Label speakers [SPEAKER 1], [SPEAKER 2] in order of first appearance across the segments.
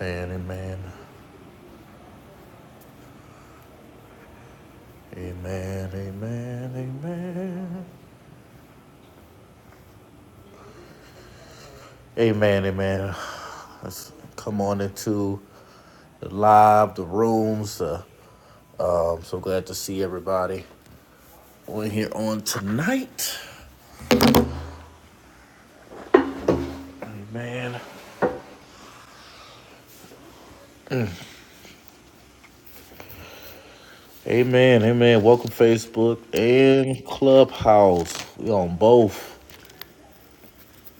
[SPEAKER 1] Amen, amen, amen, amen, amen, amen, amen. Let's come on into the live, the rooms. Uh, um, so glad to see everybody on here on tonight. Amen, amen, amen. Welcome Facebook and Clubhouse. We on both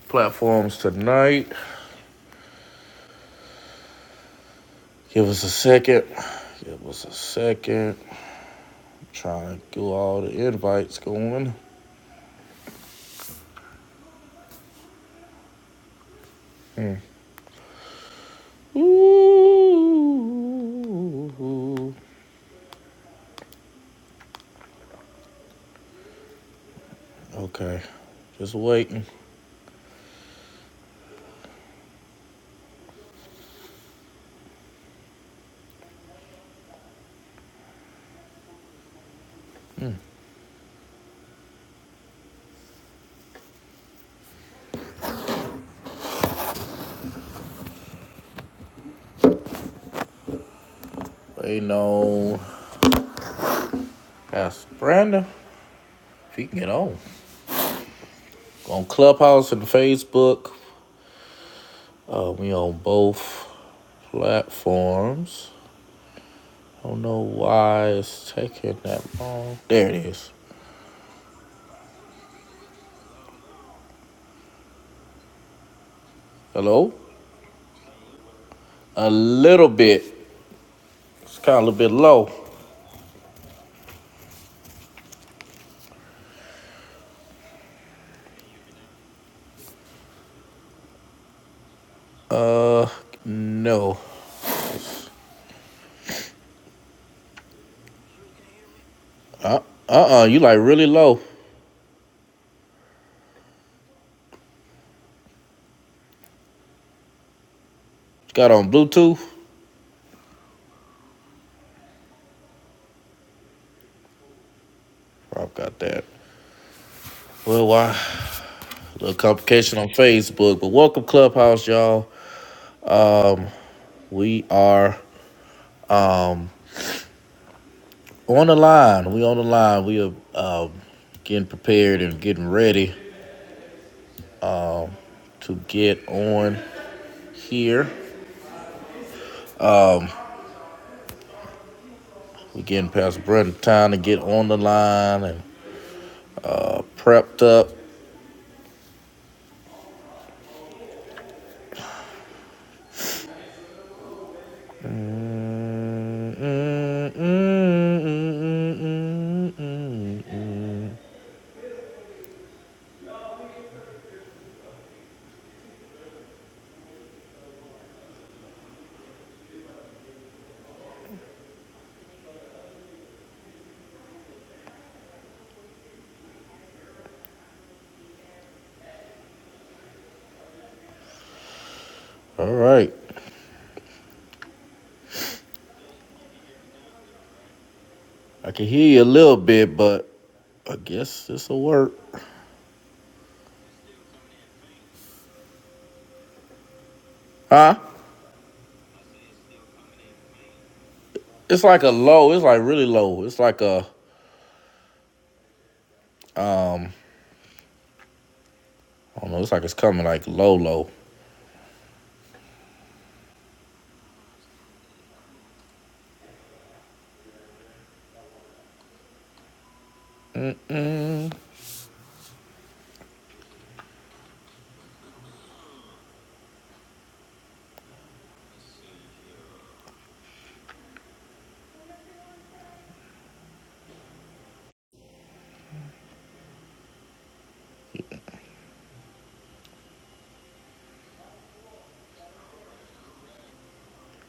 [SPEAKER 1] platforms tonight. Give us a second. Give us a second. trying to get all the invites going. Ooh. Okay. Just waiting. Waiting on Pastor Brandon. If he can get on. On Clubhouse and Facebook. Uh, we on both platforms. I don't know why it's taking that long. There it is. Hello? A little bit. It's kind of a little bit low. Uh, no. Uh, uh-uh. You like really low. You got on Bluetooth? Rob got that. Well, why? a complication on Facebook. But welcome Clubhouse, y'all. We are on the line. We on the line. We are uh, getting prepared and getting ready to get on here. We getting past Brent time to get on the line and prepped up. Mm, mm, mm, mm, mm, mm, mm. All right. I can hear you a little bit, but I guess this'll work. Huh? It's like a low. It's like really low. It's like a um. I don't know. It's like it's coming like low, low.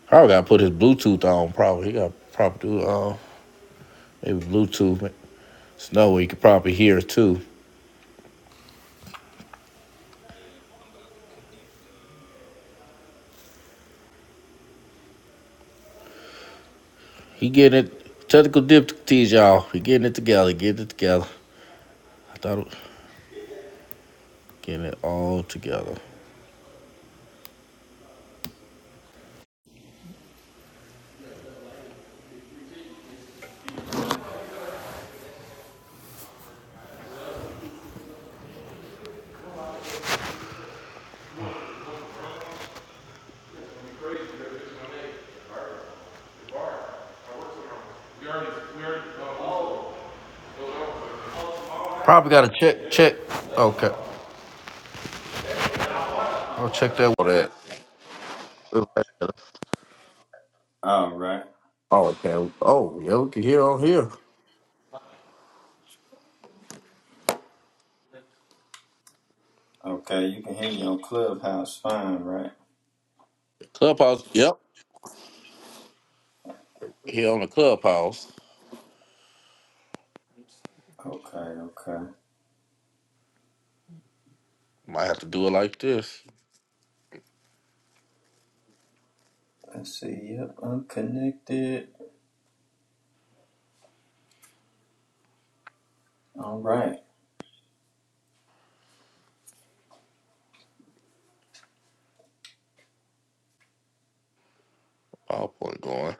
[SPEAKER 1] Probably got to put his Bluetooth on. Probably he got to probably do uh, maybe Bluetooth. Snow where he could probably hear it too. He getting it technical difficulties, y'all. He getting it together. Getting it together. I thought it- was getting it all together. Probably got to check check. Okay, I'll check that. one out.
[SPEAKER 2] All right.
[SPEAKER 1] Oh, okay. Oh, yeah, we can hear on here.
[SPEAKER 2] Okay, you can hear me on Clubhouse fine, right?
[SPEAKER 1] Clubhouse. Yep. Here on the clubhouse.
[SPEAKER 2] Okay, okay.
[SPEAKER 1] Might have to do it like this.
[SPEAKER 2] Let's see. Yep, I'm connected. All right.
[SPEAKER 1] PowerPoint going.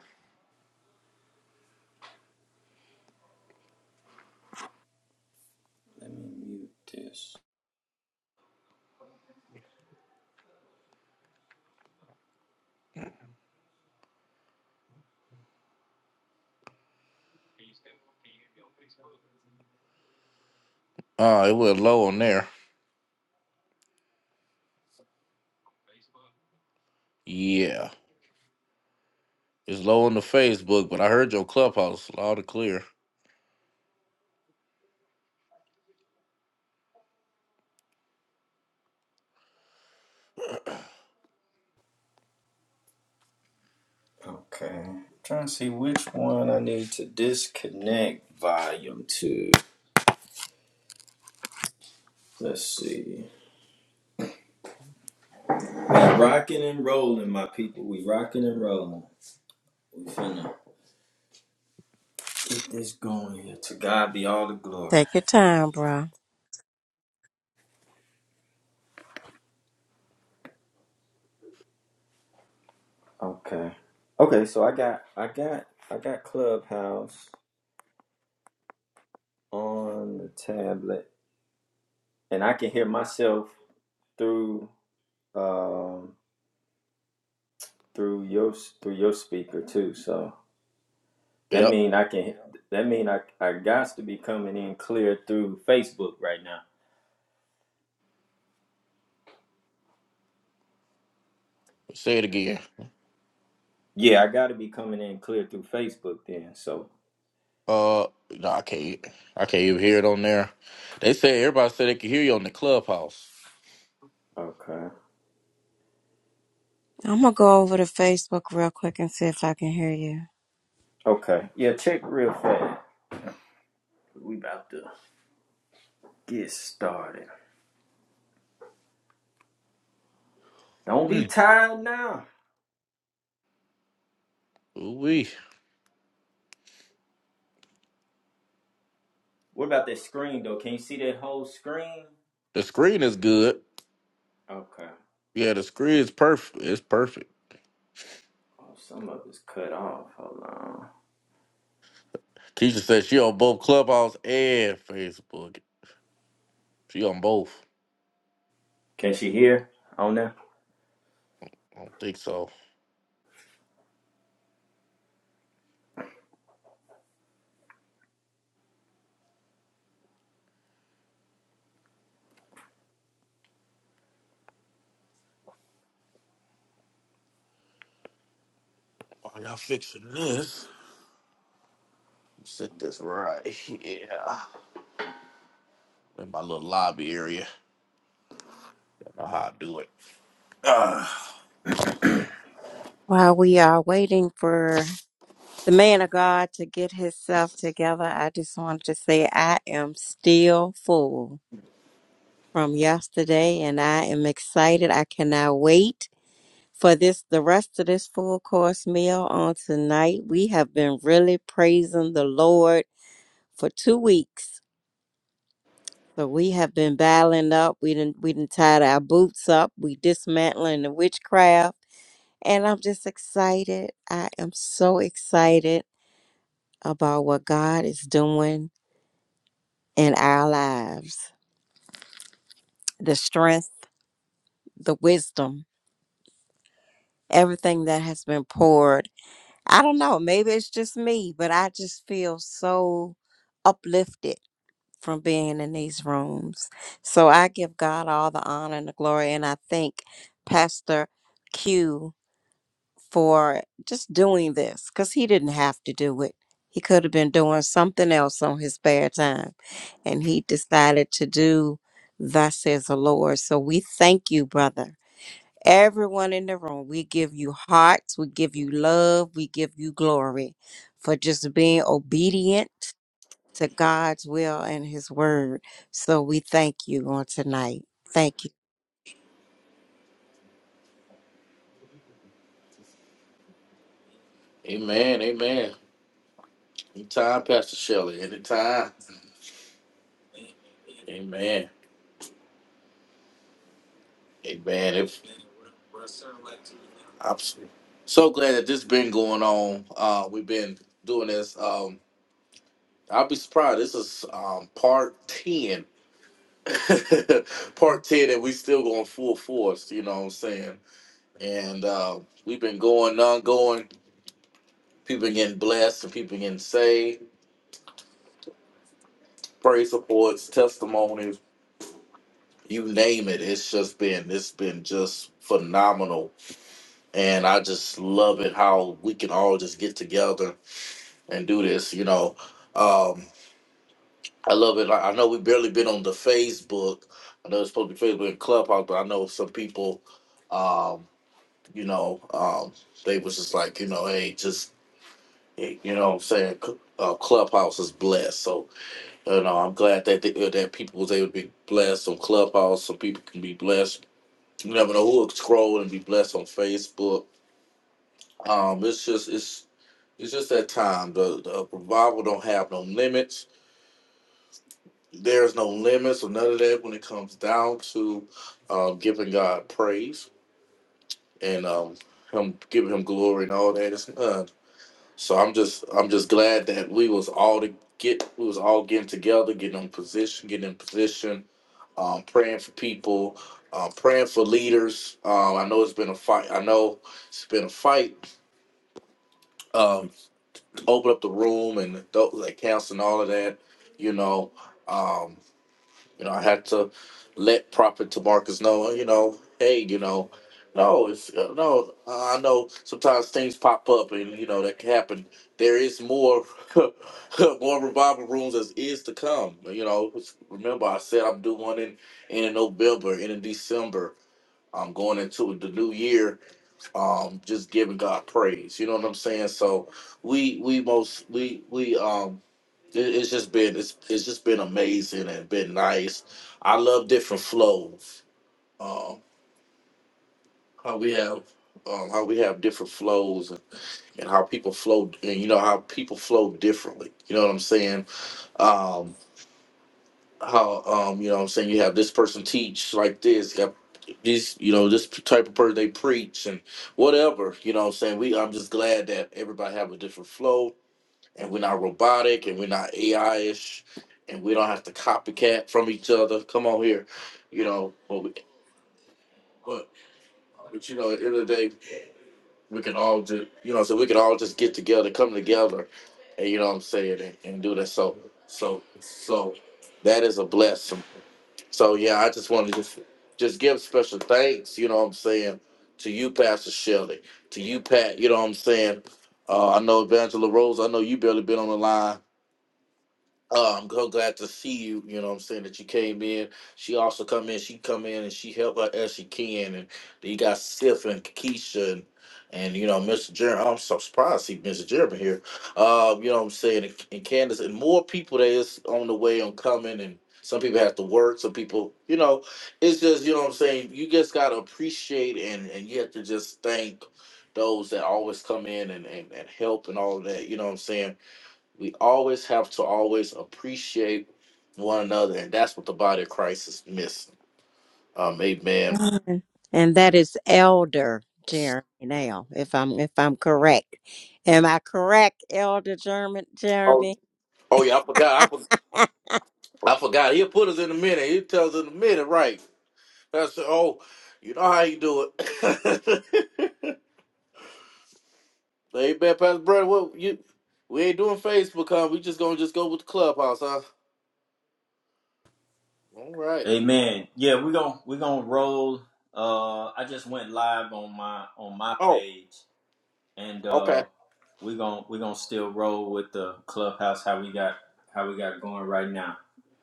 [SPEAKER 2] Let me mute this.
[SPEAKER 1] Oh, it went low on there. Yeah. It's low on the Facebook, but I heard your clubhouse loud and clear.
[SPEAKER 2] Okay. Trying to see which one I need to disconnect volume to. Let's see. We rocking and rolling, my people. We rocking and rolling. We finna get this going here. To God be all the glory.
[SPEAKER 3] Take your time, bro.
[SPEAKER 2] Okay. Okay, so I got I got I got Clubhouse. on the tablet, and I can hear myself through um, through your through your speaker too. So that
[SPEAKER 1] Yep.
[SPEAKER 2] mean I can that mean I I got to be coming in clear through Facebook right now.
[SPEAKER 1] Say it again.
[SPEAKER 2] Yeah, I got to be coming in clear through Facebook then. So
[SPEAKER 1] Uh, no, I can't. I can't even hear it on there. They say everybody said they could hear you on the clubhouse.
[SPEAKER 2] okay,
[SPEAKER 3] I'm gonna go over to Facebook real quick and see if I can hear you.
[SPEAKER 2] okay, yeah. Check real fast. We about to get started. Don't be
[SPEAKER 1] Mm.
[SPEAKER 2] tired now.
[SPEAKER 1] Ooh wee.
[SPEAKER 2] What about that screen though? Can you see that whole screen?
[SPEAKER 1] The screen is good.
[SPEAKER 2] Okay.
[SPEAKER 1] Yeah, the screen is perfect. It's perfect.
[SPEAKER 2] Oh, some of it's cut off. Hold on.
[SPEAKER 1] Keisha said she on both clubhouse and Facebook. She on both.
[SPEAKER 2] Can she hear on there?
[SPEAKER 1] I don't think so. While y'all fixing this, set this right here in my little lobby area. I don't know how I do it.
[SPEAKER 3] While we are waiting for the man of God to get himself together, I just wanted to say I am still full from yesterday and I am excited. I cannot wait for this the rest of this full course meal on tonight. We have been really praising the Lord for two weeks. So we have been battling up. We didn't we didn't tied our boots up. We dismantling the witchcraft. And I'm just excited. I am so excited about what God is doing in our lives. The strength, the wisdom, everything that has been poured. I don't know, maybe it's just me, but I just feel so uplifted from being in these rooms. So I give God all the honor and the glory. And I thank Pastor Q for just doing this because he didn't have to do it. He could have been doing something else on his spare time, and he decided to do Thus says the Lord. So we thank you, brother. Everyone in the room, we give you hearts, we give you love, we give you glory for just being obedient to God's will and his word. So we thank you on tonight. Thank you.
[SPEAKER 1] Amen. Amen. Anytime, Pastor Shelley. Anytime. Amen. Amen. If I'm s- so glad that this been going on. Uh, we've been doing this. Um, I'll be surprised. This is um, part ten. part ten, and we still going full force. You know what I'm saying? And uh, we've been going, non going. People been getting blessed, and people been getting saved. Praise reports, testimonies, you name it. It's just been. It's been just phenomenal and I just love it how we can all just get together and do this. You know, um, I love it. I I know we barely been on the Facebook. I know it's supposed to be Facebook and Clubhouse, but I know some people, um, you know, um, they was just like, you know, hey, just eh, you know, what I'm saying Cl- uh, Clubhouse is blessed. So you know, I'm glad that they, uh, that people was able to be blessed on Clubhouse. Some people can be blessed. You never know who will scroll and be blessed on Facebook Um, it's just it's it's just that time. The the revival don't have no limits. There's no limits or none of that when it comes down to uh, giving God praise and um, him giving him glory and all that. It's none. So I'm just I'm just glad that we was all to get we was all getting together, getting in position, getting in position, um, praying for people, uh, praying for leaders. Um, I know it's been a fight. I know it's been a fight Um, open up the room and adult accounts and all of that. You know, um, you know, I had to let Prophet Tamarcus know. You know, hey, you know, no, it's uh, no. uh, I know sometimes things pop up, and you know that can happen. There is more, more revival rooms as is to come. You know, remember I said I'm doing one in in November and in December. I'm going into the new year um just giving God praise. You know what I'm saying? So we we most we we um it- it's just been it's it's just been amazing and been nice. I love different flows. Um how we have um how we have different flows and, and how people flow and you know how people flow differently. You know what I'm saying? Um, how um you know what I'm saying you have this person teach like this, you have this you know this type of person they preach and whatever you know what I'm saying we I'm just glad that everybody have a different flow and we're not robotic and we're not AI ish and we don't have to copycat from each other. Come on here, you know. But we, but but you know at the end of the day we can all just you know so we can all just get together, come together, and you know what I'm saying and, and do that. So so so that is a blessing So yeah, I just want to just just give special thanks, you know what I'm saying, to you, Pastor Shelley, to you, Pat, you know what I'm saying. Uh, I know Angela Rose, I know you barely been on the line, uh, I'm so glad to see you. You know what I'm saying that you came in. She also come in. She come in and she help her as she can. And then you got Sif and Keisha and, and you know Mr. Jeremy. I'm so surprised to see Mr. Jeremy here. Um, you know what I'm saying and, and Candace and more people that is on the way on coming. And some people have to work. Some people, you know, it's just you know what I'm saying. You just gotta appreciate and and you have to just thank those that always come in and and, and help and all of that. You know what I'm saying we always have to always appreciate one another, and that's what the body of Christ is missing. Um, amen.
[SPEAKER 3] Amen. And that is Elder Jeremy now, if I'm if I'm correct. Am I correct, Elder Jeremy
[SPEAKER 1] Oh,
[SPEAKER 3] Jeremy?
[SPEAKER 1] oh yeah, I forgot. I, for- I forgot. He'll put us in a minute. He tells us in a minute, right? That's oh, you know how you do it. amen, Pastor Brother. What you? We ain't doing Facebook, huh? We just gonna just go with the clubhouse, huh? All right.
[SPEAKER 2] Amen. Yeah, we're gonna we're gonna roll. Uh I just went live on my on my
[SPEAKER 1] Oh,
[SPEAKER 2] page and uh
[SPEAKER 1] okay.
[SPEAKER 2] we're gonna we're gonna still roll with the clubhouse how we got how we got going right now.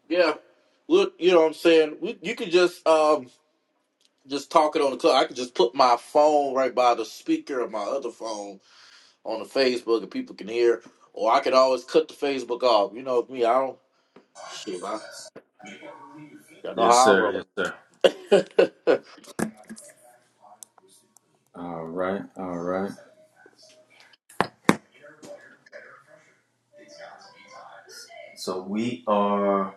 [SPEAKER 1] Yeah. Look, you know what I'm saying? We, you could just um just talking on the club. I could just put my phone right by the speaker of my other phone on the Facebook, and people can hear. Or I could always cut the Facebook off. You know me, I don't. Shit, I, y'all know
[SPEAKER 2] Yes
[SPEAKER 1] how I
[SPEAKER 2] sir,
[SPEAKER 1] roll.
[SPEAKER 2] yes sir. All right, all right. So we are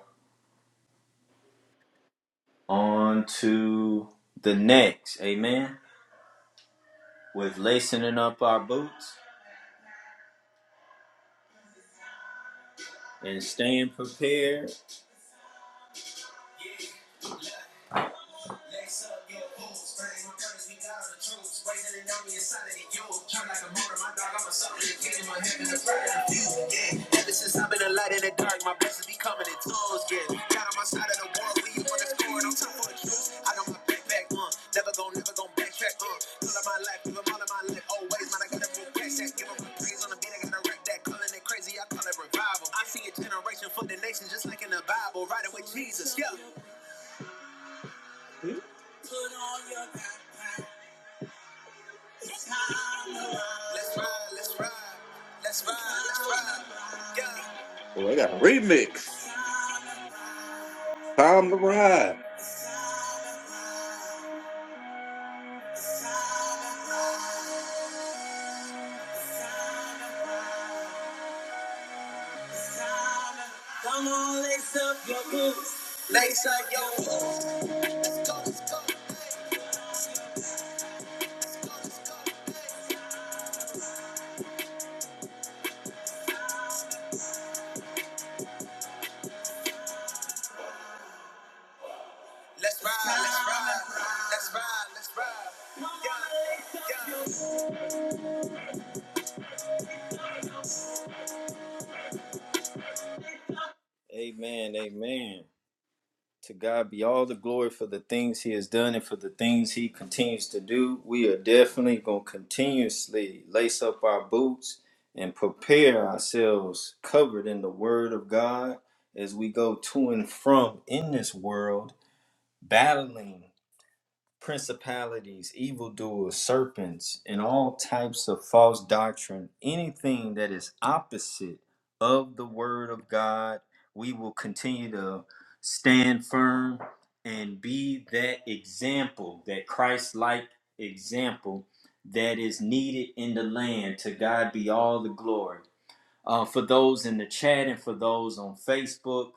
[SPEAKER 2] on to the next, amen. With lacing up our boots and staying prepared Lace up your boots, brains my brothers, we got all the troops. Raising an army inside of the youth. Turn like a motor, my dog, I'm a soldier. The kingdom of heaven, the pride of the few. Yeah, ever since I've been a light in the dark, my blessings be coming in tools. Yeah, got on my side of the war, we on the score, no time for a truce. I got my backpack on, uh, never gon', never gon' backtrack on. Uh, All of my life, give 'em all of my life, always, man, I got a full cash app. Give 'em my praise on the beat, I gotta rap that, calling it crazy, I call it revival. I see a generation for the nation, just like in the Bible, riding with Jesus, yeah. Put on your Let's ride, let's ride, let's ride, let's ride. Yeah.
[SPEAKER 1] well, they got a remix. Time to ride.
[SPEAKER 2] Come on, lace up your boots. Lace up your boots. Let's go, let's go. hey, Let's ride, let's ride, let's ride, let's ride. Yeah, yeah. Amen, amen. To God be all the glory for the things He has done and for the things He continues to do. We are definitely going to continuously lace up our boots and prepare ourselves covered in the Word of God as we go to and from in this world, battling principalities, evildoers, serpents, and all types of false doctrine, anything that is opposite of the word of God, we will continue to stand firm and be that example, that Christ like example that is needed in the land. To God be all the glory. Uh, for those in the chat and for those on Facebook,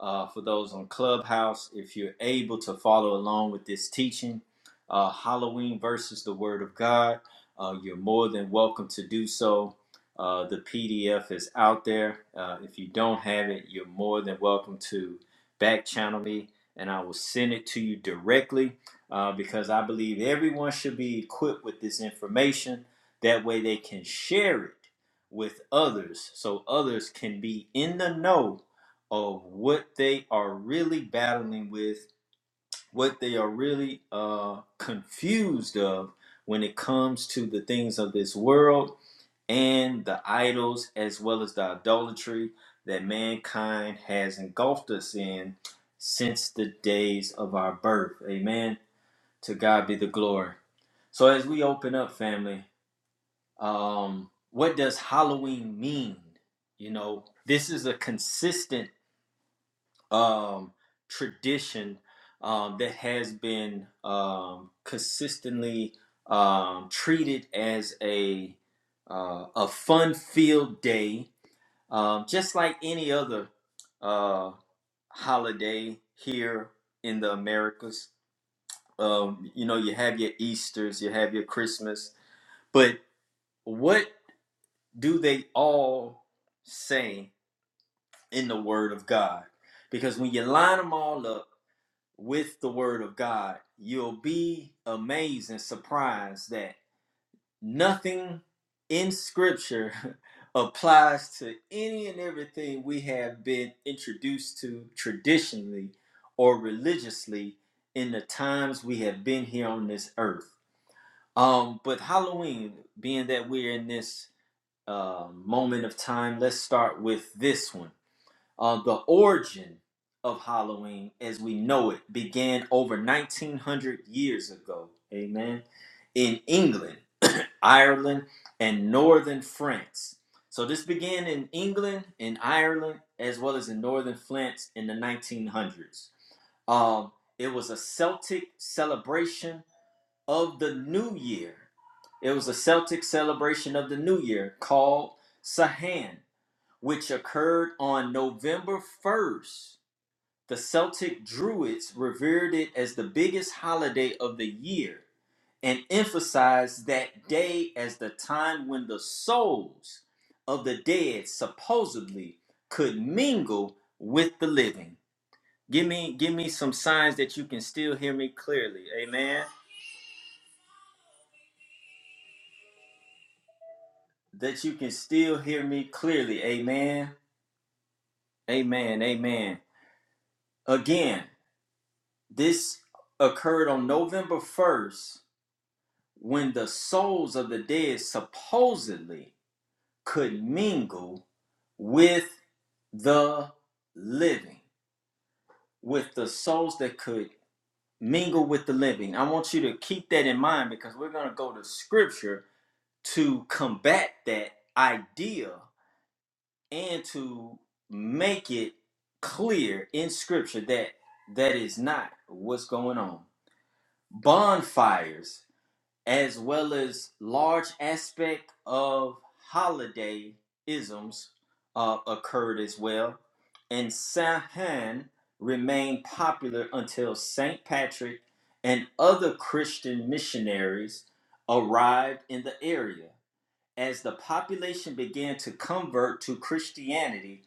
[SPEAKER 2] uh, for those on Clubhouse, if you're able to follow along with this teaching, uh, Halloween versus the Word of God, uh, you're more than welcome to do so. Uh, the PDF is out there. Uh, if you don't have it, you're more than welcome to back channel me and I will send it to you directly uh, because I believe everyone should be equipped with this information. That way they can share it with others so others can be in the know of what they are really battling with, what they are really uh, confused of when it comes to the things of this world and the idols as well as the idolatry that mankind has engulfed us in since the days of our birth. Amen. To God be the glory. So as we open up, family um, what does Halloween mean? You know, this is a consistent um, tradition um, that has been um, consistently um, treated as a uh, a fun-filled day, um, just like any other uh, holiday here in the Americas. Um, you know, you have your Easter's, you have your Christmas, but what do they all say in the Word of God? Because when you line them all up with the Word of God, you'll be amazed and surprised that nothing in Scripture applies to any and everything we have been introduced to traditionally or religiously in the times we have been here on this earth. Um, but Halloween, being that we're in this uh, moment of time, let's start with this one. Uh, the origin of Halloween as we know it began over 1900 years ago, amen, in England, Ireland, and northern France. So this began in England in Ireland as well as in northern France in the 1900s. Um, it was a Celtic celebration of the new year. It was a Celtic celebration of the new year called Sahan, which occurred on November 1st. The Celtic Druids revered it as the biggest holiday of the year and emphasized that day as the time when the souls of the dead supposedly could mingle with the living. Give me give me some signs that you can still hear me clearly. Amen. that you can still hear me clearly. Amen. Amen. Amen. Again, this occurred on November 1st when the souls of the dead supposedly could mingle with the living, with the souls that could mingle with the living. I want you to keep that in mind because we're going to go to scripture to combat that idea and to make it clear in scripture that that is not what's going on. Bonfires, as well as large aspect of holiday isms, uh, occurred as well, and Samhain remained popular until Saint Patrick and other Christian missionaries arrived in the area as the population began to convert to Christianity,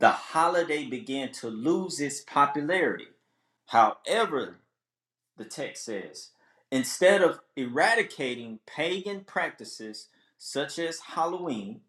[SPEAKER 2] the holiday began to lose its popularity. However, the text says, instead of eradicating pagan practices such as Halloween,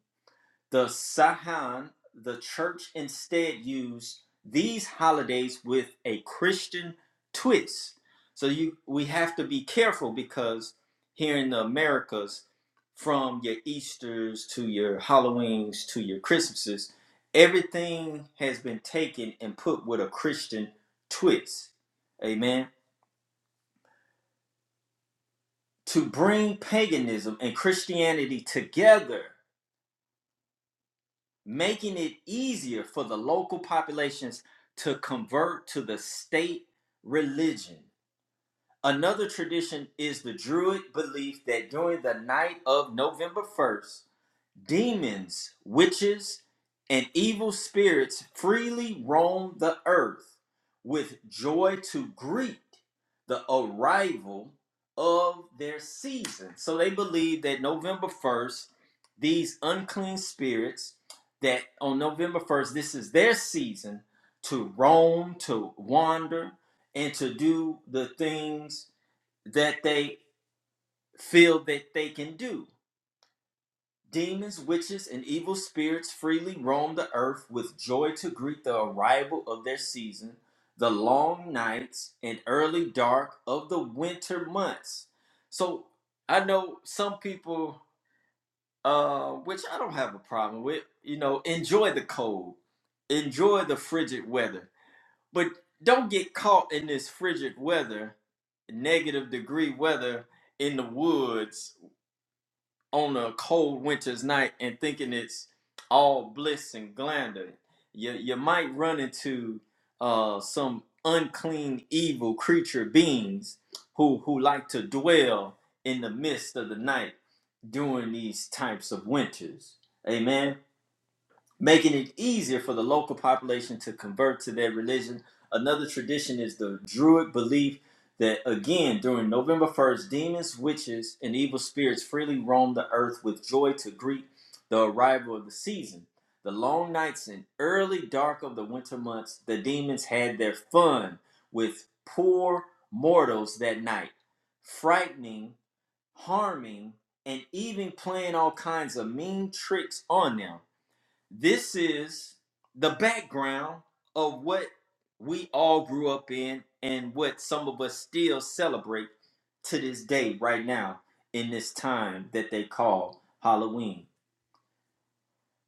[SPEAKER 2] the Sahan, the church instead used these holidays with a Christian twist. So you we have to be careful because here in the Americas, from your Easters to your Halloweens to your Christmases, everything has been taken and put with a Christian twist. Amen. To bring paganism and Christianity together making it easier for the local populations to convert to the state religion. Another tradition is the Druid belief that during the night of November 1st, Demons, witches, and evil spirits freely roam the earth with joy to greet the arrival of their season. So they believe that November 1st, these unclean spirits, that on November 1st, this is their season to roam, to wander, and to do the things that they feel that they can do Demons, witches, and evil spirits freely roam the earth with joy to greet the arrival of their season, the long nights and early dark of the winter months. So I know some people, uh, which I don't have a problem with, you know, enjoy the cold, enjoy the frigid weather, but don't get caught in this frigid weather, negative degree weather in the woods on a cold winter's night and thinking it's all bliss and glander. You, you might run into uh, some unclean, evil creature beings who, who like to dwell in the midst of the night during these types of winters. Amen making it easier for the local population to convert to their religion. Another tradition is the Druid belief that, again, during November 1st, demons, witches, and evil spirits freely roam the earth with joy to greet the arrival of the season. The long nights and early dark of the winter months, the demons had their fun with poor mortals that night, frightening, harming, and even playing all kinds of mean tricks on them this is the background of what we all grew up in and what some of us still celebrate to this day, right now, in this time that they call Halloween.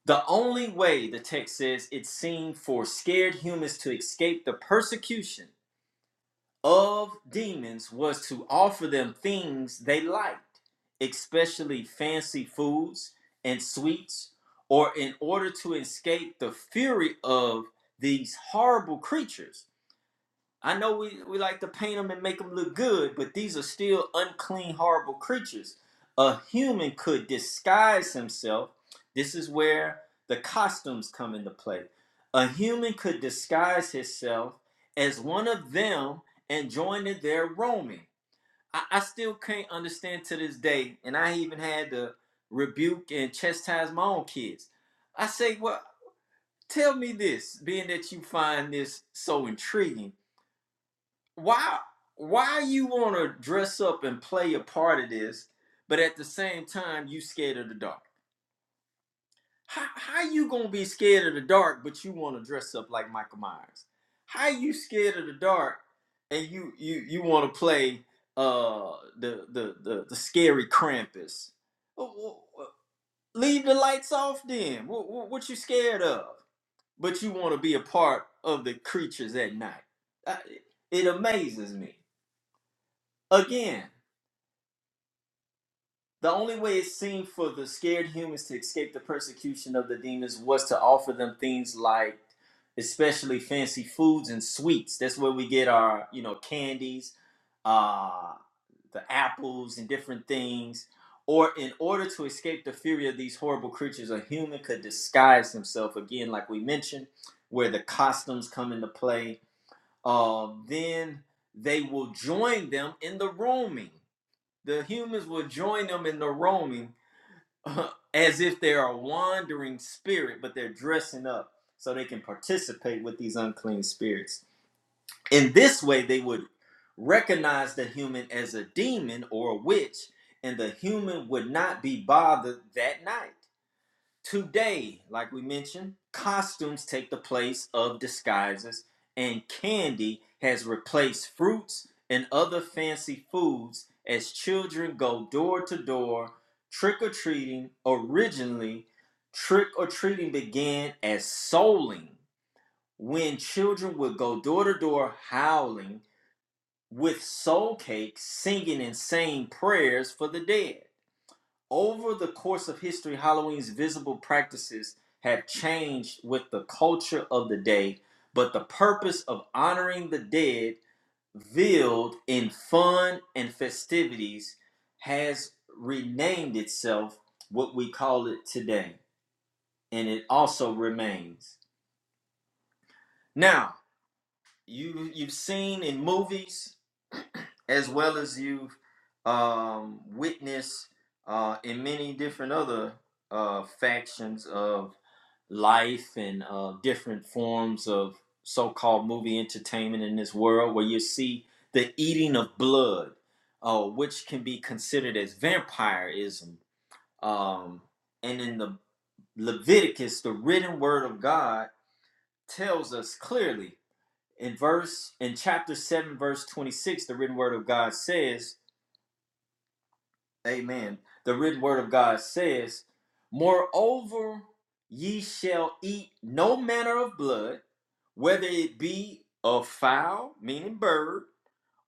[SPEAKER 2] The only way, the text says, it seemed for scared humans to escape the persecution of demons was to offer them things they liked, especially fancy foods and sweets, or in order to escape the fury of these horrible creatures, I know we, we like to paint them and make them look good, but these are still unclean, horrible creatures. A human could disguise himself. This is where the costumes come into play. A human could disguise himself as one of them and join in their roaming. I, I still can't understand to this day, and I even had to rebuke and chastise my own kids. I say, well, tell me this, being that you find this so intriguing why why you want to dress up and play a part of this but at the same time you scared of the dark how, how you gonna be scared of the dark but you want to dress up like michael myers how you scared of the dark and you you you want to play uh the, the the the scary krampus Wh- wh- leave the lights off then what, what, what you scared of but you want to be a part of the creatures at night I, it amazes me again The only way it seemed for the scared humans to escape the persecution of the demons was to offer them things like, especially fancy foods and sweets. That's where we get our, you know, candies, uh, the apples, and different things. Or in order to escape the fury of these horrible creatures, a human could disguise himself again, like we mentioned, where the costumes come into play. Uh, then they will join them in the roaming. The humans will join them in the roaming uh, as if they are a wandering spirit, but they're dressing up so they can participate with these unclean spirits. In this way, they would recognize the human as a demon or a witch, and the human would not be bothered that night. Today, like we mentioned, costumes take the place of disguises, and candy has replaced fruits and other fancy foods as children go door to door trick or treating. Originally, trick or treating began as souling, when children would go door to door howling with soul cakes, singing and saying prayers for the dead over the course of history, Halloween's visible practices have changed with the culture of the day, but the purpose of honoring the dead, veiled in fun and festivities, has renamed itself what we call it today, and it also remains. Now, you you've seen in movies as well as you've um, witnessed uh, in many different other uh, factions of life and uh, different forms of so-called movie entertainment in this world where you see the eating of blood uh, which can be considered as vampirism um, and in the leviticus the written word of god tells us clearly in verse in chapter 7 verse 26 the written word of God says, amen. The written word of God says, "Moreover, ye shall eat no manner of blood, whether it be of fowl, meaning bird,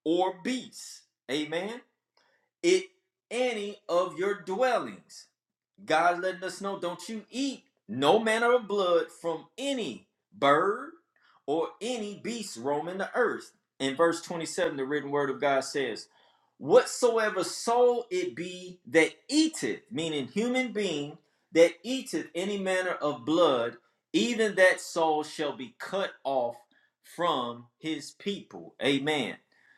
[SPEAKER 2] or beast." Amen. It any of your dwellings. God letting us know, don't you eat no manner of blood from any bird or any beast roaming the earth. In verse 27, the written word of God says, Whatsoever soul it be that eateth, meaning human being, that eateth any manner of blood, even that soul shall be cut off from his people. Amen.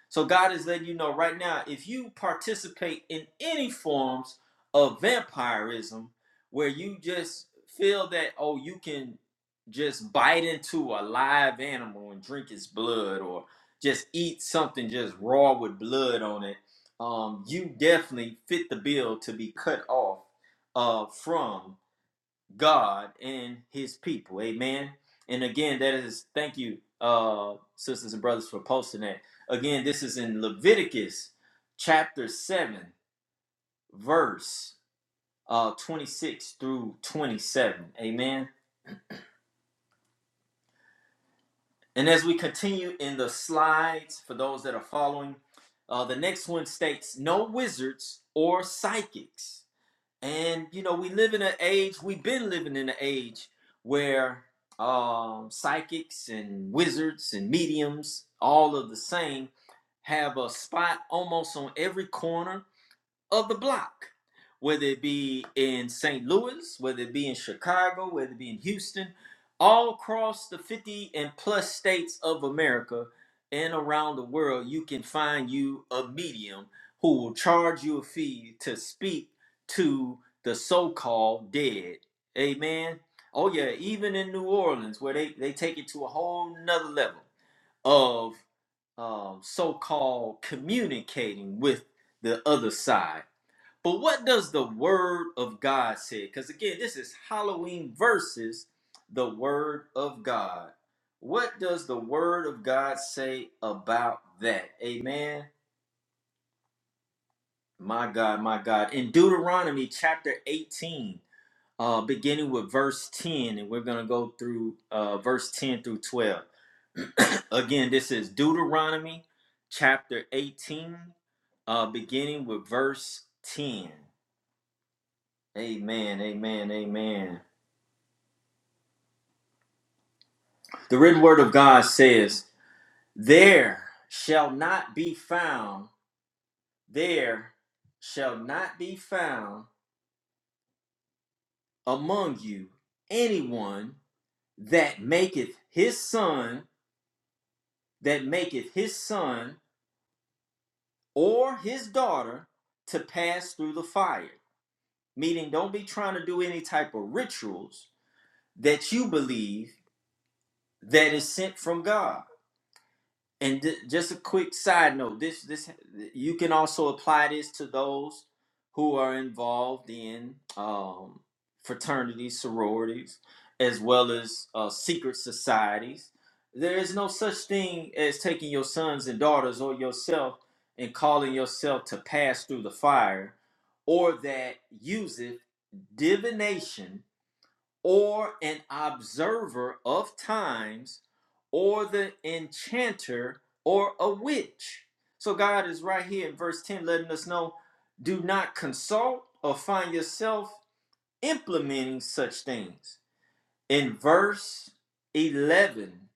[SPEAKER 2] So God is letting you know right now, if you participate in any forms of vampirism where you just feel that oh you can just bite into a live animal and drink its blood or just eat something just raw with blood on it um you definitely fit the bill to be cut off uh from god and his people amen and again that is thank you uh sisters and brothers for posting that again this is in leviticus chapter 7 verse uh, 26 through 27. Amen. And as we continue in the slides, for those that are following, uh, the next one states no wizards or psychics. And, you know, we live in an age, we've been living in an age where um, psychics and wizards and mediums, all of the same, have a spot almost on every corner of the block, whether it be in St. Louis, whether it be in Chicago, whether it be in Houston, all across the 50 and plus states of America and around the world, you can find you a medium who will charge you a fee to speak to the so called dead. Amen. Oh, yeah, even in New Orleans, where they, they take it to a whole nother level of um, so called communicating with the other side but what does the word of God say? Because again, this is Halloween versus the word of God. What does the word of God say about that? Amen. My God, my God. In Deuteronomy chapter 18, uh, beginning with verse 10, and we're going to go through uh, verse 10 through 12. again, this is Deuteronomy chapter 18, uh, beginning with verse 10. Amen, amen, amen. The written word of God says, There shall not be found, there shall not be found among you anyone that maketh his son, that maketh his son or his daughter to pass through the fire. Meaning, don't be trying to do any type of rituals that you believe that is sent from God. And ju- just a quick side note: this, this, you can also apply this to those who are involved in um, fraternities, sororities, as well as uh, secret societies. There is no such thing as taking your sons and daughters or yourself and calling yourself to pass through the fire, or that useth divination or an observer of times, or the enchanter, or a witch. So God is right here in verse 10 letting us know do not consult or find yourself implementing such things. In verse 11,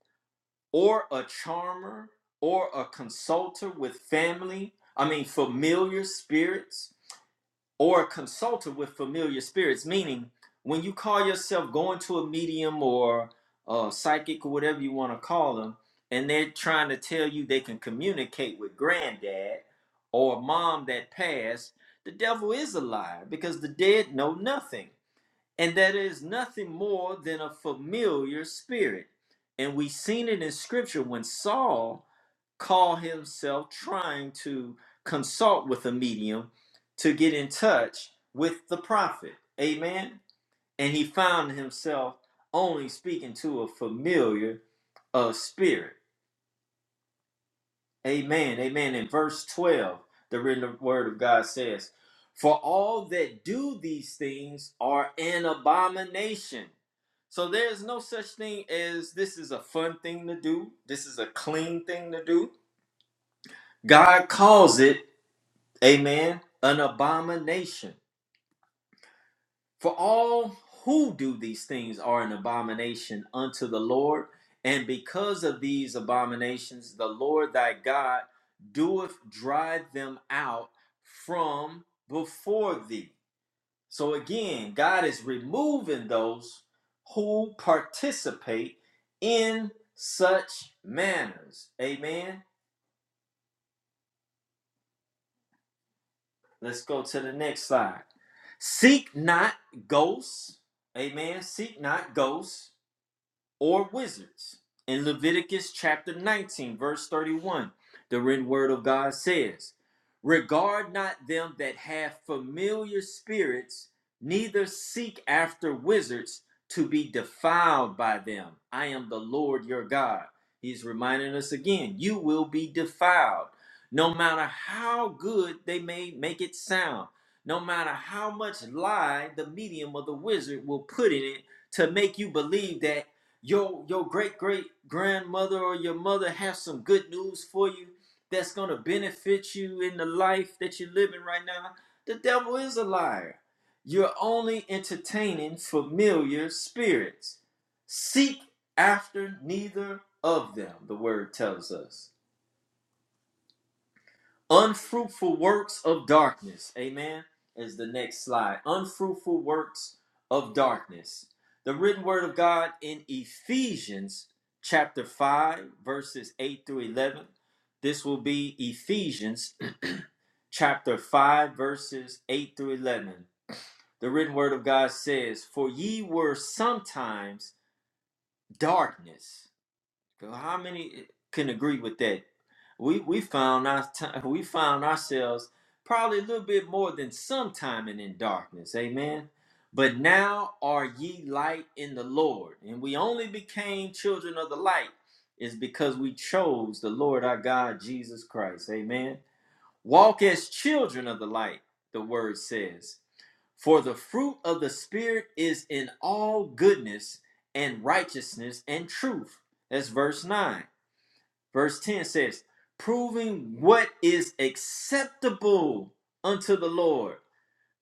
[SPEAKER 2] or a charmer, or a consulter with family, I mean, familiar spirits or consulted with familiar spirits, meaning when you call yourself going to a medium or a psychic or whatever you want to call them, and they're trying to tell you they can communicate with granddad or mom that passed, the devil is a liar because the dead know nothing. And that is nothing more than a familiar spirit. And we've seen it in scripture when Saul call himself trying to consult with a medium to get in touch with the prophet. Amen. And he found himself only speaking to a familiar uh, spirit. Amen. Amen. In verse 12, the written word of God says, For all that do these things are an abomination. So there's no such thing as this is a fun thing to do, this is a clean thing to do. God calls it Amen. An abomination. For all who do these things are an abomination unto the Lord. And because of these abominations, the Lord thy God doeth drive them out from before thee. So again, God is removing those who participate in such manners. Amen. Let's go to the next slide. Seek not ghosts. Amen. Seek not ghosts or wizards. In Leviticus chapter 19, verse 31, the written word of God says, Regard not them that have familiar spirits, neither seek after wizards to be defiled by them. I am the Lord your God. He's reminding us again, you will be defiled. No matter how good they may make it sound, no matter how much lie the medium of the wizard will put in it, to make you believe that your your great great grandmother or your mother have some good news for you that's going to benefit you in the life that you're living right now the devil is a liar you're only entertaining familiar spirits seek after neither of them the word tells us Unfruitful works of darkness. Amen. Is the next slide. Unfruitful works of darkness. The written word of God in Ephesians chapter 5, verses 8 through 11. This will be Ephesians chapter 5, verses 8 through 11. The written word of God says, For ye were sometimes darkness how many eh, can agree with that? We we found our time, we found ourselves probably a little bit more than sometime in, in darkness. Amen. But now are ye light in the Lord, and we only became children of the light is because we chose the Lord our God Jesus Christ. Amen. Walk as children of the light, the word says. For the fruit of the Spirit is in all goodness and righteousness and truth. That's verse 9 Verse 10 says, proving what is acceptable unto the Lord.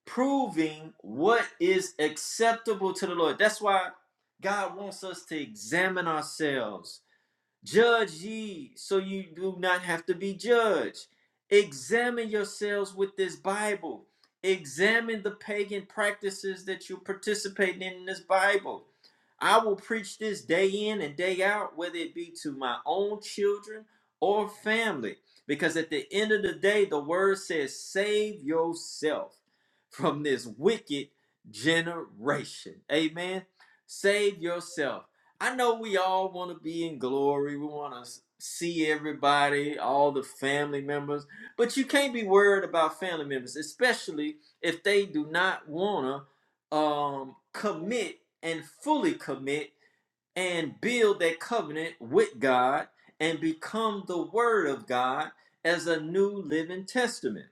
[SPEAKER 2] Proving what is acceptable to the Lord. That's why God wants us to examine ourselves Judge ye, so you do not have to be judged. Examine yourselves with this Bible. Examine the pagan practices that you're participating in in this Bible. I will preach this day in and day out, whether it be to my own children or family, because at the end of the day, the word says, Save yourself from this wicked generation. Amen. Save yourself. I know we all want to be in glory. We want to see everybody, all the family members, but you can't be worried about family members, especially if they do not want to um, commit and fully commit and build that covenant with God and become the Word of God as a new living testament.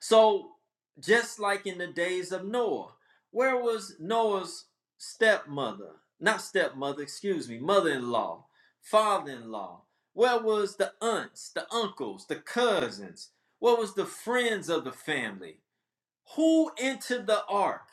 [SPEAKER 2] So, just like in the days of Noah, where was Noah's stepmother? Not stepmother, excuse me, mother in law, father in law. Where was the aunts, the uncles, the cousins? What was the friends of the family? Who entered the ark?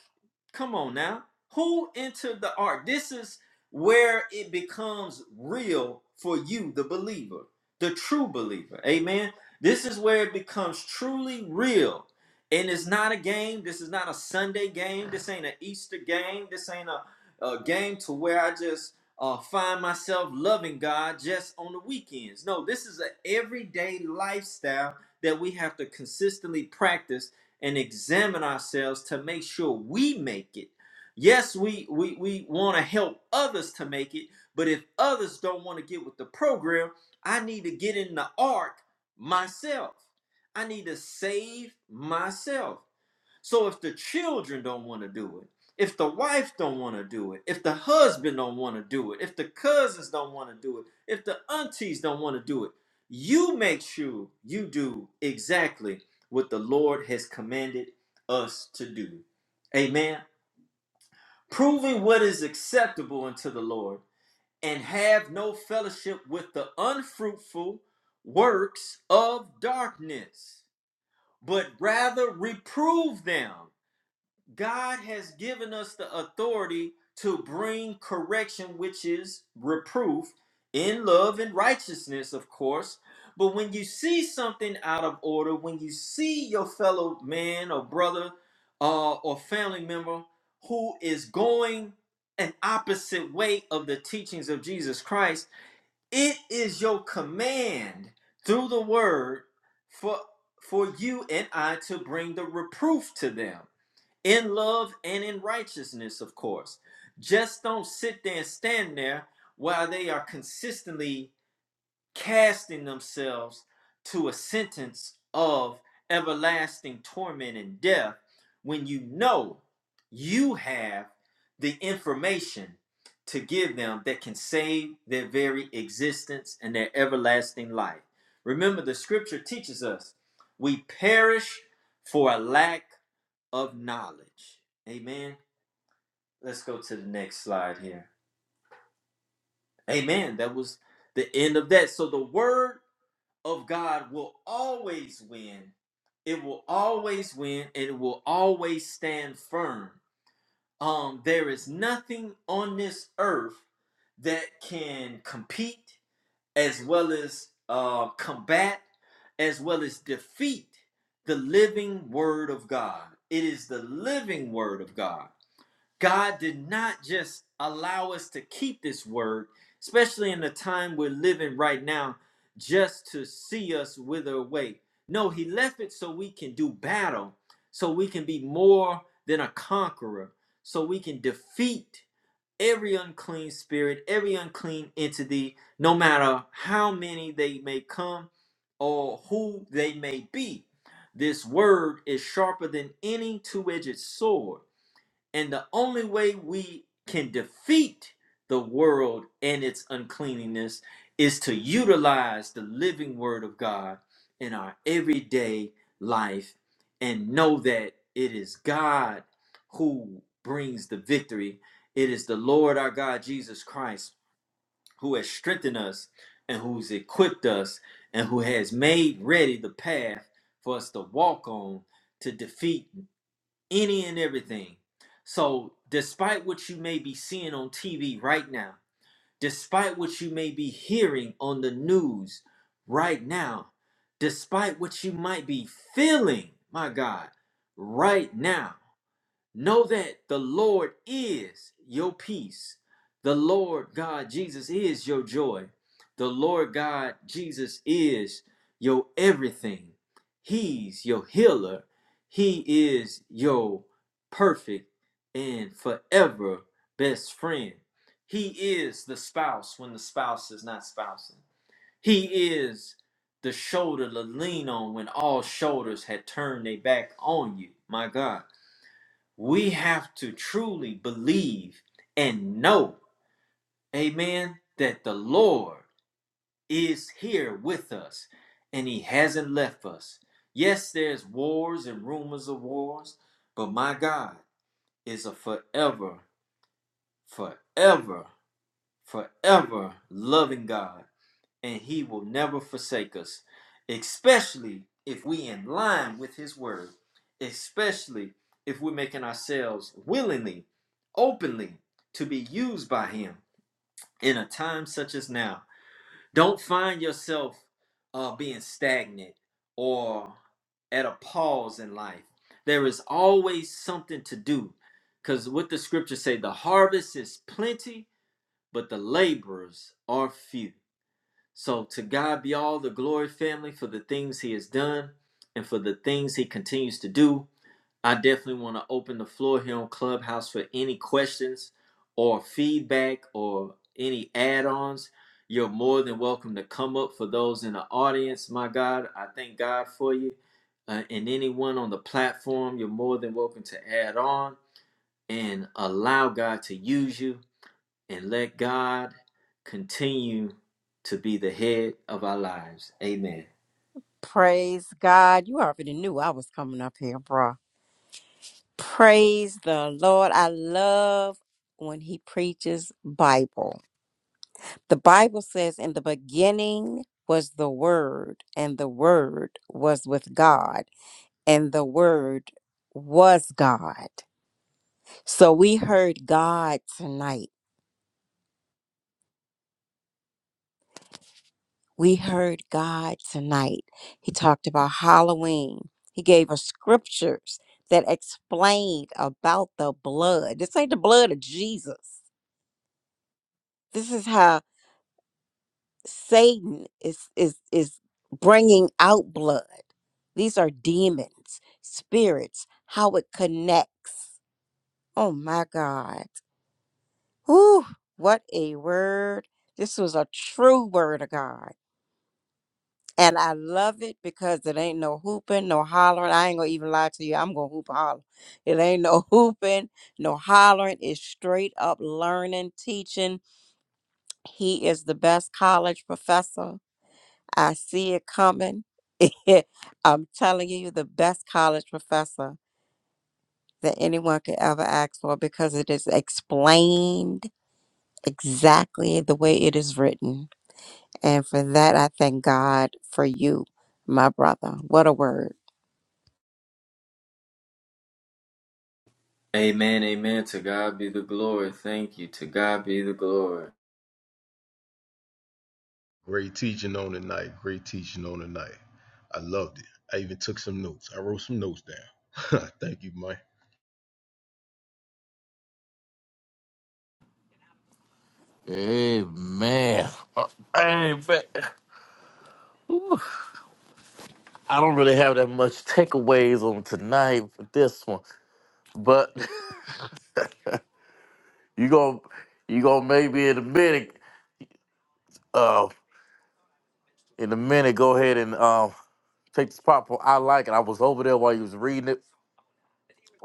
[SPEAKER 2] Come on now. Who entered the ark? This is where it becomes real for you, the believer, the true believer. Amen. This is where it becomes truly real. And it's not a game. This is not a Sunday game. This ain't an Easter game. This ain't a, a game to where I just uh, find myself loving God just on the weekends. No, this is an everyday lifestyle that we have to consistently practice and examine ourselves to make sure we make it. Yes, we we, we want to help others to make it, but if others don't want to get with the program, I need to get in the ark myself. I need to save myself. So if the children don't want to do it, if the wife don't want to do it, if the husband don't want to do it, if the cousins don't want to do it, if the aunties don't want to do it, you make sure you do exactly what the Lord has commanded us to do. Amen. Proving what is acceptable unto the Lord and have no fellowship with the unfruitful works of darkness, but rather reprove them God has given us the authority to bring correction, which is reproof, in love and righteousness, of course. But when you see something out of order, when you see your fellow man or brother uh, or family member who is going an opposite way of the teachings of Jesus Christ, it is your command through the word for for you and I to bring the reproof to them in love and in righteousness, of course. Just don't sit there and stand there while they are consistently casting themselves to a sentence of everlasting torment and death when you know you have the information to give them that can save their very existence and their everlasting life. Remember, the scripture teaches us we perish for a lack of knowledge. Amen. Let's go to the next slide here. Amen. That was the end of that. So the word of God will always win. It will always win and it will always stand firm. Um there is nothing on this earth that can compete as well as uh combat as well as defeat the living word of God. It is the living word of God. God did not just allow us to keep this word, especially in the time we're living right now, just to see us wither away. No, He left it so we can do battle, so we can be more than a conqueror, so we can defeat every unclean spirit, every unclean entity, no matter how many they may come or who they may be. This word is sharper than any two edged sword and the only way we can defeat the world and its uncleanliness is to utilize the living word of God in our everyday life and know that it is God who brings the victory. It is the Lord our God Jesus Christ who has strengthened us and who's equipped us and who has made ready the path for us to walk on to defeat any and everything. So, despite what you may be seeing on TV right now, despite what you may be hearing on the news right now, despite what you might be feeling, my God, right now, Know that the Lord is your peace. The Lord God Jesus is your joy. The Lord God Jesus is your everything. He's your healer. He is your perfect and forever best friend. He is the spouse when the spouse is not spousing. He is the shoulder to lean on when all shoulders had turned their back on you. My God we have to truly believe and know, amen, that the Lord is here with us and he hasn't left us. Yes, there's wars and rumors of wars, but my God is a forever, forever, forever loving God and he will never forsake us, especially if we in line with his word, especially if we're making ourselves willingly, openly to be used by him in a time such as now. Don't find yourself uh, being stagnant or at a pause in life. There is always something to do because what the scriptures say, the harvest is plenty, but the laborers are few. So to God be all the glory, family, for the things He has done and for the things He continues to do. I definitely want to open the floor here on Clubhouse for any questions or feedback or any add ons. You're more than welcome to come up for those in the audience. My God, I thank God for you. Uh, and anyone on the platform, you're more than welcome to add on and allow God to use you and let God continue to be the head of our lives. Amen.
[SPEAKER 3] Praise God. You already knew I was coming up here, bruh. Praise the Lord. I love when he preaches Bible. The Bible says in the beginning was the word and the word was with God and the word was God. So we heard God tonight. We heard God tonight. He talked about Halloween. He gave us scriptures that explained about the blood. This ain't the blood of Jesus. This is how Satan is is is bringing out blood. These are demons, spirits, how it connects. Oh my God. Whew, what a word. This was a true word of God. And I love it because it ain't no hooping, no hollering. I ain't gonna even lie to you. I'm gonna hoop and holler. It ain't no hooping, no hollering. It's straight up learning, teaching. He is the best college professor. I see it coming. I'm telling you, the best college professor that anyone could ever ask for because it is explained exactly the way it is written. And for that, I thank God for you, my brother. What a word.
[SPEAKER 2] Amen. Amen. To God be the glory. Thank you. To God be the glory.
[SPEAKER 4] Great teaching on the night. Great teaching on the night. I loved it. I even took some notes. I wrote some notes down. Thank you, Mike.
[SPEAKER 1] Hey man. Hey man. I don't really have that much takeaways on tonight for this one, but you going you gonna maybe in a minute, uh, in a minute, go ahead and um take this popcorn. I like it. I was over there while you was reading it,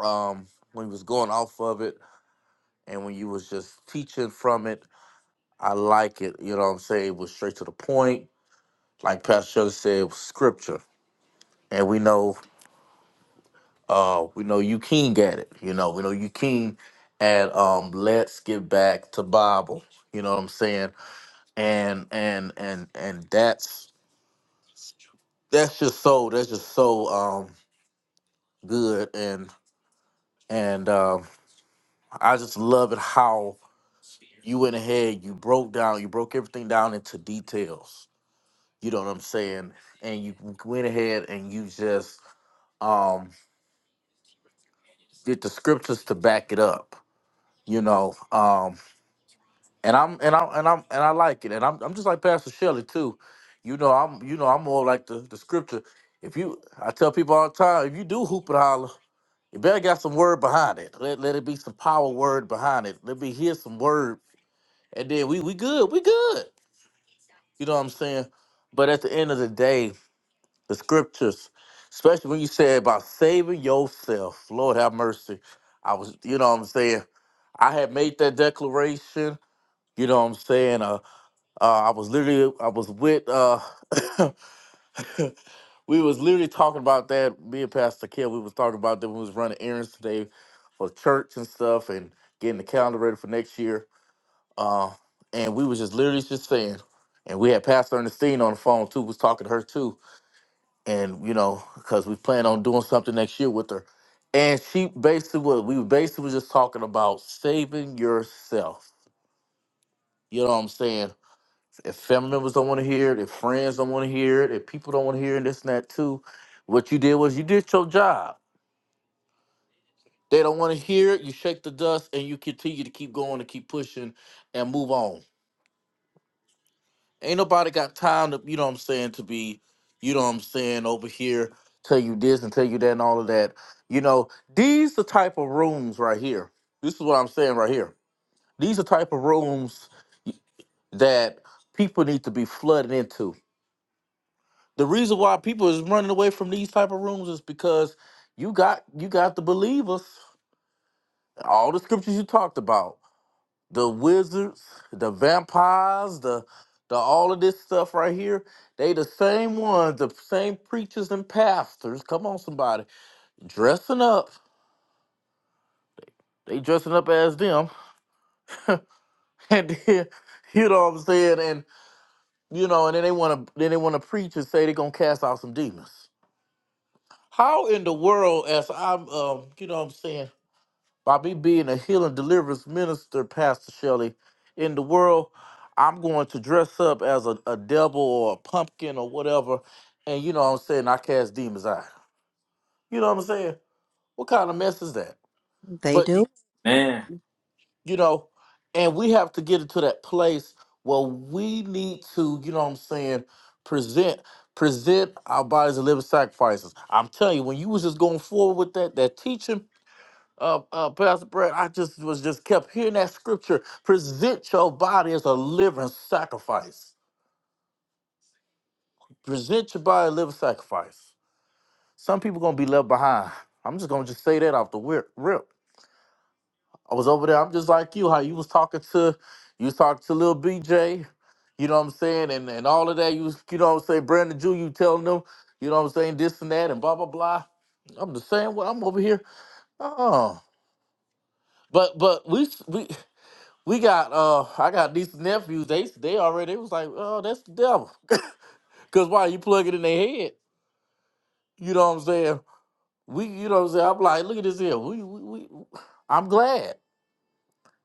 [SPEAKER 1] um, when you was going off of it, and when you was just teaching from it. I like it. You know what I'm saying? It was straight to the point, like Pastor Shelley said, it was scripture, and we know Uh, we know you King at it. You know, we know you King at um let's get back to Bible. You know what I'm saying? And and and and that's that's just so that's just so um good and and um I just love it how you went ahead, you broke down, you broke everything down into details. You know what I'm saying? And you went ahead and you just um did the scriptures to back it up. You know, um. and I'm and I'm and I'm and I like it, and I'm I'm just like Pastor Shelley too. You know, I'm you know I'm more like the the scripture. If you, I tell people all the time, if you do hoop and holler, you better got some word behind it. Let let it be some power word behind it. Let me hear some word, and then we we good, we good. You know what I'm saying? But at the end of the day, the scriptures, especially when you say about saving yourself, Lord have mercy. I was, you know what I'm saying. I had made that declaration. You know what I'm saying? Uh, uh, I was literally, I was with, uh, we was literally talking about that. Me and Pastor Kim, we was talking about that. when We was running errands today for church and stuff, and getting the calendar ready for next year. Uh, and we was just literally just saying, and we had Pastor Ernestine on the phone too. Was talking to her too, and you know, because we plan on doing something next year with her. And she basically was, we basically was just talking about saving yourself. You know what I'm saying? if family members don't want to hear it, if friends don't want to hear it, if people don't want to hear it, this and that too, what you did was you did your job. They don't want to hear it, you shake the dust and you continue to keep going and keep pushing and move on. Ain't nobody got time to, you know what I'm saying, to be, you know what I'm saying, over here, tell you this and tell you that and all of that. You know, these the type of rooms right here. This is what I'm saying right here. These are type of rooms that people need to be flooded into The reason why people is running away from these type of rooms is because you got you got the believers, all the scriptures you talked about, the wizards, the vampires, the the all of this stuff right here. They the same ones, the same preachers and pastors. Come on, somebody, dressing up. They dressing up as them, and then you know what I'm saying, and you know, and then they want to then they want to preach and say they're gonna cast out some demons. How in the world, as I'm, um, you know, what I'm saying by me being a healing deliverance minister, Pastor Shelley, in the world, I'm going to dress up as a, a devil or a pumpkin or whatever, and you know what I'm saying, I cast demons out. You know what I'm saying? What kind of mess is that?
[SPEAKER 3] They
[SPEAKER 1] But
[SPEAKER 3] do.
[SPEAKER 1] y-
[SPEAKER 2] Amen.
[SPEAKER 1] you know, and we have to get into that place where we need to, you know what I'm saying, present present our bodies as living sacrifices. I'm telling you, when you was just going forward with that that teaching, uh, uh, Pastor Brad, I just was just kept hearing that scripture. Present your body as a living sacrifice. Present your body a living sacrifice. Some people gonna be left behind. I'm just gonna just say that off the whip. rip. I was over there. I'm just like you. How you was talking to, you was talking to little BJ. You know what I'm saying, and and all of that. You was, you know what I'm saying, Brandon Jew. You telling them, you know what I'm saying, this and that, and blah blah blah. I'm the same way. I'm over here. Uh-uh. But but we we we got uh I got these nephews, they they already it was like, oh, that's the devil. Cause why you plug it in their head? You know what I'm saying? We you know what I'm saying? I'm like, look at this here. We we, we I'm glad.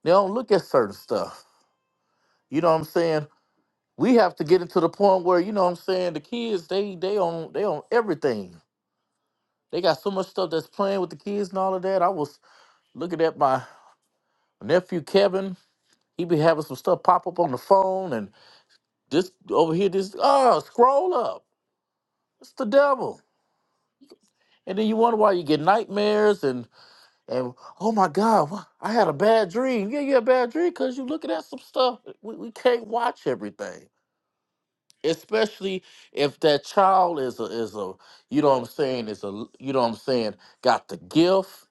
[SPEAKER 1] They don't look at certain stuff. You know what I'm saying? We have to get into the point where, you know what I'm saying, the kids, they they on they on everything. They got so much stuff that's playing with the kids and all of that. I was looking at my nephew Kevin. He be having some stuff pop up on the phone and this over here, this oh, scroll up. It's the devil. And then you wonder why you get nightmares and and oh my God, wha- I had a bad dream. Yeah, you had a bad dream because you're looking at some stuff. We, we can't watch everything, especially if that child is a is a you know what I'm saying is a you know what I'm saying got the gift.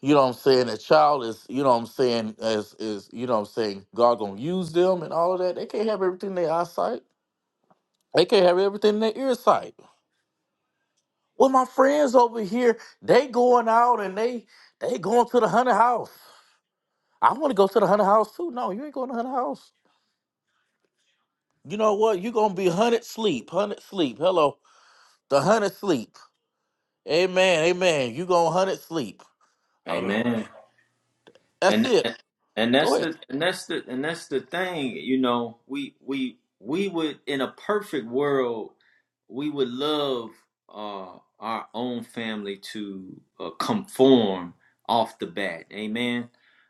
[SPEAKER 1] You know what I'm saying? That child is you know what I'm saying is is you know what I'm saying God gonna use them and all of that. They can't have everything in their eyesight. They can't have everything in their ear sight. Well, my friends over here, they going out and they they going to the hunter house. I want to go to the hunter house too. No, you ain't going to the hunter house. You know what? you gonna be hunted sleep, hunted sleep. Hello, the hunted sleep. Amen, amen. You gonna hunted sleep. Hold on.
[SPEAKER 2] Amen.
[SPEAKER 1] That's
[SPEAKER 2] And
[SPEAKER 1] it.
[SPEAKER 2] And
[SPEAKER 1] Go
[SPEAKER 2] that's
[SPEAKER 1] ahead.
[SPEAKER 2] the and that's the and that's the thing, you know, we we we would in a perfect world, we would love uh our own family to uh, conform off the bat. Amen.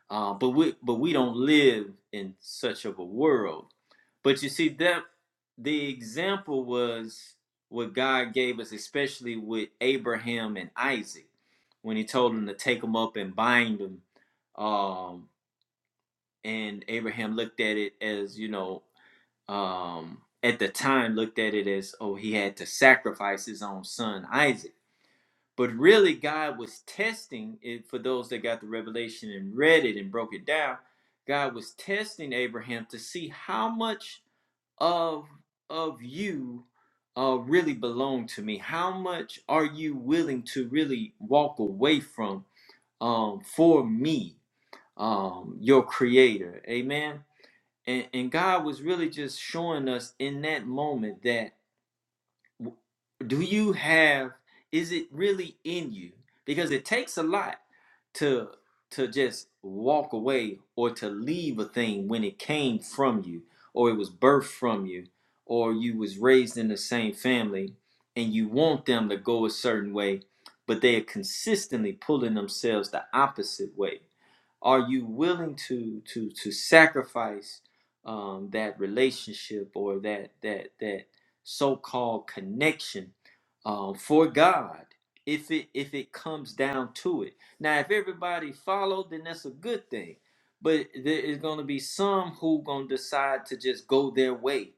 [SPEAKER 2] Uh but we but we don't live in such of a world. But you see that the example was what God gave us especially with Abraham and Isaac when he told them to take them up and bind them Um and Abraham looked at it as you know um, at the time looked at it as oh he had to sacrifice his own son Isaac. But really, God was testing it for those that got the revelation and read it and broke it down. God was testing Abraham to see how much of of you uh, really belong to me. How much are you willing to really walk away from um, for me, um, your Creator? Amen and and God was really just showing us in that moment that do you have is it really in you because it takes a lot to to just walk away or to leave a thing when it came from you or it was birthed from you or you was raised in the same family and you want them to go a certain way but they are consistently pulling themselves the opposite way are you willing to to to sacrifice um, that relationship or that that that so-called connection uh, for God if it if it comes down to it. Now, if everybody follow, then that's a good thing. But there is going to be some who going to decide to just go their way,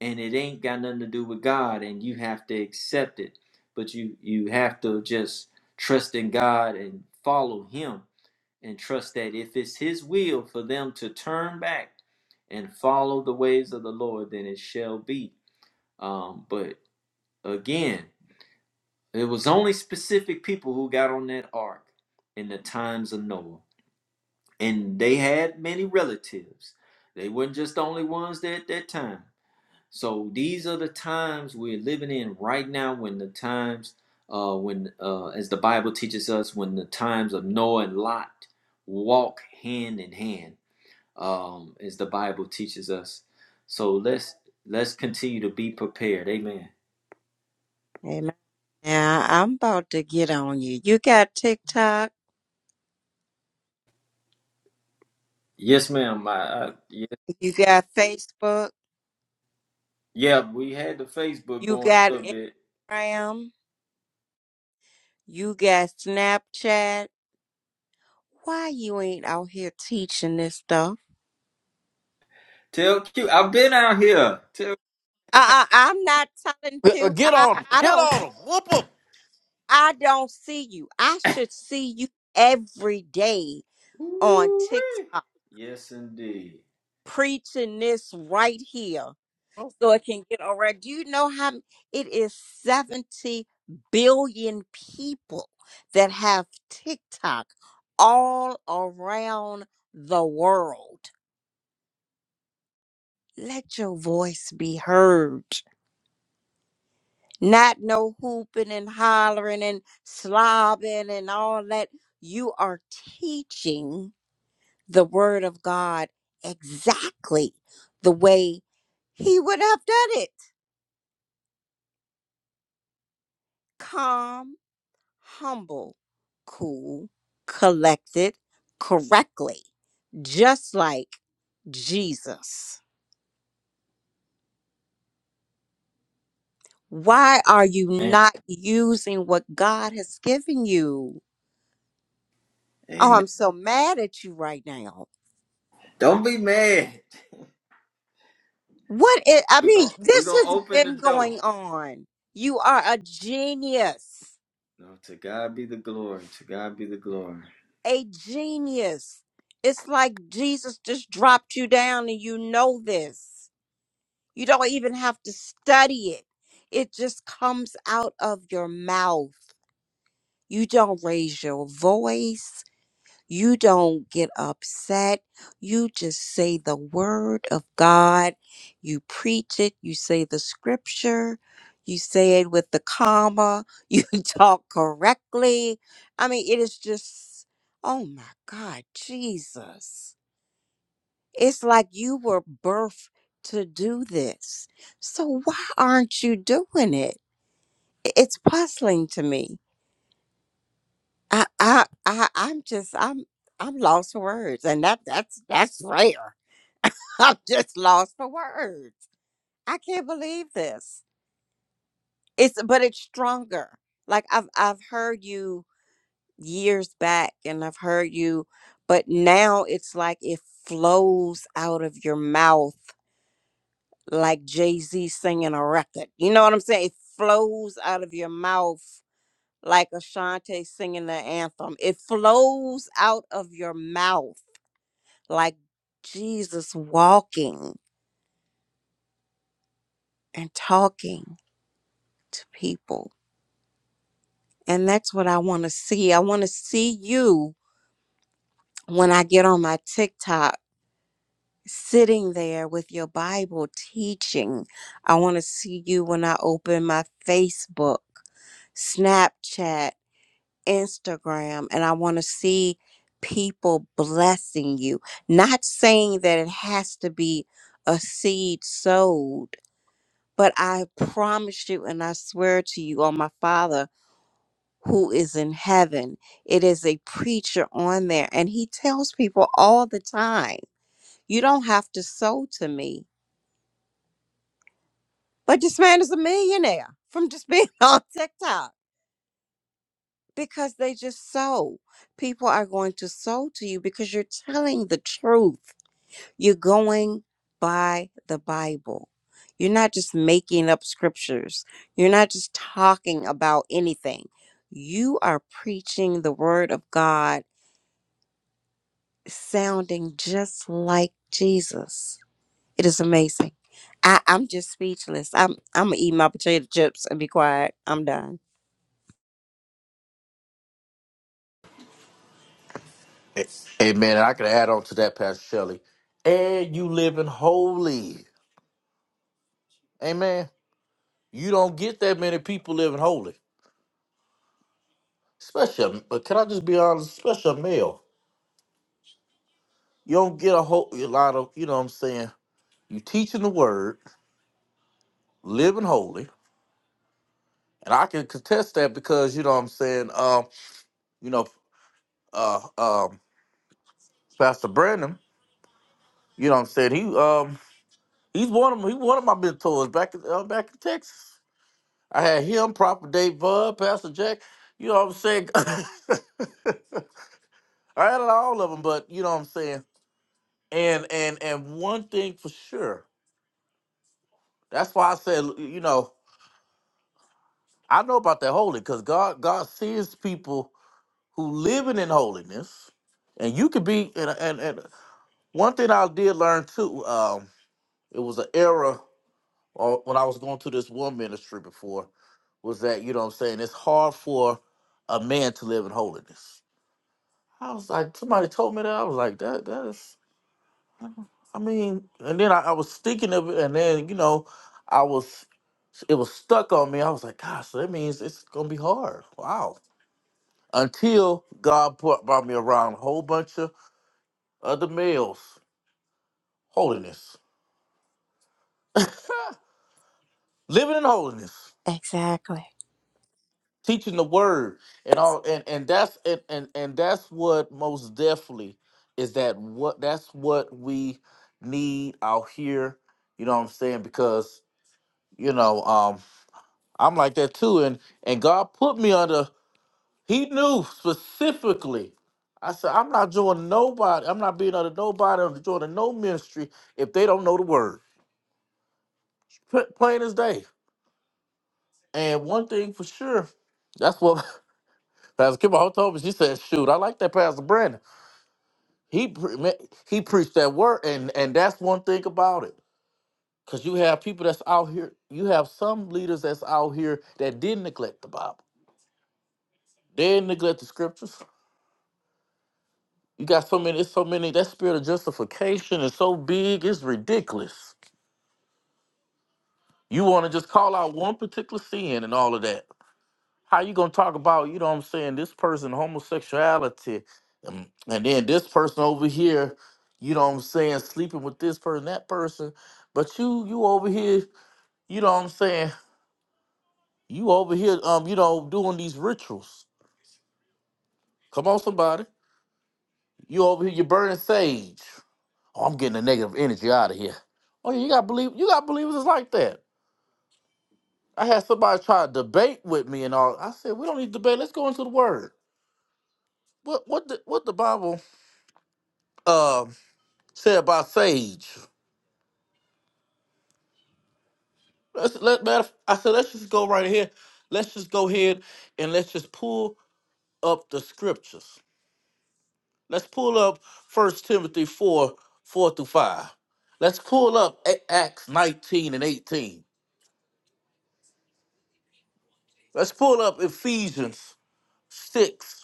[SPEAKER 2] and it ain't got nothing to do with God, and you have to accept it. But you you have to just trust in God and follow Him, and trust that if it's His will for them to turn back and follow the ways of the Lord, then it shall be. Um, but Again, it was only specific people who got on that ark in the times of Noah. And they had many relatives. They weren't just the only ones there at that time. So these are the times we're living in right now when the times uh, when uh, as the Bible teaches us, when the times of Noah and Lot walk hand in hand, um, as the Bible teaches us. So let's let's continue to be prepared. Amen.
[SPEAKER 3] Amen. Now I'm about to get on you. You got TikTok,
[SPEAKER 2] Yes, ma'am. I, I,
[SPEAKER 3] you got Facebook,
[SPEAKER 2] Yeah, we had the Facebook
[SPEAKER 3] you
[SPEAKER 2] going a
[SPEAKER 3] got
[SPEAKER 2] little bit.
[SPEAKER 3] Instagram, you got Snapchat. Why you ain't out here teaching this stuff?
[SPEAKER 2] Tell Q, I've been out here. Tell,
[SPEAKER 3] Uh, uh I'm not telling
[SPEAKER 1] Uh,
[SPEAKER 3] you.
[SPEAKER 1] Get
[SPEAKER 3] I
[SPEAKER 1] on 'em.
[SPEAKER 3] I
[SPEAKER 1] Get
[SPEAKER 3] don't
[SPEAKER 1] on
[SPEAKER 3] see.
[SPEAKER 1] 'em. Whoop 'em.
[SPEAKER 3] I don't see you. I should see you every day on
[SPEAKER 2] Ooh-wee.
[SPEAKER 3] TikTok
[SPEAKER 2] yes indeed.
[SPEAKER 3] preaching this right here. so it can get around. Do you know how m- it is 70 billion people that have TikTok all around the world? Let your voice be heard. Not no hooping and hollering and slobbing and all that. You are teaching the word of God exactly the way he would have done it. Calm humble, cool, collected, correctly, just like Jesus. Why are you
[SPEAKER 2] Man,
[SPEAKER 3] not using what God has given you? Oh,
[SPEAKER 2] amen.
[SPEAKER 3] I'm so mad at you right now.
[SPEAKER 2] Don't be mad.
[SPEAKER 3] What is, I
[SPEAKER 2] We
[SPEAKER 3] mean,
[SPEAKER 2] go. We
[SPEAKER 3] this
[SPEAKER 2] gonna
[SPEAKER 3] has
[SPEAKER 2] open the
[SPEAKER 3] been
[SPEAKER 2] door.
[SPEAKER 3] going on. You are a genius,
[SPEAKER 2] No, to God be the glory. To God be the glory.
[SPEAKER 3] a genius. It's like Jesus just dropped you down and you know this. You don't even have to study it. It just comes out of your mouth. You don't raise your voice. You don't get upset. You just say the word of God. You preach it. You say the scripture. You say it with the comma. You talk correctly. I mean, it is just, oh my God, Jesus. It's like you were birthed to do this. So why aren't you doing it? I- It's puzzling to me. I I, I I'm just I'm I'm lost for words. And that that's that's rare. I'm just lost for words. I can't believe this. It's but it's stronger. Like I've I've heard you years back and I've heard you, but now it's like it flows out of your mouth like Jay Z singing a record. You know what I'm saying? It flows out of your mouth like Ashanti singing the anthem. It flows out of your mouth like Jesus walking and talking to people. And that's what I want to see. I want to see you when I get on my TikTok sitting there with your Bible teaching. I want to see you when I open my Facebook Snapchat. Instagram and I want to see people blessing you. Not saying that it has to be a seed sowed, but I promise you and I swear to you on my Father who is in heaven, it is a preacher on there and he tells people all the time, you don't have to sow to me. But this man is a millionaire from just being on TikTok because they just sow. People are going to sow to you because you're telling the truth. You're going by the Bible. You're not just making up scriptures. You're not just talking about anything. You are preaching the word of God, sounding just like Jesus. It is amazing. I, I'm just speechless. I'm I'm gonna eat my potato chips and be quiet. I'm done.
[SPEAKER 1] A- Amen. And I can add on to that, Pastor Shelley. And you living holy. Amen. You don't get that many people living holy. Especially, but can I just be honest? Especially a male, you don't get a whole a lot of. You know what I'm saying? You teaching the word, living holy, and I can contest that because you know what I'm saying. Um, you know, uh, um, Pastor Brandon. You know what I'm saying? He um, he's one of he one of my mentors back in uh, back in Texas. I had him, Proper Dave Bud, Pastor Jack. You know what I'm saying? I had all of them, but you know what I'm saying. And and and one thing for sure. That's why I said, you know, I know about that holy because God God sees people who living in holiness, and you could be. And, and and one thing I did learn too, um, it was an era or when I was going to this one ministry before, was that you know what I'm saying it's hard for a man to live in holiness. I was like, somebody told me that. I was like, that that is. I mean, and then I, I was thinking of it, and then you know, I was it was stuck on me. I was like, gosh, so that means it's gonna be hard. Wow. Until God brought, brought me around a whole bunch of other males, holiness, living in holiness,
[SPEAKER 3] Exactly.
[SPEAKER 1] teaching the word, and all, and and that's and and, and that's what most definitely is that what that's what we need out here. You know what I'm saying? Because you know, um. I'm like that too. And and God put me under, he knew specifically. I said, I'm not joining nobody. I'm not being under nobody. I'm joining no ministry if they don't know the word. Pla- Plain as day. And one thing for sure, that's what Pastor Kimball told me. She said, shoot, I like that Pastor Brandon. He pre- man, he preached that word. And, and that's one thing about it. Because you have people that's out here, you have some leaders that's out here that did not neglect the Bible. They didn't neglect the scriptures You got so many, it's so many. That spirit of justification is so big, it's ridiculous. You want to just call out one particular sin and all of that. How you gonna talk about, you know what I'm saying, this person homosexuality, um, and then this person over here, you know what I'm saying, sleeping with this person, that person. But you you over here, you know what I'm saying, you over here, um, you know, doing these rituals. Come on, somebody. You over here, you're burning sage. Oh, I'm getting the negative energy out of here. Oh, yeah, you got believe you got believers that's like that. I had somebody try to debate with me and all. I said, we don't need to debate. Let's go into the word. What what the what the Bible um said about sage? Let's let matter, I said let's just go right here. Let's just go ahead and let's just pull up the scriptures. Let's pull up First Timothy 4, 4 through 5. Let's pull up A- Acts 19 and 18. Let's pull up Ephesians 6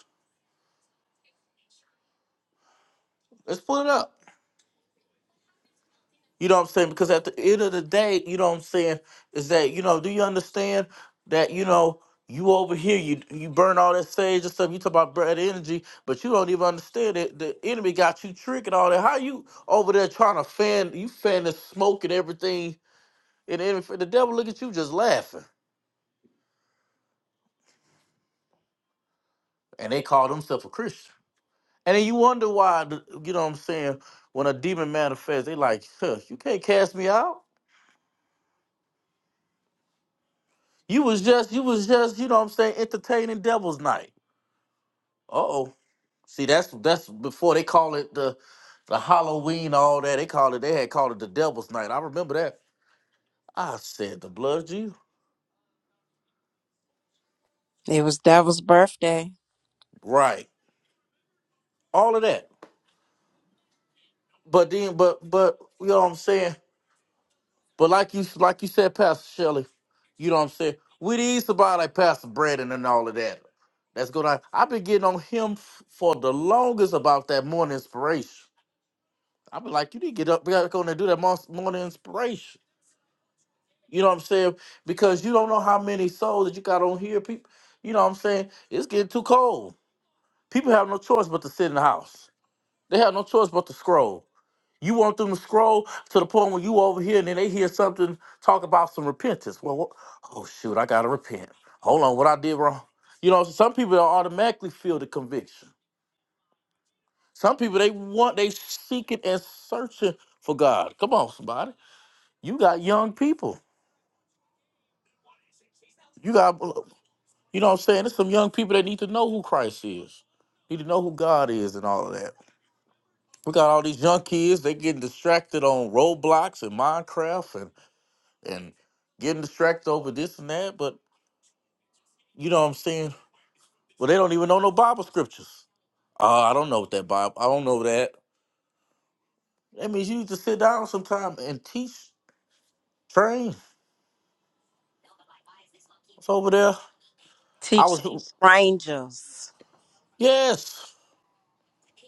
[SPEAKER 1] Let's pull it up. You know what I'm saying? Because at the end of the day, you know what I'm saying, is that, you know, do you understand that, you know, you over here, you you burn all that sage and stuff, you talk about bad energy, but you don't even understand it. The enemy got you tricking all that. How you over there trying to fan you fan the smoke and everything and then the devil look at you just laughing. And they call themselves a Christian. And then you wonder why the, you know what I'm saying, when a demon manifests, they like, huh, you can't cast me out. You was just, you was just, you know what I'm saying, entertaining Devil's Night. Uh oh. See, that's that's before they call it the the Halloween, all that. They called it, they had called it the Devil's Night. I remember that. I said the blood of Jesus.
[SPEAKER 3] It was Devil's birthday.
[SPEAKER 1] Right. All of that. But then, but but you know what I'm saying? But like you like you said, Pastor Shelley, you know what I'm saying? We didn't eat somebody like Pastor Brandon and all of that. That's good. I, I've been getting on him f- for the longest about that morning inspiration. I be like, you need to get up back on and do that mos- morning inspiration. You know what I'm saying? Because you don't know how many souls that you got on here. People, you know what I'm saying? It's getting too cold. People have no choice but to sit in the house. They have no choice but to scroll. You want them to scroll to the point where you over here and then they hear something talk about some repentance. Well, what? oh shoot, I gotta repent. Hold on, what I did wrong? You know, some people automatically feel the conviction. Some people they want, they seeking and searching for God. Come on, somebody. You got young people. You got, you know what I'm saying? There's some young people that need to know who Christ is, need to know who God is and all of that. We got all these young kids, they getting distracted on Roblox and Minecraft and, and getting distracted over this and that. But you know what I'm saying? Well, they don't even know no Bible scriptures. Uh, I don't know what that Bible, I don't know that. That means you need to sit down sometime and teach, train. It's over there. I
[SPEAKER 3] teach some
[SPEAKER 1] was,
[SPEAKER 3] strangers.
[SPEAKER 1] yes.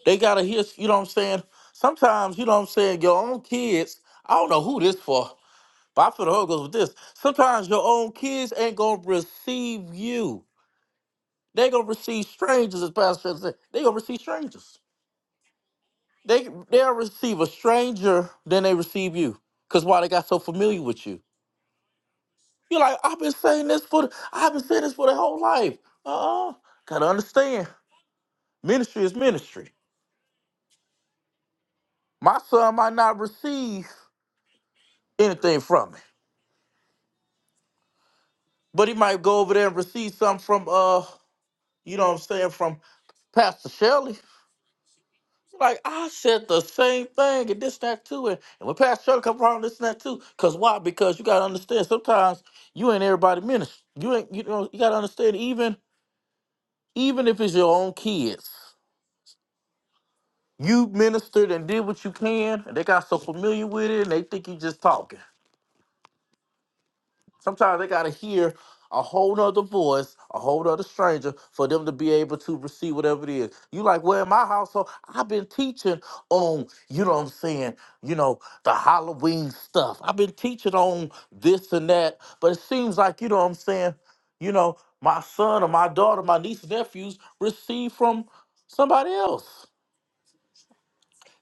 [SPEAKER 1] They gotta hear, you know what I'm saying? Sometimes, you know what I'm saying, your own kids, I don't know who this for, but I feel the Holy Ghost with this. Sometimes your own kids ain't gonna receive you. They gonna receive strangers, as Pastor Phil said. They gonna receive strangers. They they'll receive a stranger than they receive you. Cause why they got so familiar with you. You're like, I've been saying this for the, I've been saying this for their whole life. Uh-uh. Gotta understand. Ministry is ministry. My son might not receive anything from me But he might go over there and receive something from uh, you know what I'm saying, from Pastor Shelley. Like I said the same thing and this and that too. And, and when Pastor Shelley come around this and that too. Cause why? Because you gotta understand sometimes you ain't everybody minister. You ain't you know, you gotta understand even even if it's your own kids, you ministered and did what you can and they got so familiar with it and they think you just talking. Sometimes they gotta hear a whole nother voice, a whole nother stranger, for them to be able to receive whatever it is. You like, well, in my household, I've been teaching on, you know what I'm saying, you know, the Halloween stuff. I've been teaching on this and that. But it seems like, you know what I'm saying, you know, my son or my daughter, my niece and nephews receive from somebody else.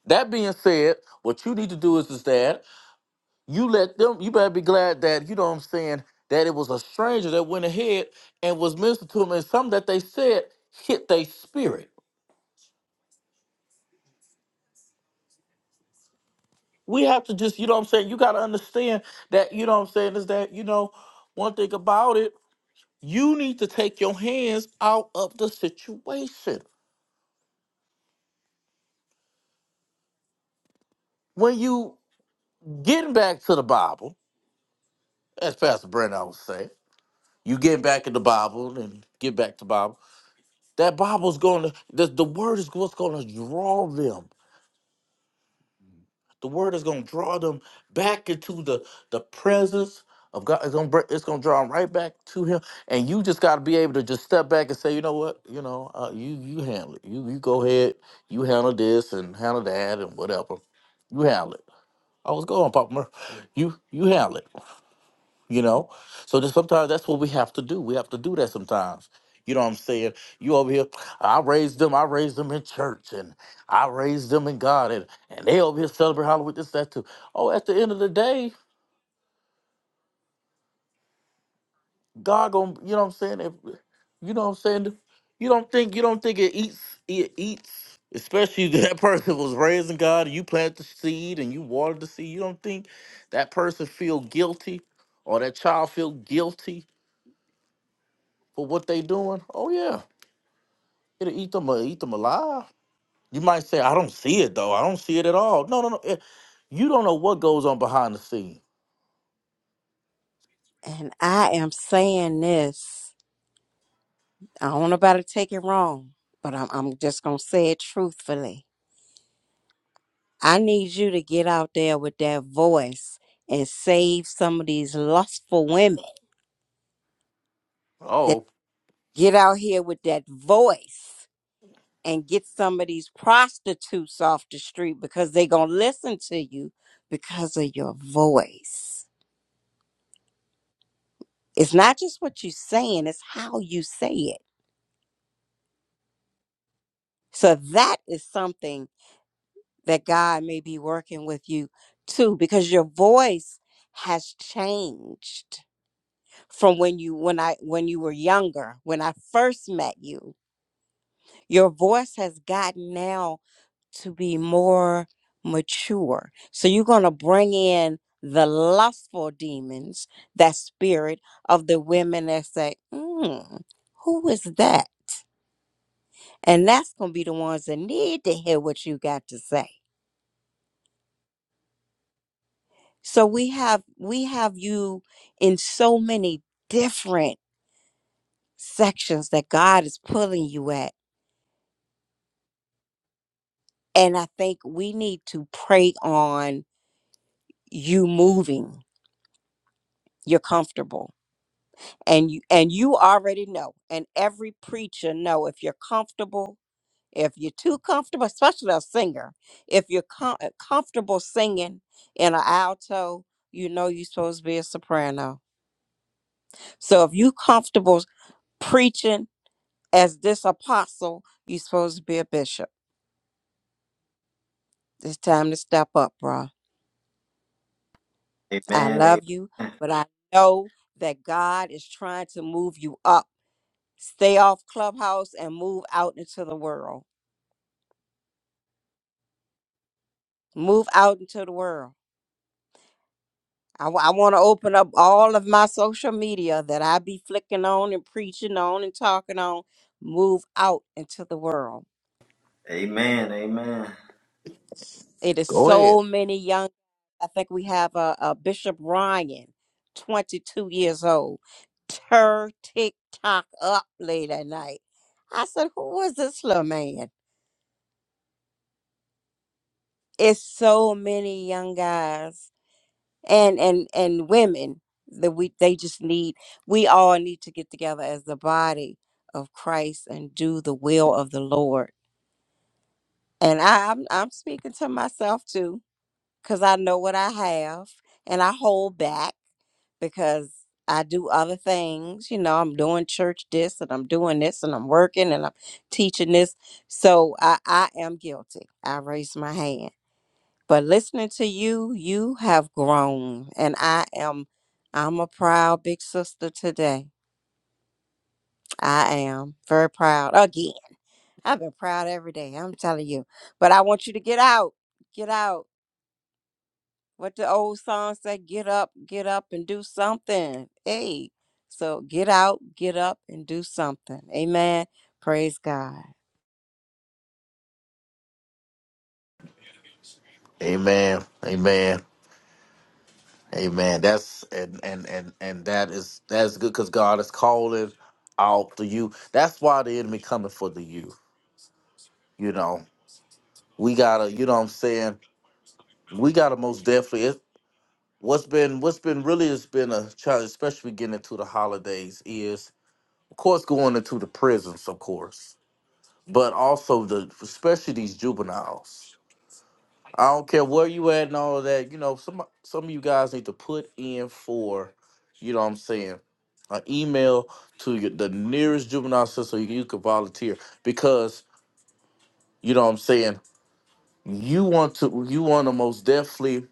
[SPEAKER 1] That being said, what you need to do is, is that you let them you better be glad that you know what i'm saying that it was a stranger that went ahead and was ministered to them and something that they said hit their spirit we have to just you know what i'm saying you got to understand that you know what i'm saying is that you know one thing about it you need to take your hands out of the situation when you getting back to the bible as pastor brandon i would say you get back in the bible and get back to bible that bible's going to the, the word is what's going to draw them The word is going to draw them back into the the presence of God. It's going to it's going to draw them right back to Him. And you just got to be able to just step back and say, you know what, you know, uh, you you handle it. You you go ahead. You handle this and handle that and whatever. You handle it. I was going, Papa. Murph. You you handle it you know so then sometimes that's what we have to do we have to do that sometimes you know what i'm saying you over here i raised them i raised them in church and i raised them in god and, and they over here celebrate halloween this that too oh at the end of the day god gonna you know what i'm saying if, you know what i'm saying you don't think you don't think it eats it eats especially if that person was raising god and you plant the seed and you watered the seed you don't think that person feel guilty or that child feel guilty for what they doing oh yeah It'll eat them, uh, eat them alive. You might say, I don't see it though. I don't see it at all. No, no, no. eh, You don't know what goes on behind the scene.
[SPEAKER 3] And I am saying this. I don't know about to take it wrong, but I'm, I'm just going to say it truthfully. I need you to get out there with that voice and save some of these lustful women that
[SPEAKER 1] Oh,
[SPEAKER 3] get out here with that voice and get some of these prostitutes off the street because they going to listen to you because of your voice. It's not just what you're saying, it's how you say it. So that is something that God may be working with you too because your voice has changed from when you when I when you were younger when I first met you your voice has gotten now to be more mature so you're going to bring in the lustful demons that spirit of the women that say mm, who is that and that's going to be the ones that need to hear what you got to say So we have we have you in so many different sections that God is pulling you at. And I think we need to pray on you moving. You're comfortable. And you and you already know. And every preacher know if you're comfortable, if you're too comfortable, especially a singer, if you're com- uh, comfortable singing in an alto, you know you're supposed to be a soprano. So if you comfortable preaching as this apostle, you're supposed to be a bishop. It's time to step up, bruh. I
[SPEAKER 2] Amen. a-
[SPEAKER 3] love you, but I know that God is trying to move you up. Stay off clubhouse and move out into the world. Move out into the world. I, want to open up all of my social media that I be flicking on and preaching on and talking on. Move out into the world.
[SPEAKER 2] Amen. Amen.
[SPEAKER 3] It is
[SPEAKER 1] go ahead.
[SPEAKER 3] so many young. I think we have a, uh uh, Bishop Ryan, 22 years old. Tur TikTok up late at night. I said, "Who is this little man?" It's so many young guys and and and women that we they just need. We all need to get together as the body of Christ and do the will of the Lord. And I, I'm I'm speaking to myself too, cause I know what I have, and I hold back because I do other things. You know, I'm doing church this and I'm doing this and I'm working and I'm teaching this. So I, I am guilty. I raise my hand. But listening to you, you have grown. And I am I'm a proud big sister today. I am very proud. Again, I've been proud every day. I'm telling you. But I want you to get out. Get out what the old song say get up get up and do something hey so get out get up and do something amen praise god
[SPEAKER 1] Amen. Amen. Amen. That's and and and and that is that's good because God is calling out the you. That's why the enemy coming for the you. You know, we gotta. You know what I'm saying? We gotta most definitely. It, what's been what's been really has been a challenge, especially getting into the holidays, is of course going into the prisons, of course but also the especially these juveniles. I don't care where you at and all of that. You know, some some of you guys need to put in for, you know, what I'm saying, an email to your, the nearest juvenile center so you can volunteer because you know what I'm saying. You want to you want to most definitely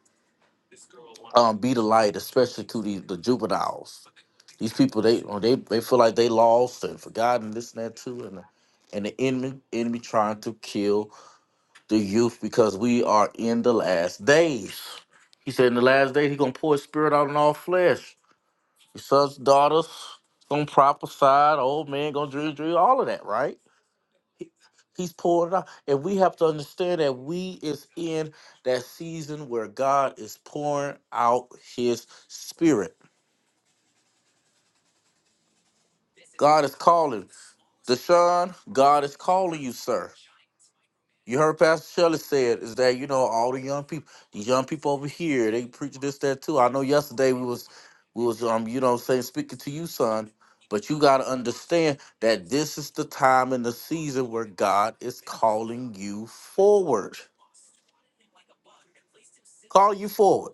[SPEAKER 1] um, be the light, especially to the, the juveniles. These people they or they they feel like they lost and forgotten this and that too, and and the enemy enemy trying to kill the youth because we are in the last days. He said, in the last days, he gonna pour his spirit out on all flesh. Your sons, daughters, gonna prophesy, the old man gonna dream, dream, all of that, right? He- He's pouring it out. And we have to understand that we is in that season where God is pouring out his spirit. God is calling. Deshaun, God is calling you, sir. You heard Pastor Shelley said is that you know all the young people, these young people over here, they preach this that too. I know yesterday we was we was um you know saying speaking to you son, but you got to understand that this is the time and the season where God is calling you forward, call you forward.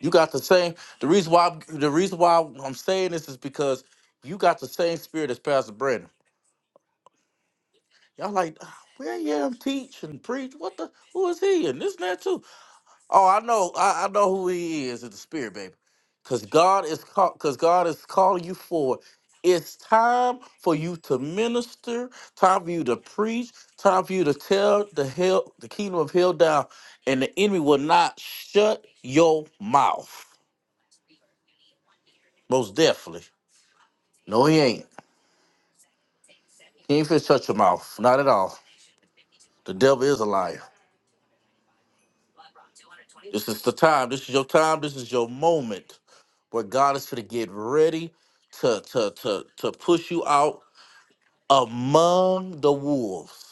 [SPEAKER 1] You got the same. The reason why I'm- the reason why I'm saying this is because you got the same spirit as Pastor Brandon. Y'all like. "Ah, Well, yeah, I'm teach and preach. What the? Who is he? And this and that too. Oh, I know, I, I know who he is in the spirit, baby. Cause God is call, cause God is calling you forward. It's time for you to minister, time for you to preach, time for you to tell the hell the kingdom of hell down, and the enemy will not shut your mouth. Most definitely. No, he ain't. He ain't finna shut your mouth. Not at all. The devil is a liar. This is the time. This is your time. This is your moment where God is going to get ready to, to, to, to push you out among the wolves.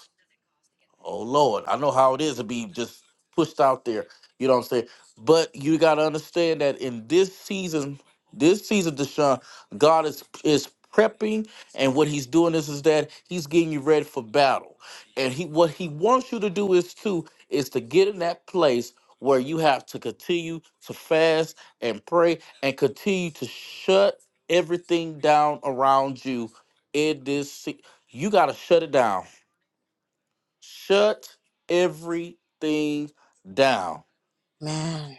[SPEAKER 1] Oh Lord, I know how it is to be just pushed out there. You know what I'm saying? But you gotta understand that in this season, this season, Deshaun, God is is prepping, and what He's doing is is that He's getting you ready for battle. And He what He wants you to do is to is to get in that place where you have to continue to fast and pray and continue to shut everything down around you in this se- you got to shut it down Shut everything down.
[SPEAKER 3] man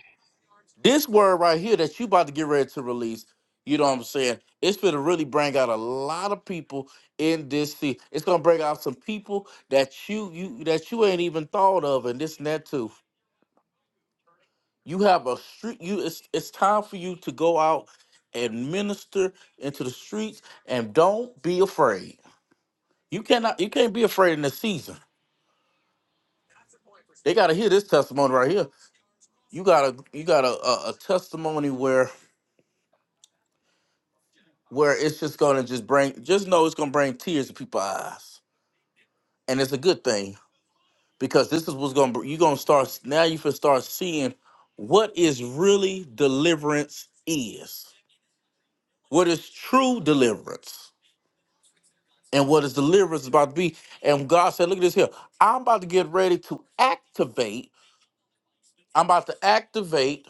[SPEAKER 1] This word right here that you about to get ready to release, you know what I'm saying? It's gonna really bring out a lot of people in this season. It's gonna bring out some people that you you that you ain't even thought of and this and that too. You have a street you it's it's time for you to go out and minister into the streets and don't be afraid. You cannot you can't be afraid in this season. They gotta hear this testimony right here. you got a you got a, a, a testimony where where it's just gonna just bring just know it's gonna bring tears to people's eyes, and it's a good thing because this is what's gonna br- you gonna start now you can start seeing what is really deliverance is, what is true deliverance, and what is deliverance is about to be. And God said, look at this here, I'm about to get ready to activate. I'm about to activate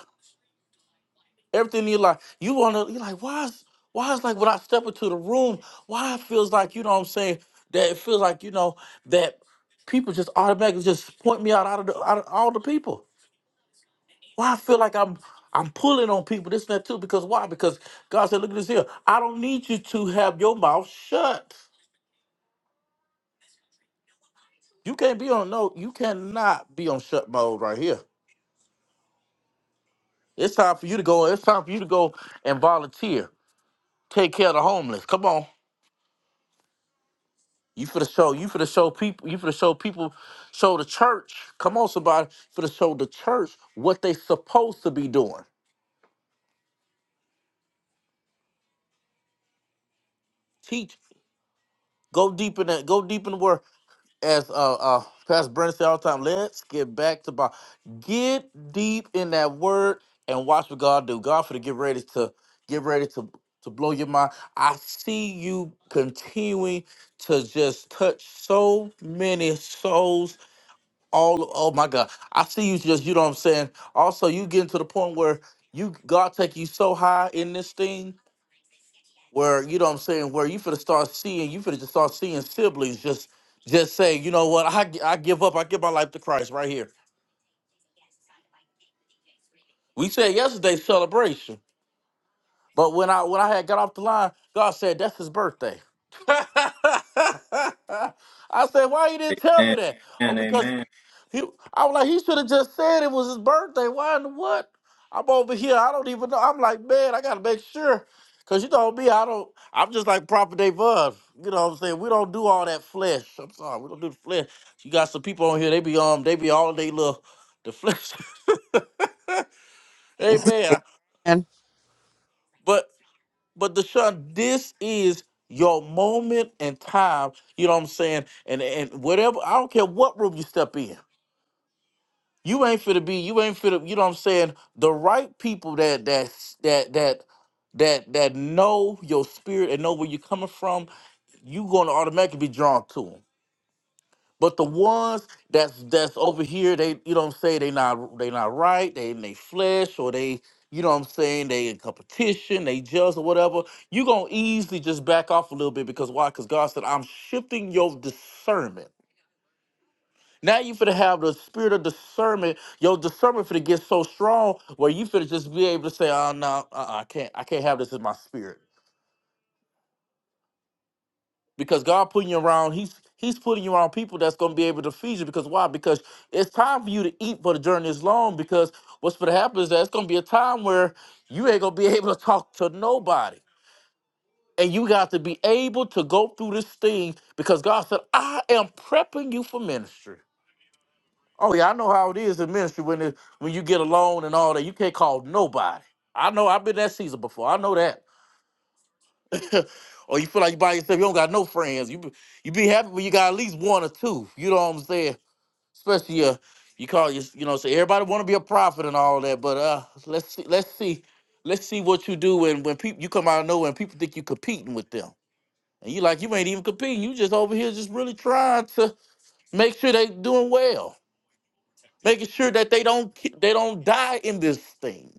[SPEAKER 1] everything in your life. You wanna you're like, why is why is like when I step into the room, why it feels like, you know what I'm saying, that it feels like, you know, that people just automatically just point me out out of, the, out of all the people. Why I feel like I'm I'm pulling on people, this and that too, because why? Because God said, look at this here. I don't need you to have your mouth shut. You can't be on no, you cannot be on shut mode right here. It's time for you to go, it's time for you to go and volunteer. Take care of the homeless. Come on. You for the show, you for the show people, you for the show people, show the church. Come on, somebody, for the show the church what they supposed to be doing. Teach, go deep in that, go deep in the word. As uh uh Pastor Brent said all the time, let's get back to Bible. Get deep in that word and watch what God do. God for to get ready to get ready to to blow your mind. I see you continuing to just touch so many souls all oh my god i see you just you know what i'm saying also you getting to the point where you god take you so high in this thing where you know what i'm saying where you finna start seeing you finna just start seeing siblings just just say you know what i, gi- I give up i give my life to christ right here we said yesterday celebration but when i when i had got off the line god said that's his birthday i said why you didn't tell me
[SPEAKER 2] Amen.
[SPEAKER 1] that oh
[SPEAKER 2] Amen.
[SPEAKER 1] because
[SPEAKER 2] Amen.
[SPEAKER 1] He, I was like, he should have just said it was his birthday. Why in the what? I'm over here. I don't even know. I'm like, man, I gotta make sure. Cause you know me, I don't I'm just like proper Dave. bud. You know what I'm saying? We don't do all that flesh. I'm sorry, we don't do the flesh. You got some people on here, they be um they be all day little the flesh. Amen.
[SPEAKER 3] and
[SPEAKER 1] But but Deshaun, this is your moment and time. You know what I'm saying? And and whatever I don't care what room you step in. You ain't fit to be. You ain't fit to. You know what I'm saying? The right people that that that that that that know your spirit and know where you're coming from. You gonna automatically be drawn to them. But the ones that's that's over here, they you know what I'm saying? They not they not right. They in they flesh or they you know what I'm saying? They in competition. They jealous or whatever. You gonna easily just back off a little bit because why? Because God said I'm shifting your discernment. Now you finna have the spirit of discernment. Your discernment finna get so strong where you finna just be able to say, "Oh no, uh-uh, I can't, I can't have this in my spirit." Because God putting you around, He's He's putting you around people that's gonna be able to feed you. Because why? Because it's time for you to eat, but the journey is long. Because what's gonna happen is that it's gonna be a time where you ain't gonna be able to talk to nobody, and you got to be able to go through this thing. Because God said, "I am prepping you for ministry." Oh yeah, I know how it is in ministry when it, when you get alone and all that. You can't call nobody. I know. I've been that season before. I know that. or you feel like you by yourself. You don't got no friends. You be- you be happy when you got at least one or two. You know what I'm saying? Especially uh, you call your you know. say everybody want to be a prophet and all that. But uh, let's see, let's see, let's see what you do when when people you come out of nowhere and people think you competing with them. And you like you ain't even competing. You just over here just really trying to make sure they doing well. making sure that they don't ki- they don't die in this thing.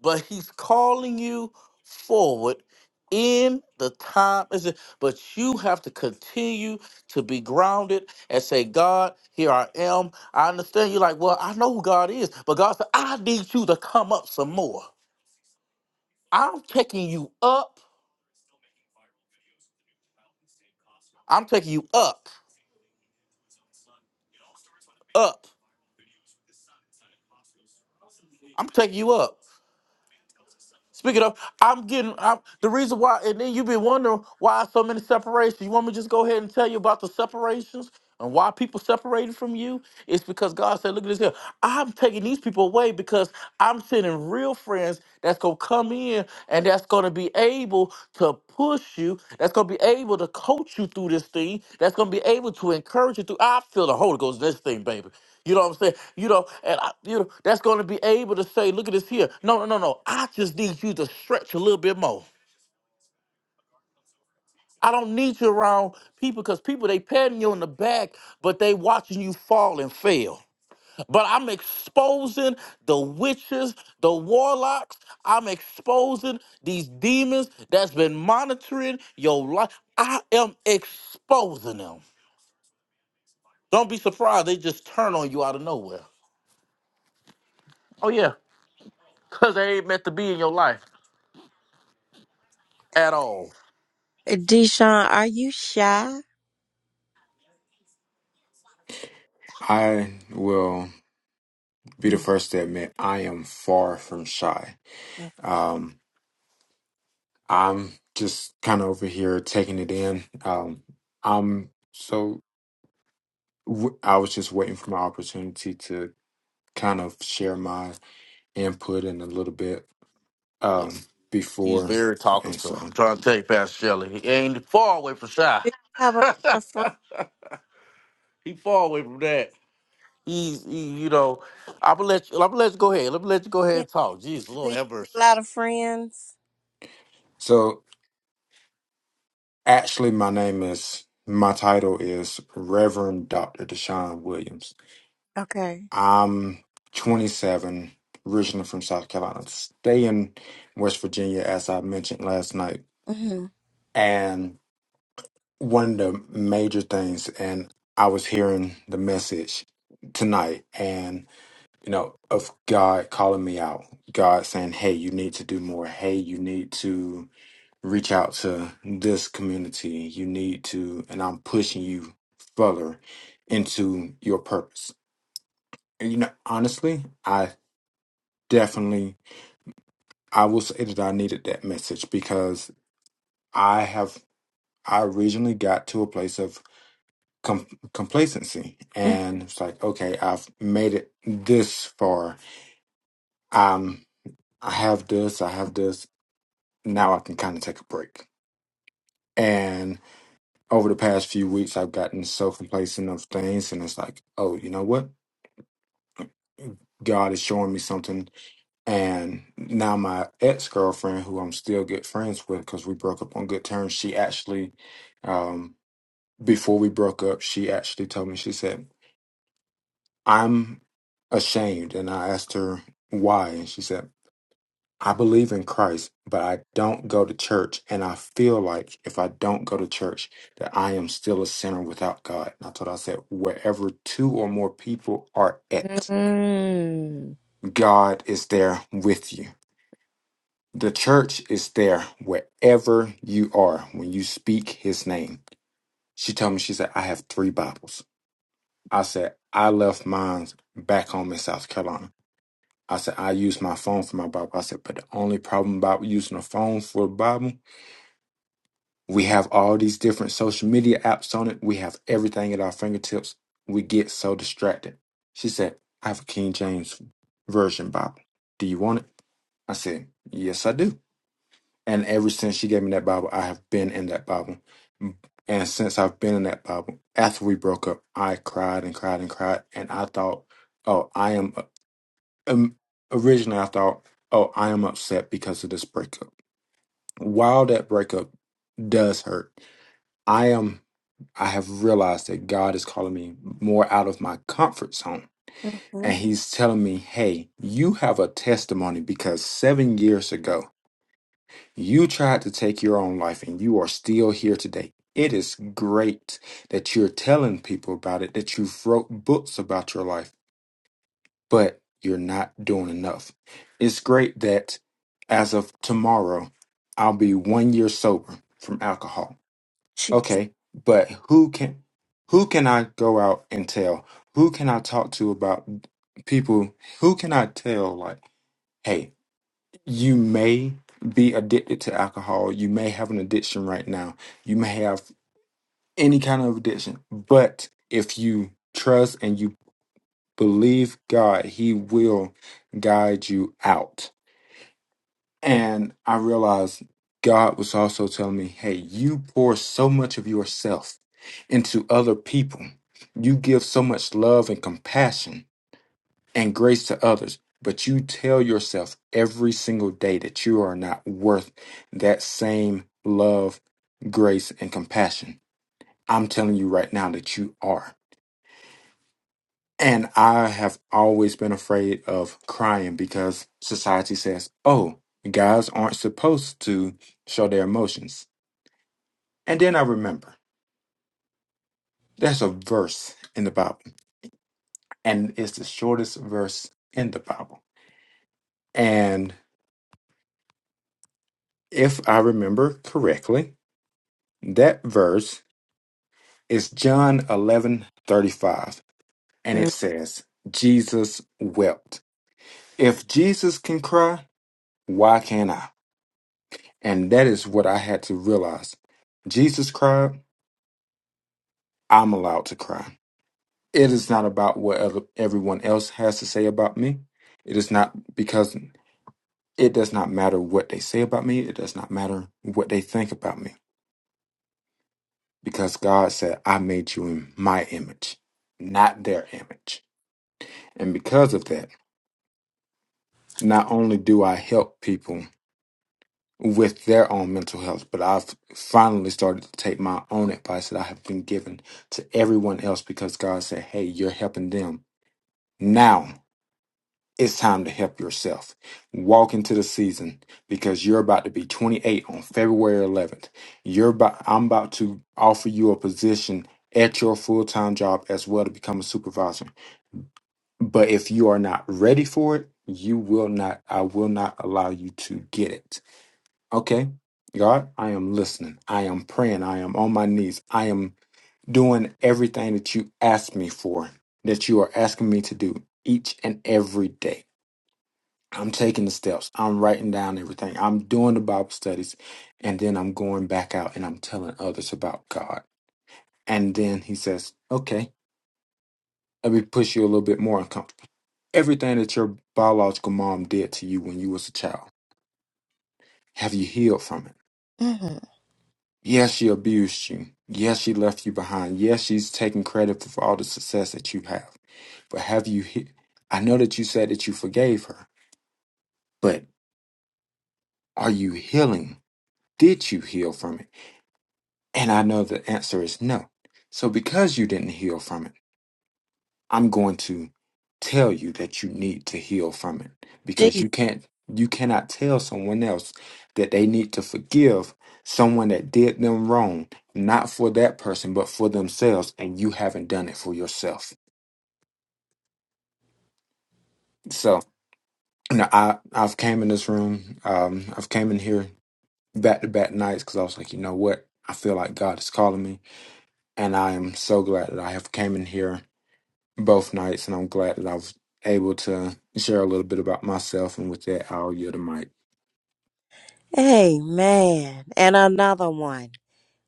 [SPEAKER 1] But he's calling you forward in the time is it but you have to continue to be grounded and say god here i am i understand you're like well i know who god is but god said i need you to come up some more i'm taking you up i'm taking you up up i'm taking you up Speaking of, I'm getting I'm, the reason why, and then you've been wondering why so many separations. You want me to just go ahead and tell you about the separations and why people separated from you? It's because God said, "Look at this here. I'm taking these people away because I'm sending real friends that's gonna come in." and that's going to be able to push you. That's going to be able to coach you through this thing. That's going to be able to encourage you through. I feel the Holy Ghost in this thing, baby. You know what I'm saying? You know, and I, you know that's going to be able to say, "Look at this here." No, no, no, no. I just need you to stretch a little bit more. I don't need you around people because people they patting you on the back, but they watching you fall and fail. But I'm exposing the witches, the warlocks. I'm exposing these demons that's been monitoring your life. I am exposing them. Don't be surprised they just turn on you out of nowhere. Oh yeah, cause they ain't meant to be in your life at all.
[SPEAKER 3] deshaun are you shy
[SPEAKER 5] I will be the
[SPEAKER 3] Mm.
[SPEAKER 5] first to admit I am far from shy. Um, I'm just kind of over here taking it in. Um, I'm so w- I was just waiting for my opportunity to kind of
[SPEAKER 1] Ye-
[SPEAKER 5] share my input in a little bit um,
[SPEAKER 1] Yes, he's
[SPEAKER 5] before,
[SPEAKER 1] very
[SPEAKER 5] and
[SPEAKER 1] talkative.
[SPEAKER 5] so
[SPEAKER 1] I'm trying to tell you, Pastor Shelley, he ain't far away from shy.
[SPEAKER 3] do you have a lot of friends
[SPEAKER 1] he far away from that. He's, he, you know, I'm gonna let you. I'm gonna let you go ahead. Let me let you go ahead
[SPEAKER 3] yeah.
[SPEAKER 1] and talk. Jeez, little
[SPEAKER 3] do you have a
[SPEAKER 1] helpers.
[SPEAKER 3] lot of friends
[SPEAKER 5] so actually my name is my title is Reverend Doctor Deshaun Williams.
[SPEAKER 3] okay
[SPEAKER 5] I'm 27, originally from South Carolina. Stay in West Virginia, as I mentioned last night.
[SPEAKER 3] Mm-hmm.
[SPEAKER 5] And one of the major things, and I was hearing the message tonight, and you know, of God calling me out, God saying, Hey, you need to do more. Hey, you need to reach out to this community. You need to, and I'm pushing you further into your purpose. And you know, honestly, I definitely I will say that I needed that message because I have I originally got to a place of com- complacency and it's like okay I've made it this far um I have this I have this now I can kind of take a break and over the past few weeks I've gotten so complacent of things and it's like oh you know what God is showing me something and now my ex-girlfriend who I'm still good friends with because we broke up on good terms she actually um before we broke up, she actually told me, she said, I'm ashamed. And I asked her why. And she said, I believe in Christ, but I don't go to church. And I feel like if I don't go to church, that I am still a sinner without God. And I told her, I said, wherever two or more people are at,
[SPEAKER 3] Mm.
[SPEAKER 5] God is there with you. The church is there wherever you are when you speak his name. She told me, she said, I have three Bibles. I said, I left mine back home in South Carolina. I said, I use my phone for my Bible. I said, but the only problem about using a phone for a Bible, we have all these different social media apps on it. We have everything at our fingertips. We get so distracted. She said, I have a King James Version Bible. Do you want it? I said, Yes, I do. And ever since she gave me that Bible, I have been in that Bible. And since I've been in that Bible, after we broke up, I cried and cried and cried. And I thought, oh, I am. Um, originally, I thought, oh, I am upset because of this breakup. While that breakup does hurt, I am. I have realized that God is calling me more out of my comfort zone.
[SPEAKER 3] Mm-hmm.
[SPEAKER 5] And He's telling me, hey, you have a testimony because seven years ago, you tried to take your own life and you are still here today. It is great that you're telling people about it, that you've wrote books about your life, but you're not doing enough. It's great that as of tomorrow, I'll be one year sober from alcohol.
[SPEAKER 3] Jeez.
[SPEAKER 5] Okay, but who can who can I go out and tell? Who can I talk to about people? Who can I tell like, hey you may be addicted to alcohol. You may have an addiction right now. You may have any kind of addiction. But if you trust and you believe God, He will guide you out. And I realized God was also telling me, hey, you pour so much of yourself into other people. You give so much love and compassion and grace to others, but you tell yourself every single day that you are not worth that same love, grace, and compassion. I'm telling you right now that you are. And I have always been afraid of crying because society says, oh, guys aren't supposed to show their emotions. And then I remember there's a verse in the Bible, and it's the shortest verse in the Bible. And if I remember correctly, That verse is John eleven thirty five, and
[SPEAKER 3] Mm.
[SPEAKER 5] it says, Jesus wept. If Jesus can cry, why can't I? And that is what I had to realize. Jesus cried, I'm allowed to cry. It is not about what other, everyone else has to say about me. It is not because it does not matter what they say about me. It does not matter what they think about me. Because God said, I made you in my image, not their image. And because of that, not only do I help people with their own mental health, but I've finally started to take my own advice that I have been given to everyone else because God said, Hey, you're helping them. Now it's time to help yourself. Walk into the season because you're about to be 28 on February 11th. You're about, I'm about to offer you a position at your full time job as well to become a supervisor. But if you are not ready for it, you will not, I will not allow you to get it. Okay. God, I am listening. I am praying. I am on my knees. I am doing everything that you asked me for, that you are asking me to do each and every day. I'm taking the steps. I'm writing down everything. I'm doing the Bible studies. And then I'm going back out and I'm telling others about God. And then he says, okay, let me push you a little bit more uncomfortable. Everything that your biological mom did to you when you was a child, have you healed from it?
[SPEAKER 3] hmm
[SPEAKER 5] Yes, she abused you. Yes, she left you behind. Yes, she's taking credit for all the success that you have. But have you? He- I know that you said that you forgave her, but are you healing? Did you heal from it? And I know the answer is no. So because you didn't heal from it. I'm going to tell you that you need to heal from it because
[SPEAKER 3] Gee.
[SPEAKER 5] you can't you cannot tell someone else that they need to forgive someone that did them wrong not for that person but for themselves and you haven't done it for yourself so you know i i've came in this room um i've came in here back to back nights because i was like you know what i feel like god is calling me and i am so glad that i have came in here both nights, and I'm glad that I was able to share a little bit about myself. And with that, I'll yield the mic.
[SPEAKER 3] Amen. And another one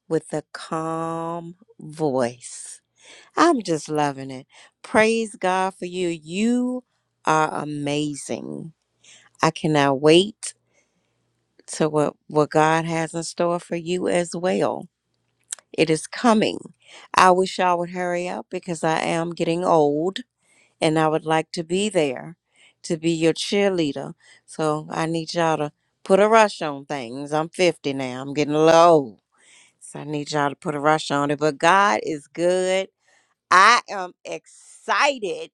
[SPEAKER 3] with a calm voice. I'm just loving it. Praise God for you. You are amazing. I cannot wait to what, what God has in store for you as well. It is coming. I wish I would hurry up because I am getting old. and I would like to be there to be your cheerleader. So I need y'all to put a rush on things. I'm 50 now. I'm getting low. So I need y'all to put a rush on it. But God is good. I am excited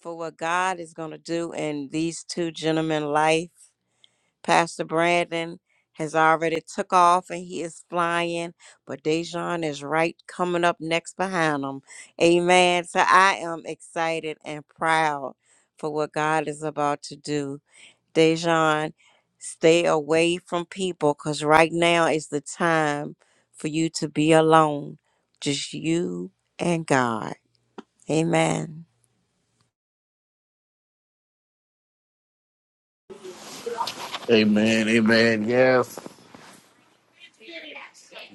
[SPEAKER 3] for what God is going to do in these two gentlemen' life. Pastor Brandon has already took off and he is flying, but Dejan is right coming up next behind him. Amen. So I am excited and proud for what God is about to do. Dejan, stay away from people because right now is the time for you to be alone. Just you and God. Amen.
[SPEAKER 1] Amen. Amen. Yes.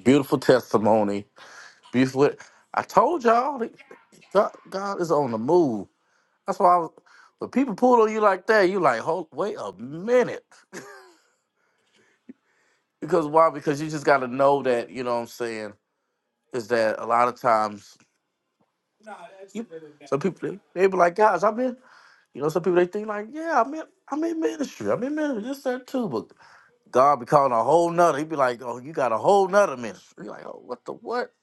[SPEAKER 1] Beautiful testimony. Beautiful. I told y'all, that God, God is on the move. That's why I was, when people pull on you like that, you like, hold, wait a minute. Because why? Because you just got to know that. You know what I'm saying? Is that a lot of times you, some people they, they be like, guys, I'm in. You know, some people they think like, yeah, I'm in. I'm in ministry. I'm in ministry. This that too, but. God be calling a whole nother. He'd be like, "Oh, you got a whole nother ministry." You're like, "Oh, what the what?"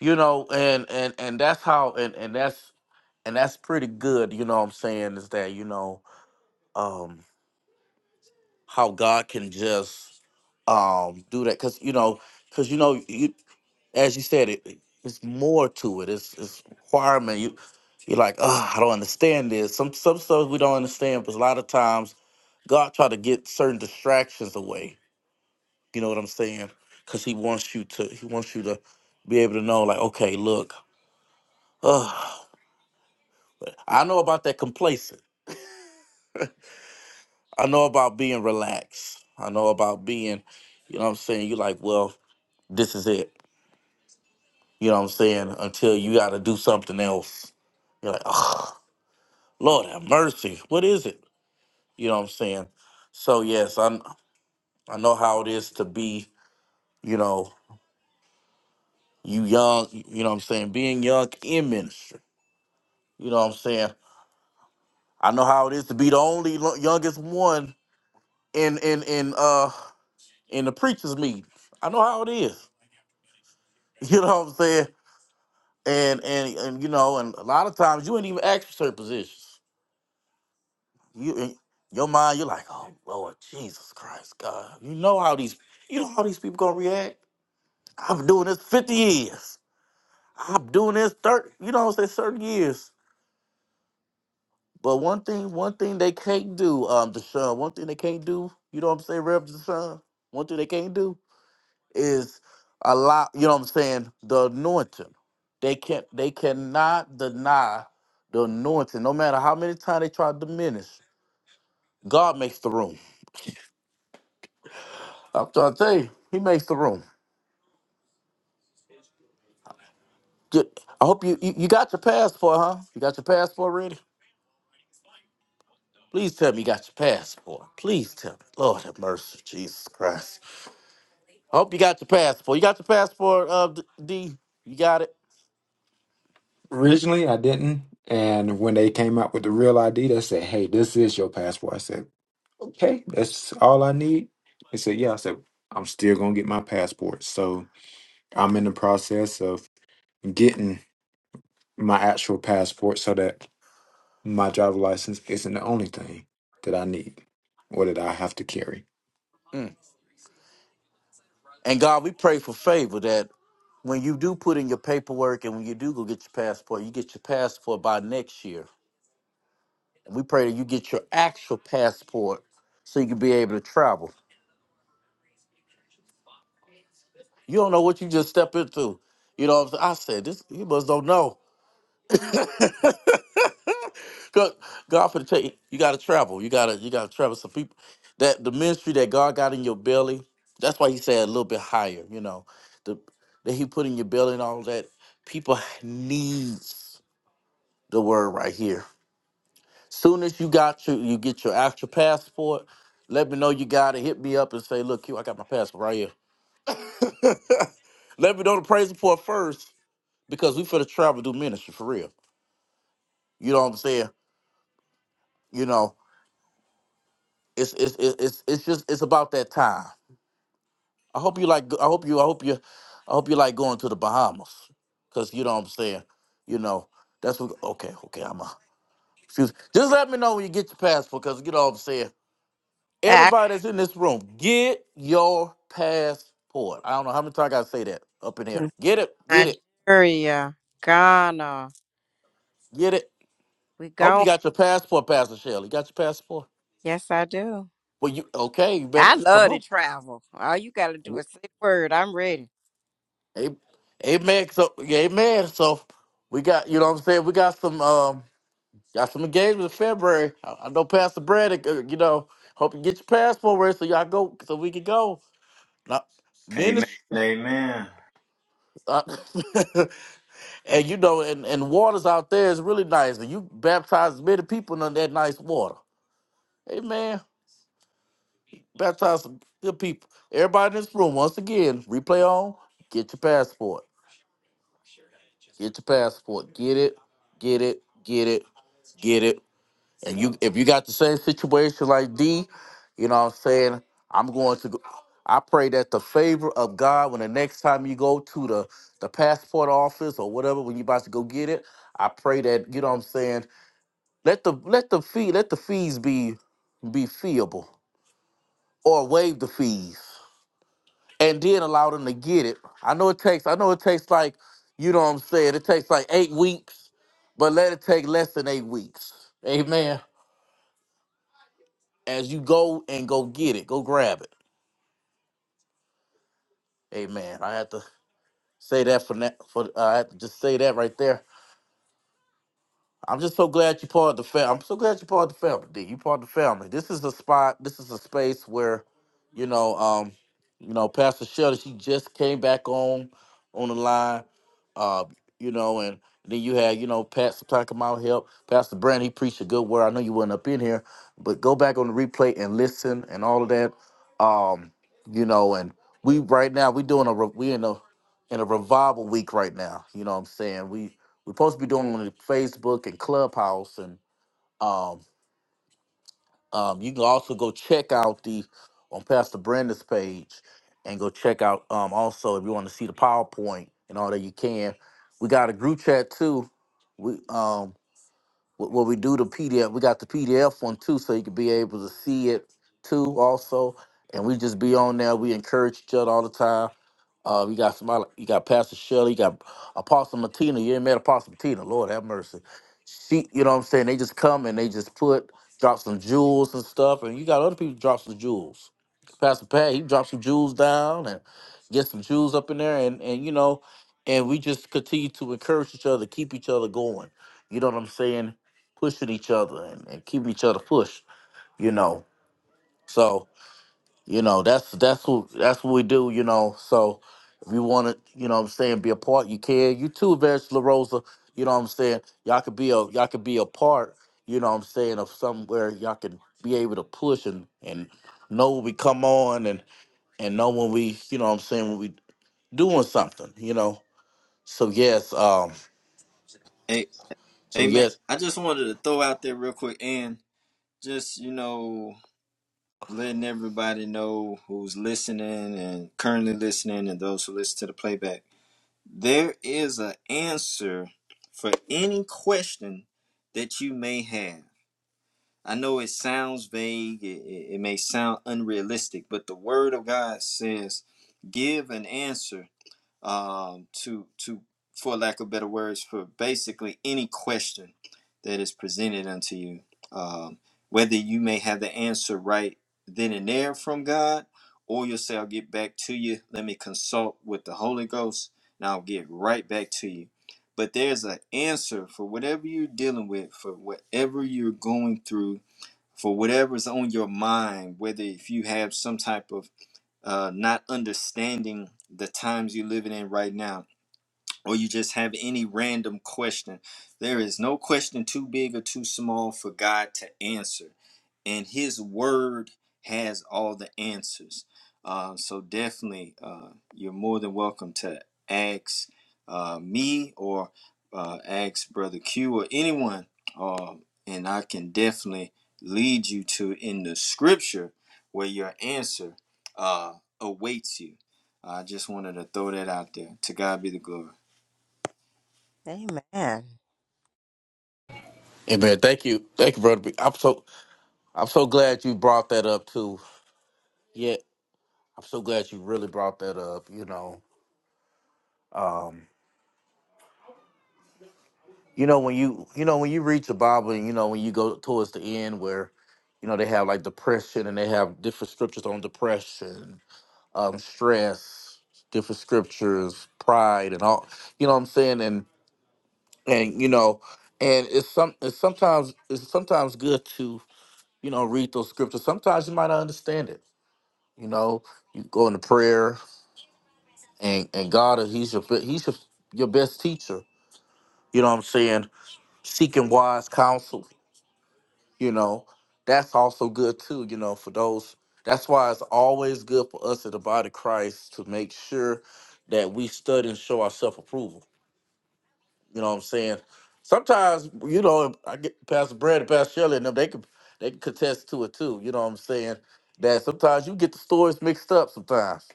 [SPEAKER 1] You know, and and and that's how, and and that's and that's pretty good. You know what I'm saying? Is that you know um how God can just um do that because you know because you know you as you said it it- it's more to it. It's it's requirement. You you're like, oh, I don't understand this. Some some stuff we don't understand, but a lot of times God try to get certain distractions away You know what I'm saying? Because he wants you to he wants you to be able to know like, okay, look, uh, I know about that complacent. I know about being relaxed. I know about being, you know what I'm saying? you like, well, this is it. You know what I'm saying? Until you got to do something else. You're like, oh, Lord have mercy. What is it? You know what I'm saying? So, yes, I, I know how it is to be, you know, you young, you know what I'm saying? Being young in ministry. You know what I'm saying? I know how it is to be the only lo- youngest one in in in uh in the preachers meeting. I know how it is. You know what I'm saying? And and and you know, and a lot of times you ain't even asked for certain positions. You in your mind, you're like, oh Lord Jesus Christ, God. You know how these you know how these people gonna react. I've been doing this 50 years. I'm doing this 30, you know what I'm saying, certain years. But one thing, one thing they can't do, um, Deshaun, one thing they can't do, you know what I'm saying, Rev Deshaun, one thing they can't do is a lot, you know what I'm saying, the anointing. They can't they cannot deny the anointing, no matter how many times they try to diminish. God makes the room. I'm trying to tell you, he makes the room. Ju- I hope you, you you got your passport, huh? You got your passport ready? Please tell me you got your passport. Please tell me. Lord have mercy, Jesus Christ. I hope you got your passport. You got your passport, uh D? D? You got it?
[SPEAKER 5] Originally, I didn't, and when they came out with the real ID, they said, "Hey, this is your passport." I said, "Okay, that's all I need." They said, "Yeah." I said, "I'm still gonna get my passport." So I'm in the process of getting my actual passport so that my driver license isn't the only thing that I need or that I have to carry.
[SPEAKER 1] Mm. And God, we pray for favor that when you do put in your paperwork and when you do go get your passport, you get your passport by next year. And we pray that you get your actual passport so you can be able to travel. You don't know what you just step into. You know what I'm saying? I said, this you must don't know. God, God for the tell you, you gotta travel. You gotta you gotta travel. Some people that the ministry that God got in your belly, that's why he said a little bit higher, you know. The that he put in your belly and all that, people needs. the word right here. Soon as you got your you get your actual passport, let me know you got it. Hit me up and say, look, Q, I got my passport right here. let me know the praise report first, because we finna travel do ministry for real. You know what I'm saying? You know, it's it's it's it's it's just it's about that time. I hope you like I hope you I hope you I hope you like going to the Bahamas. Cause you know what I'm saying? You know, that's what okay, okay, I'm a excuse. Just let me know when you get your passport, cause you know what I'm saying.
[SPEAKER 3] Athens,
[SPEAKER 1] Everybody that's in this room, get your passport. I don't know how many times I gotta say that up in here. Get it, get it,
[SPEAKER 3] Nigeria, Ghana.
[SPEAKER 1] get it.
[SPEAKER 3] We
[SPEAKER 1] I hope you
[SPEAKER 3] going.
[SPEAKER 1] got your passport, Pastor Shelley. You got your passport?
[SPEAKER 3] Yes, I do.
[SPEAKER 1] Well, you okay? You better
[SPEAKER 3] I
[SPEAKER 1] come
[SPEAKER 3] love to
[SPEAKER 1] on.
[SPEAKER 3] travel. All you got to do is say the word. I'm ready.
[SPEAKER 1] Hey, Amen. So, yeah, amen. So, we got you know what I'm saying. We got some um got some engagements in February. I, I know Pastor Brad. uh, You know, hope you get your passport ready so y'all go so we can go. Now,
[SPEAKER 2] Amen.
[SPEAKER 1] ministry.
[SPEAKER 2] Amen.
[SPEAKER 1] uh, And you know, and, and waters out there is really nice. And you baptize many people in that nice water. Amen. Baptize some good people. Everybody in this room, once again, replay on, get your passport. Get your passport. Get it, get it, get it, get it. And you if you got the same situation like D, you know what I'm saying? I'm going to go. I pray that the favor of God when the next time you go to the the passport office or whatever, when you about to go get it, I pray that, you know what I'm saying, Let the let the fee let the fees be be feeable or waive the fees and then allow them to get it. I know it takes I know it takes like you know what I'm saying it takes like eight weeks, but let it take less than eight weeks. Amen. As you go and go get it, go grab it. Amen. I have to say that for now. For I have to just say that right there I'm just so glad you're part of the family. I'm so glad you're part of the family, D. You part of the family. This is a spot. This is a space where, you know, um, you know, Pastor Shelley, she just came back on on the line, uh, you know, and then you had, you know, Pastor talking about help. Pastor Brand, he preached a good word. I know you wasn't up in here, but go back on the replay and listen and all of that. Um, you know, and we right now we doing a re- we in a in a revival week right now. You know what I'm saying? We. We're supposed to be doing on Facebook and Clubhouse, and um, um, you can also go check out the on Pastor Brenda's page, and go check out um, also if you want to see the PowerPoint and all that you can. We got a group chat too. We um, wh- what we do the PDF, we got the PDF one too, so you can be able to see it too also. And we just be on there. We encourage each other all the time. Uh, you got somebody, you got Pastor Shirley, you got Apostle Martina. You ain't met Apostle Martina. Lord have mercy. She, you know what I'm saying? They just come and they just put, drop some jewels and stuff. And you got other people drop some jewels. Pastor Pat, he dropped some jewels down and get some jewels up in there. And, and, you know, and we just continue to encourage each other, keep each other going. You know what I'm saying? Pushing each other and, and keeping each other pushed, you know. so you know that's that's what that's what we do you know so if you want to you know what i'm saying be a part you can you too Vance La Rosa, you know what i'm saying y'all could be a y'all could be a part you know what i'm saying of somewhere y'all can be able to push and and know when we come on and and know when we you know what i'm saying when we doing something you know so yes um
[SPEAKER 2] A-
[SPEAKER 1] so
[SPEAKER 2] Amen.
[SPEAKER 1] yes
[SPEAKER 2] I just wanted to throw out there real quick and just you know. letting everybody know who's listening and currently listening and those who listen to the playback there is an answer for any question that you may have i know it sounds vague it, it may sound unrealistic but the word of god says give an answer um, to to for lack of better words for basically any question that is presented unto you um, whether you may have the answer right then and there from god or you'll say i'll get back to you let me consult with the holy ghost and i'll get right back to you but there's an answer for whatever you're dealing with for whatever you're going through for whatever's on your mind whether if you have some type of uh, not understanding the times you're living in right now or you just have any random question. There is no question too big or too small for God to answer. And His Word has all the answers. Uh, so definitely, uh, you're more than welcome to ask uh, me or uh, ask Brother Q or anyone. Uh, and I can definitely lead you to in the scripture where your answer uh, awaits you. I just wanted to throw that out there. To God be the glory.
[SPEAKER 3] Amen.
[SPEAKER 1] hey man thank you thank you brother B. i'm so i'm so glad you brought that up too yeah i'm so glad you really brought that up you know um. you know when you you know when you read the bible and you know when you go towards the end where you know they have like depression and they have different scriptures on depression um stress different scriptures pride and all you know what i'm saying and and you know and it's some it's sometimes it's sometimes good to you know read those scriptures sometimes you might not understand it you know you go into prayer and and god he's your be- he's your, your best teacher you know what i'm saying seeking wise counsel you know that's also good too you know for those that's why it's always good for us as the body of christ to make sure that we study and show our self-approval you know what i'm saying sometimes you know i get pastor brad and pastor shelley and them they can they can contest to it too you know what i'm saying that sometimes you get the stories mixed up sometimes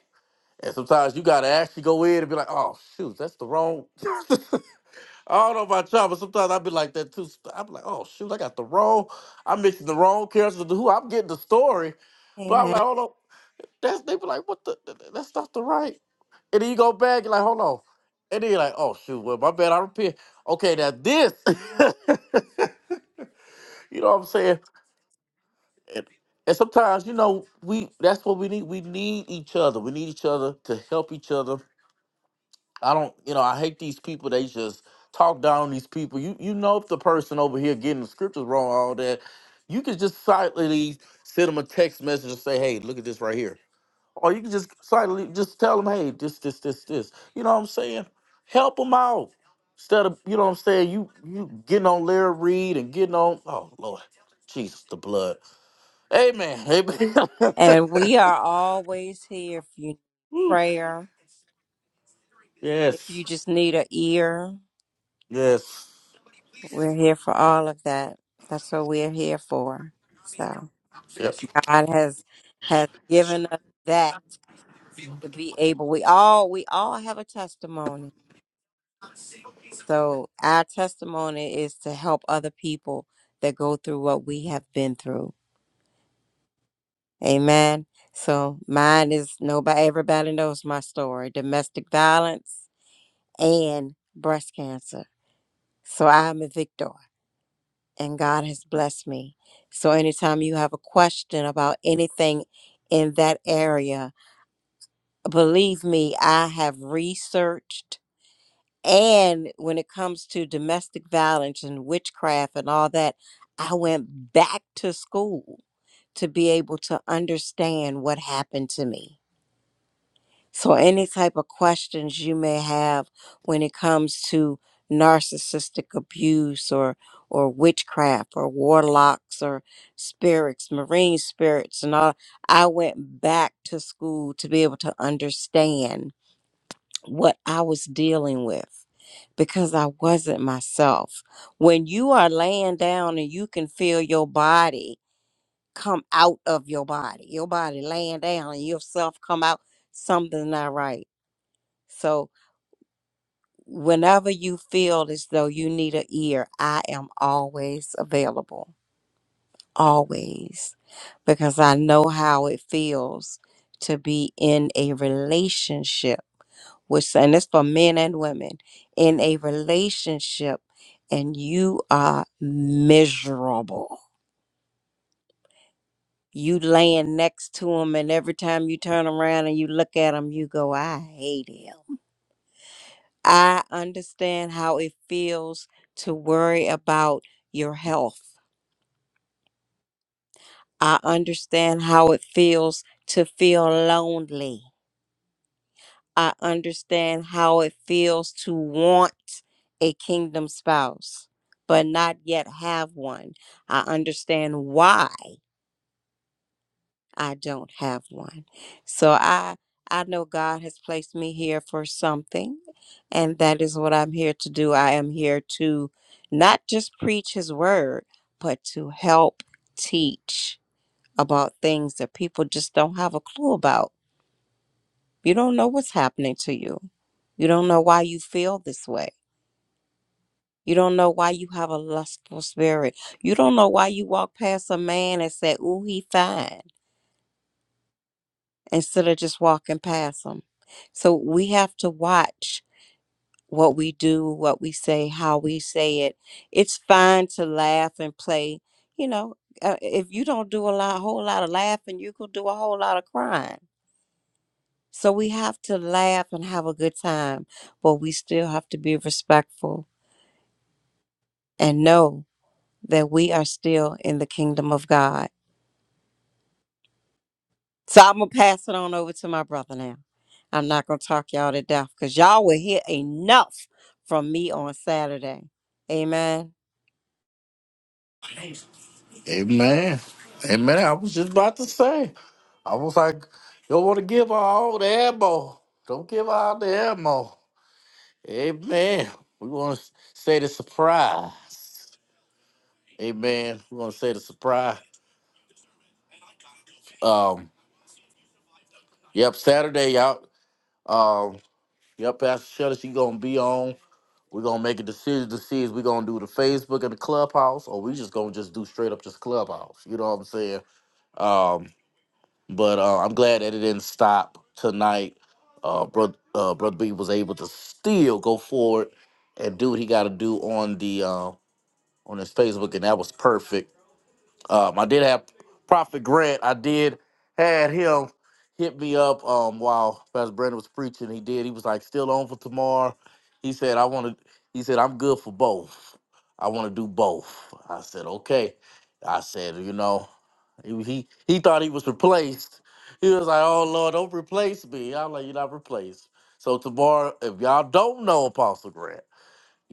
[SPEAKER 1] and sometimes you gotta actually go in and be like oh shoot that's the wrong I don't know about y'all, but sometimes I be like that too. I be like, oh shoot, I got the wrong, I'm mixing the wrong characters with who I'm getting the story. But I'm like,
[SPEAKER 3] Amen.
[SPEAKER 1] hold on, that's they be like, what the? th- th- That's not the right. And then you go back, you're like, hold on, and then you're like, oh shoot, well my bad, I repent. Okay, now this, you know what I'm saying? And, and sometimes you know we that's what we need. We need each other. We need each other to help each other I don't, you know, I hate these people. They just talk down on these people. You you know if the person over here getting the scriptures wrong, all that, you can just silently send them a text message and say, hey, look at this right here. Or you can just silently just tell them, hey, this, this, this, this. You know what I'm saying? Help them out. Instead of, you know what I'm saying, you you getting on Larry Reed and getting on, oh Lord, Jesus, the blood. Amen. Amen.
[SPEAKER 3] And we are always here if you need
[SPEAKER 1] Woo.
[SPEAKER 3] prayer, if you
[SPEAKER 1] yes.
[SPEAKER 3] just need an ear.
[SPEAKER 1] Yes.
[SPEAKER 3] We're here for all of that. That's what we're here for. So
[SPEAKER 1] Yep.
[SPEAKER 3] God has has given us that to be able. We all we all have a testimony. So our testimony is to help other people that go through what we have been through. Amen. So mine is nobody, everybody knows my story domestic violence and breast cancer. So I'm a victor and God has blessed me. So anytime you have a question about anything in that area, believe me, I have researched. And when it comes to domestic violence and witchcraft and all that, I went back to school to be able to understand what happened to me. So, any type of questions you may have when it comes to narcissistic abuse or or witchcraft or warlocks or spirits, marine spirits, and all, I went back to school to be able to understand what I was dealing with because I wasn't myself. When you are laying down and you can feel your body come out of your body, your body laying down and yourself come out, something's not right so whenever you feel as though you need an ear, I am always available. Always. Because I know how it feels to be in a relationship with and it's for men and women, in a relationship and you are miserable. You laying next to him and every time you turn around and you look at him, you go, I hate him I understand how it feels to worry about your health. I understand how it feels to feel lonely. I understand how it feels to want a kingdom spouse, but not yet have one. I understand why. I don't have one. So I I know God has placed me here for something and that is what I'm here to do. I am here to not just preach his word, but to help teach about things that people just don't have a clue about. You don't know what's happening to you. You don't know why you feel this way. You don't know why you have a lustful spirit. You don't know why you walk past a man and say, "Ooh, he fine." instead of just walking past them. So we have to watch what we do, what we say, how we say it. It's fine to laugh and play. You know, uh, if you don't do a lot, whole lot of laughing, you could do a whole lot of crying. So we have to laugh and have a good time, but we still have to be respectful and know that we are still in the kingdom of God So I'm gonna pass it on over to my brother now. I'm not gonna talk y'all to death because y'all will hear enough from me on Saturday. Amen.
[SPEAKER 1] Amen. Amen. I was just about to say. I was like, you don't want to give her all the ammo. Don't give her all the ammo. Amen. We want to say the surprise. Amen. We want to say the surprise. Um, yep, Saturday, y'all. Um, yep, Pastor Shutter, she gonna be on. We're gonna make a decision to see if we're gonna do the Facebook and the clubhouse, or we just gonna just do straight up just clubhouse. You know what I'm saying? Um. But uh, I'm glad that it didn't stop tonight. Uh, brother, uh, brother B was able to still go forward and do what he got to do on the uh, on his Facebook, and that was perfect. Um, I did have Prophet Grant. I did had him hit me up um, while Pastor Brandon was preaching. He did. He was like, "Still on for tomorrow." He said, "I want to." He said, "I'm good for both. I want to do both." I said, "Okay." I said, "You know," he he, he thought he was replaced. He was like, "Oh Lord, don't replace me." I'm like, "You're not replaced." So tomorrow, if y'all don't know Apostle Grant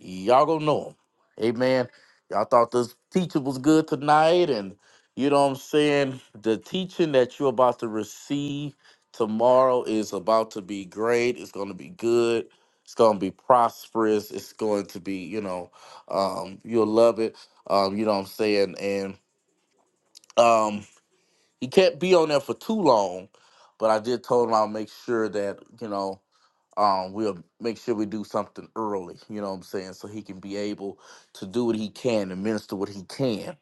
[SPEAKER 1] y'all gonna know him. Amen. Y'all thought this teaching was good tonight, and you know what I'm saying? The teaching that you're about to receive tomorrow is about to be great. It's gonna be good. It's gonna be prosperous. It's going to be, you know, um, you'll love it. Um, you know what I'm saying? And um he can't be on there for too long, but I did told him I'll make sure that, you know, um, we'll make sure we do something early, you know what I'm saying? So he can be able to do what he can and minister what he can.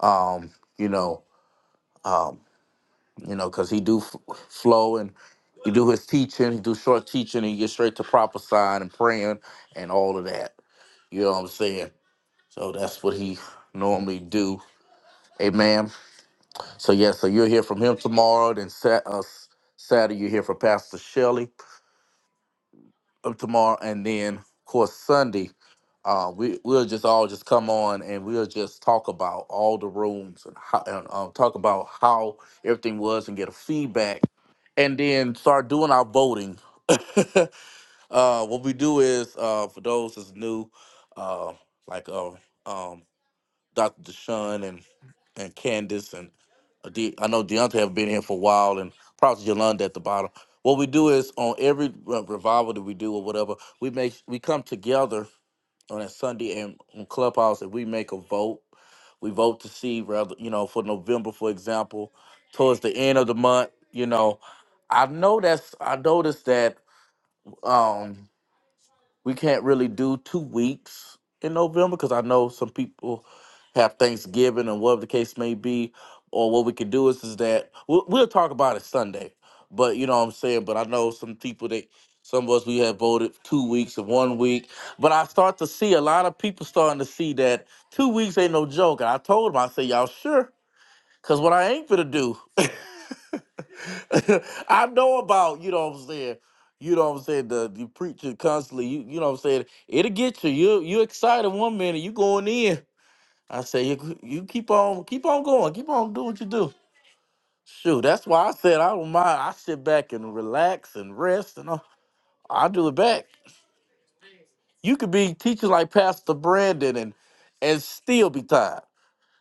[SPEAKER 1] Um, you know, um, you know, cause he do f- flow and he do his teaching, he do short teaching, and he get straight to prophesying and praying and all of that. You know what I'm saying? So that's what he normally do. Amen. So yeah, so you'll hear from him tomorrow. Then sat, uh, Saturday you hear from Pastor Shelley uh, tomorrow, and then of course Sunday, uh, we we'll just all just come on and we'll just talk about all the rooms and, how, and uh, talk about how everything was and get a feedback, and then start doing our voting. uh, what we do is uh, for those that's new, uh, like uh, um, Dr. Deshaun and and Candace and uh, De- I know Deontay have been here for a while, and probably Yolanda at the bottom. What we do is on every uh, revival that we do or whatever, we make we come together on a Sunday and on Clubhouse, and we make a vote. We vote to see rather, you know, for November, for example, towards the end of the month. You know, I know that's I noticed that. Um, we can't really do two weeks in November because I know some people have Thanksgiving and whatever the case may be. Or what we could do is is that we'll, we'll talk about it Sunday. But you know what I'm saying. But I know some people that some of us we have voted two weeks and one week. But I start to see a lot of people starting to see that two weeks ain't no joke. And I told them I said, y'all sure? Cause what I ain't finna do, I know about, you know what I'm saying, you know what I'm saying, the, the preacher constantly, you, you know what I'm saying, it'll get you. You you excited one minute, you going in. I say you you keep on keep on going, keep on doing what you do. Shoot, that's why I said I don't mind. I sit back and relax and rest and all. I do it back. You could be teaching like Pastor Brandon and and still be tired.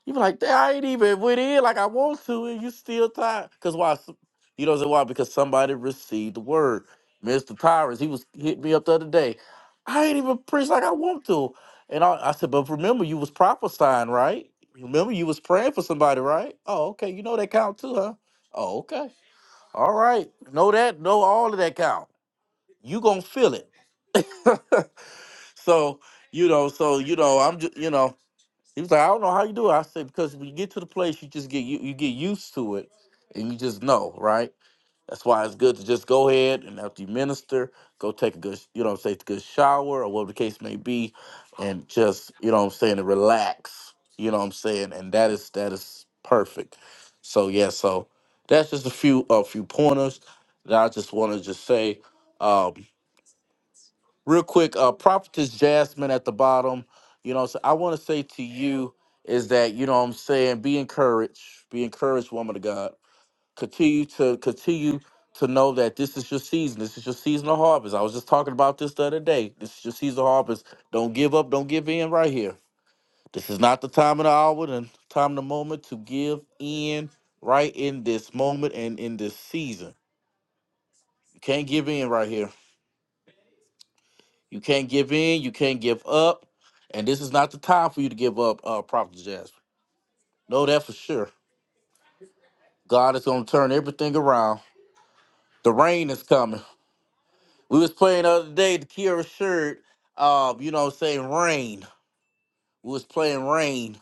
[SPEAKER 1] You be like, "Damn, I ain't even went in like I want to, and you still tired. Cause why? S- You know so why? Because somebody received the word. Mr. Tyrus, he was hit me up the other day. I ain't even preached like I want to, and I, I said, but remember, you was prophesying, right? Remember, you was praying for somebody, right? Oh, okay. You know that count too, huh? Oh, okay. All right. Know that. Know all of that count. You gonna feel it. so you know. So you know. I'm just you know. He was like, I don't know how you do it. I said, because when you get to the place, you just get you, you get used to it and you just know, right? That's why it's good to just go ahead and after you minister, go take a good, you know what I'm saying, a good shower or whatever the case may be, and just, you know what I'm saying, and relax. You know what I'm saying? And that is that is perfect. So yeah, so that's just a few a few pointers that I just want to just say. Um, real quick, uh, Prophetess Jasmine at the bottom. You know, so I want to say to you is that you know what I'm saying be encouraged, be encouraged, woman of God. Continue to continue to know that this is your season. This is your season of harvest. I was just talking about this the other day. This is your season of harvest. Don't give up. Don't give in right here. This is not the time of the hour and time of the moment to give in right in this moment and in this season. You can't give in right here. You can't give in. You can't give up. And this is not the time for you to give up, uh, Prophet Jasper. Know that for sure. God is going to turn everything around. The rain is coming. We was playing the other day the Kira shirt. Uh, you know, what I'm saying rain. We was playing rain.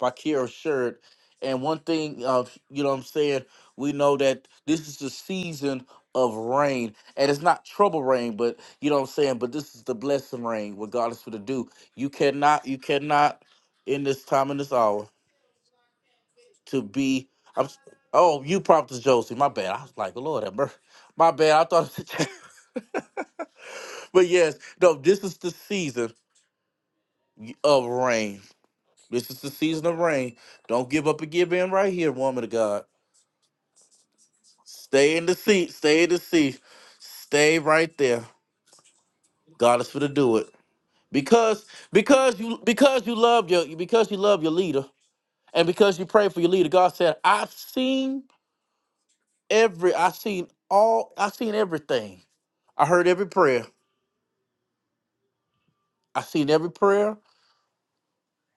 [SPEAKER 1] Bakir shirt. And one thing, uh, you know what I'm saying, we know that this is the season of rain. And it's not trouble rain, but you know what I'm saying, but this is the blessing rain, what God is going to do. You cannot, you cannot in this time and this hour to be, I'm, oh, you prompted Josie, my bad. I was like, Lord, have mercy. my bad. I thought, but yes, no, this is the season of rain. This is the season of rain. Don't give up and give in right here, woman of God. Stay in the seat. Stay in the seat. Stay right there. God is for to do it because because you because you love your because you love your leader and because you pray for your leader. God said, "I've seen every. I've seen all. I've seen everything. I heard every prayer. I seen every prayer.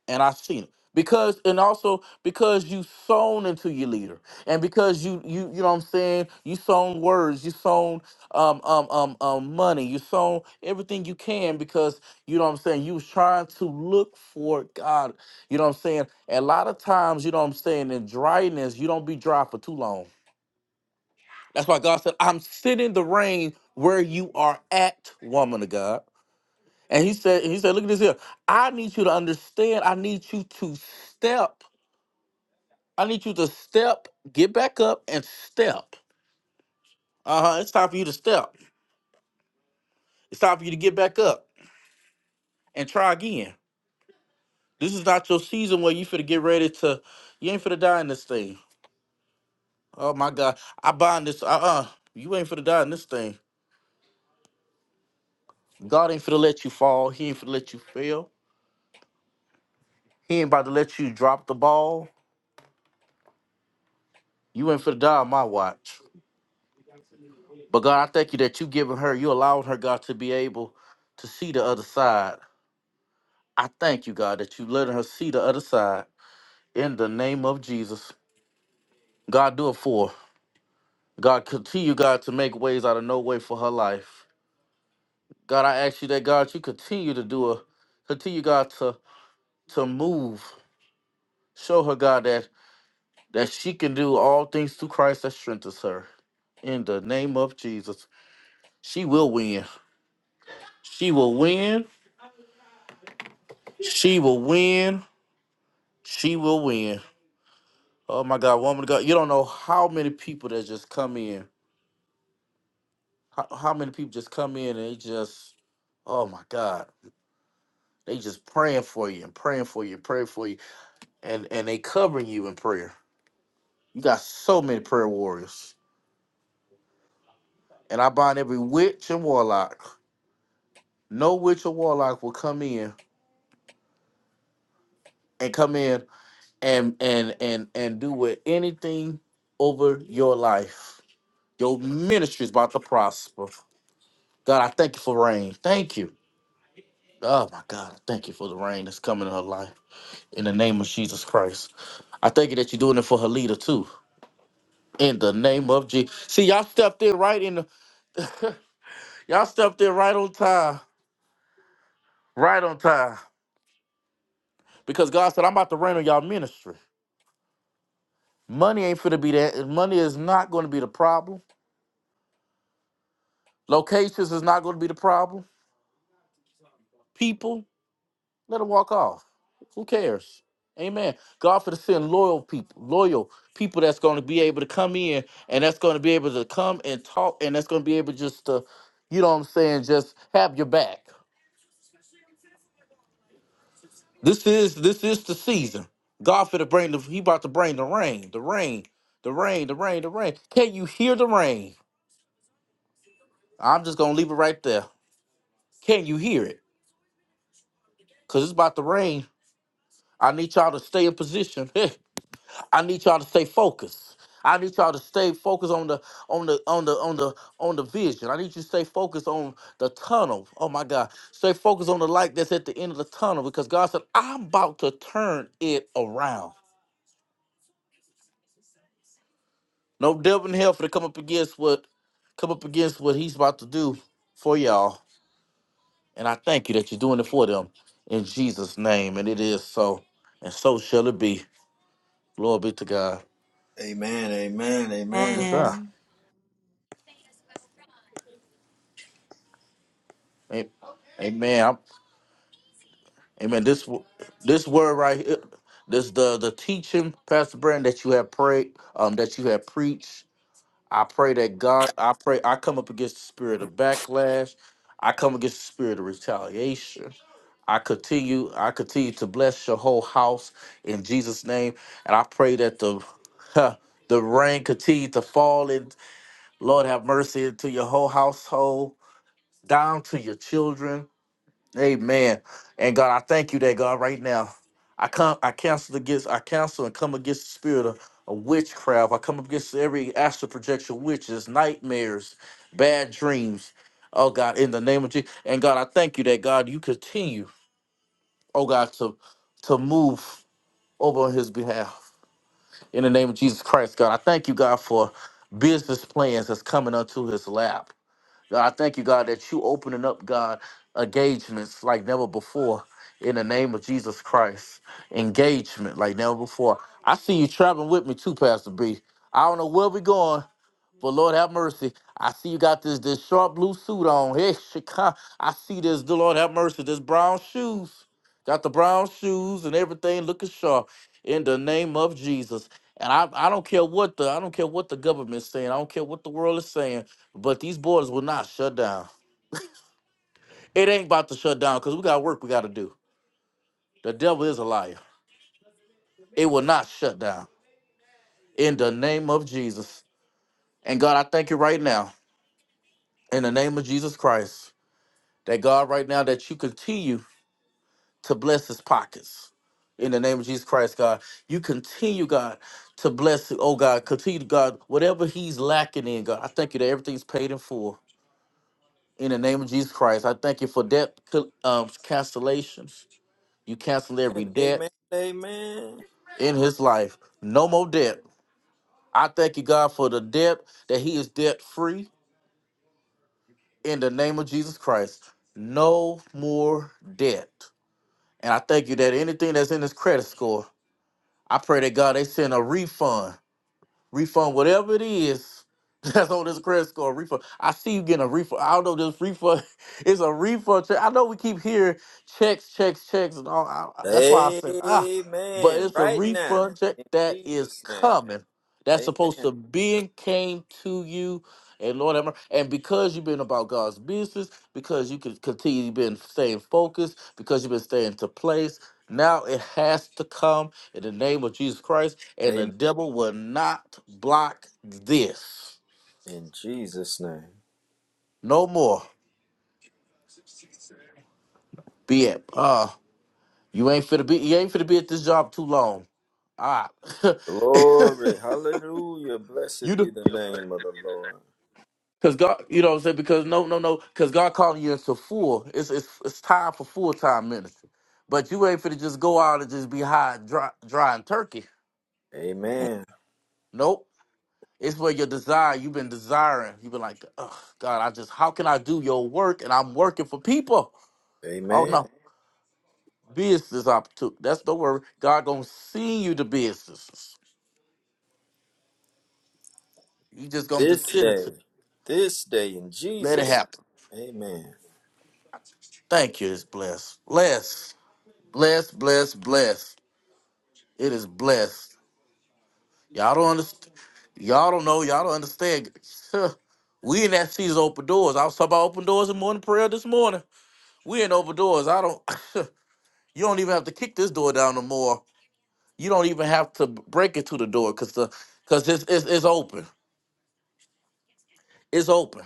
[SPEAKER 1] and I've seen it because and also because you sown into your leader and because you you you know what I'm saying you sown words you sown um um um um money you sown everything you can because you know what I'm saying you was trying to look for God you know what I'm saying a lot of times you know what I'm saying in dryness you don't be dry for too long that's why God said I'm sending the rain where you are at woman of God and he said and he said look at this here I need you to understand I need you to step I need you to step, get back up, and step. Uh huh. It's time for you to step. It's time for you to get back up and try again. This is not your season where you finna get ready to. You ain't finna die in this thing. Oh my God. I bind this. Uh uh You ain't finna die in this thing. God ain't finna let you fall. He ain't finna let you fail. He ain't about to let you drop the ball. You ain't finna die on my watch. But God, I thank you that you giving her, you allowing her, God, to be able to see the other side. I thank you, God, that you letting her see the other side. in the name of Jesus. God, do it for her. God, continue, God, to make ways out of no way for her life. God, I ask you that, God, you continue to do a, continue, God, to to move. Show her, God, that that she can do all things through Christ that strengthens her. In the name of Jesus, she will win. She will win. She will win. She will win. Oh my God, woman of God, you don't know how many people that just come in. How, how many people just come in and they just, oh my God They just praying for you and praying for you and praying for you. And and they covering you in prayer. You got so many prayer warriors. And I bind every witch and warlock. No witch or warlock will come in and come in and and and and do with anything over your life. Your ministry is about to prosper. God, I thank you for rain. Thank you. Oh my God, I thank you for the rain that's coming in her life. In the name of Jesus Christ. I thank you that you're doing it for her leader too. In the name of Jesus. See, y'all stepped in right in the y'all stepped in right on time. Right on time. Because God said, I'm about to rain on y'all ministry. Money ain't finna be that. Money is not gonna be the problem. Locations is not gonna be the problem. People, let them walk off. Who cares? Amen. God for the send loyal people, loyal people that's gonna be able to come in and that's gonna be able to come and talk and that's gonna be able just to, you know what I'm saying, just have your back. This is this is the season. God for the bring the he about to bring the rain, the rain, the rain, the rain, the rain. Can you hear the rain? I'm just gonna leave it right there. Can you hear it? Cause it's about to rain. I need y'all to stay in position. I need y'all to stay focused. I need y'all to stay focused on the on the on the on the on the vision. I need you to stay focused on the tunnel. Oh my God. Stay focused on the light that's at the end of the tunnel because God said, I'm about to turn it around. No devil in hell for to come up against what come up against what he's about to do for y'all. And I thank you that you're doing it for them in Jesus' name. And it is so. And so shall it be. Glory be to God.
[SPEAKER 2] Amen. Amen.
[SPEAKER 1] It's
[SPEAKER 2] Amen.
[SPEAKER 1] done.
[SPEAKER 3] And
[SPEAKER 1] A- Amen. I'm- amen. This w- this word right here, this the the teaching, Pastor Brand, that you have prayed, um, that you have preached. I pray that God, I pray, I come up against the spirit of backlash. I come against the spirit of retaliation. I continue, I continue to bless your whole house in Jesus' name. And I pray that the huh, the rain continue to fall and Lord have mercy into your whole household, down to your children Amen. And God, I thank you that God right now. I come I cancel against I cancel and come against the spirit of, of witchcraft. I come against every astral projection, witches, nightmares, bad dreams. Oh God, in the name of Jesus. And God, I thank you that God you continue, oh God, to to move over on his behalf. In the name of Jesus Christ, God. I thank you, God, for business plans that's coming unto his lap. God, I thank you, God, that you opening up, God, engagements like never before in the name of Jesus Christ. Engagement like never before. I see you traveling with me too, Pastor B. I don't know where we going, but Lord have mercy. I see you got this this sharp blue suit on. Hey, Chicago. I see this. The Lord have mercy. This brown shoes. Got the brown shoes and everything looking sharp. In the name of Jesus. And I, I don't care what the I don't care what the government's saying. I don't care what the world is saying. But these borders will not shut down. It ain't about to shut down because we got work we got to do. The devil is a liar. It will not shut down. In the name of Jesus. And God, I thank you right now. In the name of Jesus Christ. That God, right now, that you continue to bless his pockets. In the name of Jesus Christ, God, you continue, God, to bless, it. oh God, continue, God, whatever he's lacking in, God. I thank you that everything's paid in full. In the name of Jesus Christ, I thank you for debt um, cancellations. You cancel every
[SPEAKER 2] Amen.
[SPEAKER 1] debt
[SPEAKER 2] Amen.
[SPEAKER 1] in his life. No more debt. I thank you, God, for the debt that he is debt free in the name of Jesus Christ. No more debt. And I thank you that anything that's in his credit score I pray that God they send a refund refund whatever it is that's on this credit score refund. I see you getting a refund. I don't know this refund It's a refund check. I know we keep hearing checks, checks, checks, and all. I,
[SPEAKER 2] Amen.
[SPEAKER 1] I- that's why I said ah, but
[SPEAKER 2] Amen.
[SPEAKER 1] it's a
[SPEAKER 2] Right now.
[SPEAKER 1] refund check
[SPEAKER 2] In
[SPEAKER 1] that is
[SPEAKER 2] Jesus' name.
[SPEAKER 1] coming. That's
[SPEAKER 2] Amen.
[SPEAKER 1] supposed to be and came to you. And Lord have mercy. And because you've been about God's business, because you can continue you've been staying focused, because you've been staying to place, now it has to come in the name of Jesus Christ and the
[SPEAKER 2] Amen.
[SPEAKER 1] devil will not block this
[SPEAKER 2] In Jesus' name.
[SPEAKER 1] no more. Be it. Uh, you ain't finna be. You ain't finna be at this job too long. All right.
[SPEAKER 2] Glory. Hallelujah. Blessed
[SPEAKER 1] you
[SPEAKER 2] be
[SPEAKER 1] do.
[SPEAKER 2] the name of the Lord.
[SPEAKER 1] Cause God, you know what I'm saying? Because no, no, no. Cause God calling you into full. It's it's it's time for full time ministry. But you ain't finna just go out and just be high, and dry, dry and turkey.
[SPEAKER 2] Amen.
[SPEAKER 1] Nope. It's where your desire. You've been desiring. You've been like, oh God, I just how can I do your work? And I'm working for people. Oh
[SPEAKER 2] Amen.
[SPEAKER 1] no. business opportunity. That's the word. God gonna send you the businesses. You just gonna just
[SPEAKER 2] This
[SPEAKER 1] send it
[SPEAKER 2] day.
[SPEAKER 1] to.
[SPEAKER 2] This day in
[SPEAKER 1] Let it
[SPEAKER 2] Jesus'
[SPEAKER 1] happen.
[SPEAKER 2] name. Amen.
[SPEAKER 1] Thank you. It's blessed. Blessed. Blessed. Blessed. Blessed. It is blessed. Y'all don't understand. Y'all don't know. Y'all don't understand. Huh. We in that season of open doors. I was talking about open doors in morning prayer this morning. We in open doors. I don't. you don't even have to kick this door down no more. You don't even have to break it to the door because the because it's, it's it's open. It's open.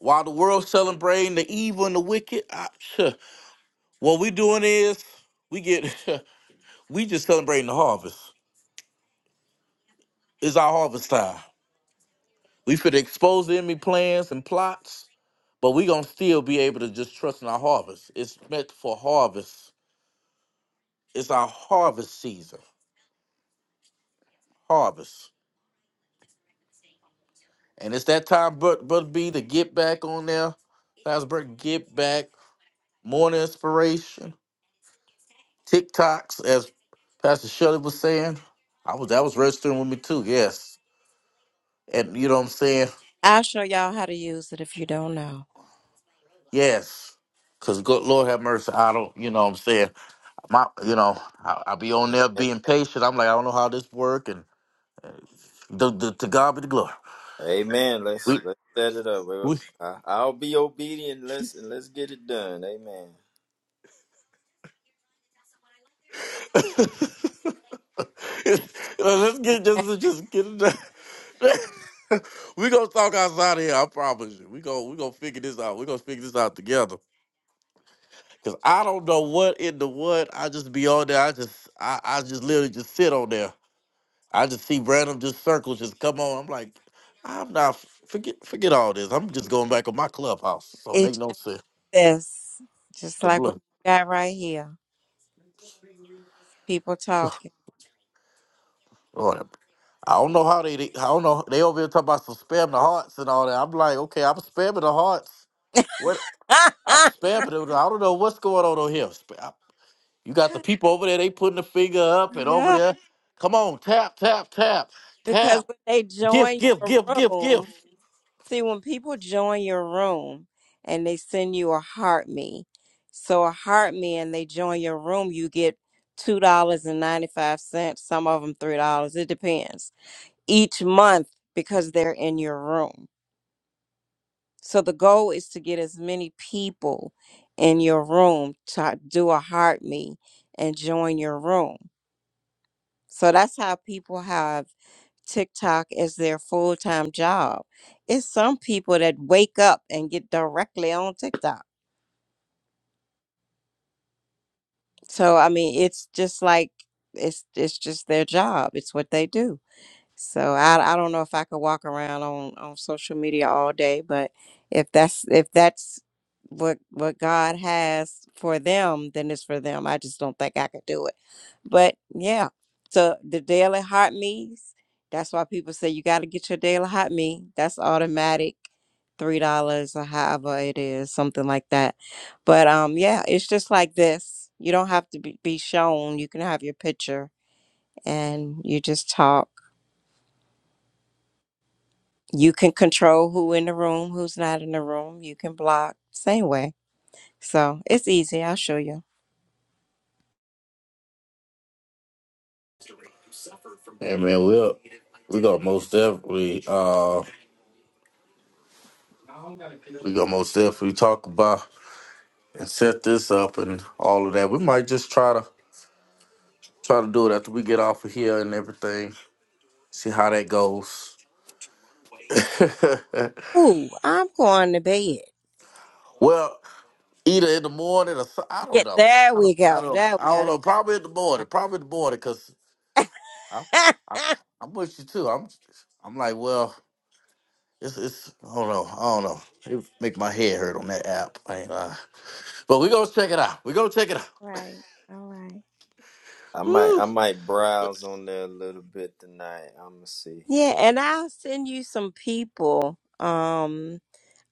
[SPEAKER 1] While the world's celebrating the evil and the wicked, I, what we doing is we get we just celebrating the harvest. It's our harvest time. We fit expose the enemy plans and plots, but we gonna still be able to just trust in our harvest. It's meant for harvest. It's our harvest season. Harvest. And it's that time, but but be to get back on there. Pastor Salisbury, get back, morning inspiration, TikToks, as Pastor Shirley was saying. I was that was registering with me too. Yes, and you know what I'm saying.
[SPEAKER 3] I'll show y'all how to use it if you don't know.
[SPEAKER 1] Yes, cause good Lord have mercy. I don't. You know what I'm saying. My, you know, I, I be on there being patient. I'm like, I don't know how this work, and the, the, to God be the glory.
[SPEAKER 2] Amen. Let's
[SPEAKER 1] We,
[SPEAKER 2] let's set it up. Well,
[SPEAKER 1] we
[SPEAKER 2] I- I'll be obedient. Let's and let's get it done. Amen.
[SPEAKER 1] let's get just just get it. done. we gonna talk outside of here. I promise you. We gonna we gonna figure this out. We gonna figure this out together. Cause I don't know what in the what. I just be on there. I just I, I just literally just sit on there I just see random just circles just come on. I'm like, I'm not forget forget all this. I'm just going back on my clubhouse. So make
[SPEAKER 3] It's
[SPEAKER 1] no
[SPEAKER 3] just
[SPEAKER 1] sense.
[SPEAKER 3] this, just
[SPEAKER 1] The
[SPEAKER 3] like what
[SPEAKER 1] blood.
[SPEAKER 3] you got right here. People talking.
[SPEAKER 1] Whatever. I don't know how they, they I don't know. They over here talking about some spamming the hearts and all that. I'm like, okay, I'm spamming the hearts. What I'm spamming it. I don't know what's going on over here. Sp- You got the people over there, they putting the finger up and over
[SPEAKER 3] no,
[SPEAKER 1] there. Come on, tap, tap, tap,
[SPEAKER 3] because
[SPEAKER 1] tap.
[SPEAKER 3] when they
[SPEAKER 1] Gift,
[SPEAKER 3] join
[SPEAKER 1] gift,
[SPEAKER 3] your
[SPEAKER 1] gift, gift, gift.
[SPEAKER 3] room. See, when people join your room and they send you a heart me, so a heart me and they join your room, you get $2.95, some of them $3. It depends each month because they're in your room. So the goal is to get as many people in your room to do a heart me and join your room. So that's how people have. TikTok as their full time job. It's some people that wake up and get directly on TikTok. So I mean, it's just like it's it's just their job. It's what they do. So I I don't know if I could walk around on on social media all day, but if that's if that's what what God has for them, then it's for them. I just don't think I could do it. But yeah, so the daily hot meals. That's why people say you got to get your daily hot meal. That's automatic, three dollars or however it is, something like that. But um, yeah, it's just like this. You don't have to be, be shown. You can have your picture and you just talk you can control who in the room, who's not in the room. You can block same way. So it's easy. I'll show you.
[SPEAKER 1] Hey man, we're we gonna most definitely Uh, We gonna most definitely talk about and set this up and all of that. We might just try to try to do it after we get off of here and everything. See how that goes.
[SPEAKER 3] Ooh, I'm going to bed.
[SPEAKER 1] well, either in the morning or so, I don't
[SPEAKER 3] Yeah,
[SPEAKER 1] know.
[SPEAKER 3] there
[SPEAKER 1] I don't.
[SPEAKER 3] we
[SPEAKER 1] I
[SPEAKER 3] go.
[SPEAKER 1] don't.
[SPEAKER 3] There
[SPEAKER 1] I
[SPEAKER 3] we
[SPEAKER 1] don't
[SPEAKER 3] go.
[SPEAKER 1] know. Probably in the
[SPEAKER 3] That's
[SPEAKER 1] morning. Probably in the morning because I'm, I'm
[SPEAKER 3] fine.
[SPEAKER 1] I'm with you too. I'm I'm like well. It's, it's, I don't know. I don't know. It make my head hurt on that app. I ain't lying. But we gonna check it out. we gonna check it out.
[SPEAKER 3] Right. All right.
[SPEAKER 2] I might I
[SPEAKER 1] Woo.
[SPEAKER 2] might browse on there a little bit tonight. I'ma see.
[SPEAKER 3] yeah, and I'll send you some people. Um,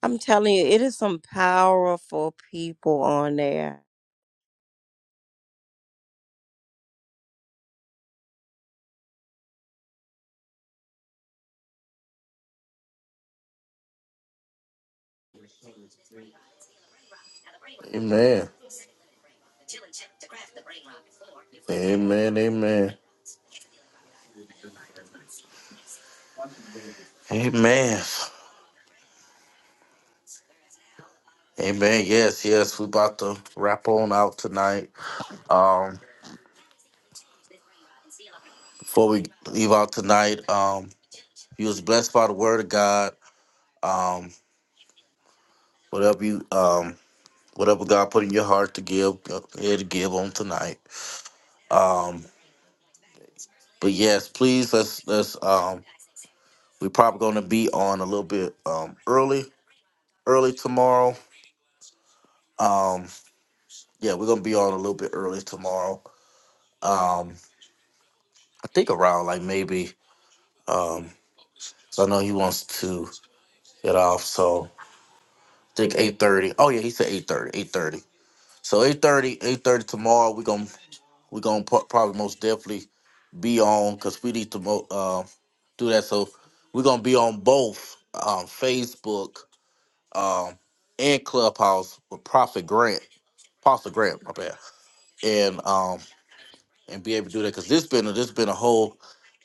[SPEAKER 3] I'm telling you, it is some powerful people on there.
[SPEAKER 1] Amen. Amen, amen. Amen. Amen. Yes, yes. We about to wrap on out tonight. Um, before we leave out tonight, um, you was blessed by the word of God. Um, whatever you um whatever God put in your heart to give, go ahead to give on tonight. Um, but yes, please let's let's um we're probably gonna be on a little bit um early, early tomorrow. Um, yeah, we're gonna be on a little bit early tomorrow. Um, I think around like maybe Um, so I know he wants to get off. So I think eight thirty. Oh yeah, he said eight thirty. Eight thirty. So 8.30, 8.30 tomorrow. we gonna we gonna pro- probably most definitely be on because we need to mo- uh, do that. So we're gonna be on both um, Facebook um, and Clubhouse with Prophet Grant. Prophet Grant, my bad. And um and be able to do that because this been a, this been a whole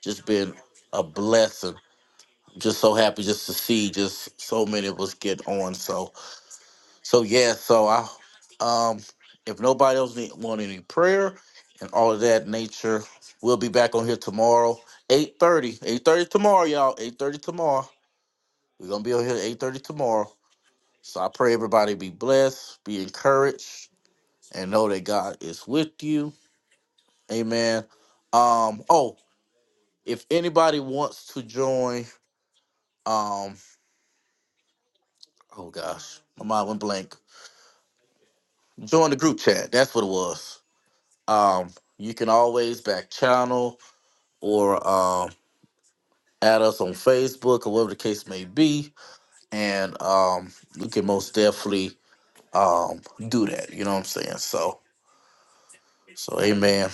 [SPEAKER 1] just been a blessing just so happy just to see just so many of us get on. So so yeah, so I um if nobody else need, want any prayer and all of that nature, we'll be back on here tomorrow, 8.30. 8.30 tomorrow, y'all. 8.30 tomorrow. We're gonna be on here at 8.30 tomorrow. So I pray everybody be blessed, be encouraged, and know that God is with you. Amen. Um, oh, if anybody wants to join, um, oh gosh, my mind went blank Join the group chat. That's what it was. Um, you can always back channel or um add us on Facebook or whatever the case may be, and um, we can most definitely um do that. You know what I'm saying? So, so amen,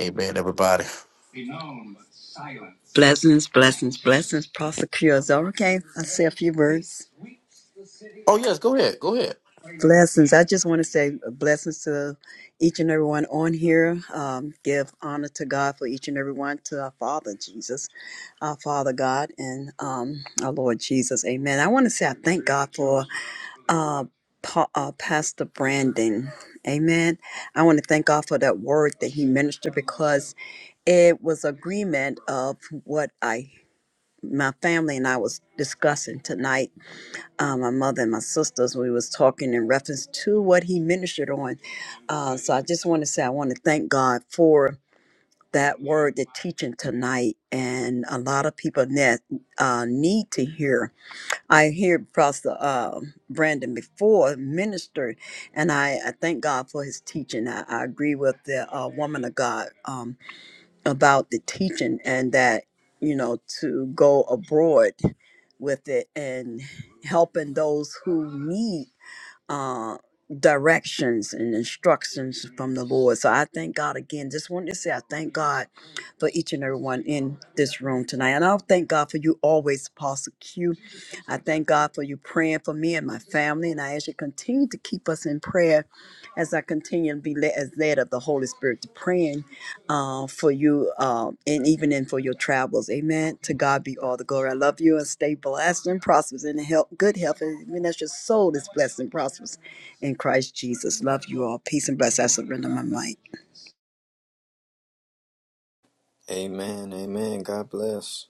[SPEAKER 1] amen, everybody.
[SPEAKER 6] Blessings, blessings, blessings, Pastor Kyozar. Okay, I say a few words.
[SPEAKER 1] Oh yes, go ahead, go ahead.
[SPEAKER 6] Blessings. I just want to say blessings to each and everyone on here. Um, give honor to God for each and every one, to our Father Jesus, our Father God, and um, our Lord Jesus. Amen. I want to say I thank God for uh, pa- uh, Pastor Brandon. Amen. I want to thank God for that word that he ministered because it was agreement of what I my family and I was discussing tonight. Uh, my mother and my sisters, we was talking in reference to what he ministered on. Uh, so I just want to say I want to thank God for that word, the teaching tonight, and a lot of people that uh, need to hear. I hear Pastor uh, Brandon before minister, and I, I thank God for his teaching. I, I agree with the uh, woman of God um, about the teaching and that you know to go abroad with it and helping those who need uh, directions and instructions from the Lord. So I thank God again. Just wanted to say I thank God for each and every one in this room tonight. And I'll thank God for you always, Apostle Q. I thank God for you praying for me and my family. And I ask you to continue to keep us in prayer as I continue to be led, as led of the Holy Spirit to praying uh, for you um, and even in for your travels. Amen. To God be all the glory. I love you and stay blessed and prosperous and in health, good health. And even as your soul is blessed and prosperous in Christ Jesus. Love you all. Peace and bless. I surrender my might.
[SPEAKER 2] Amen. Amen. God bless.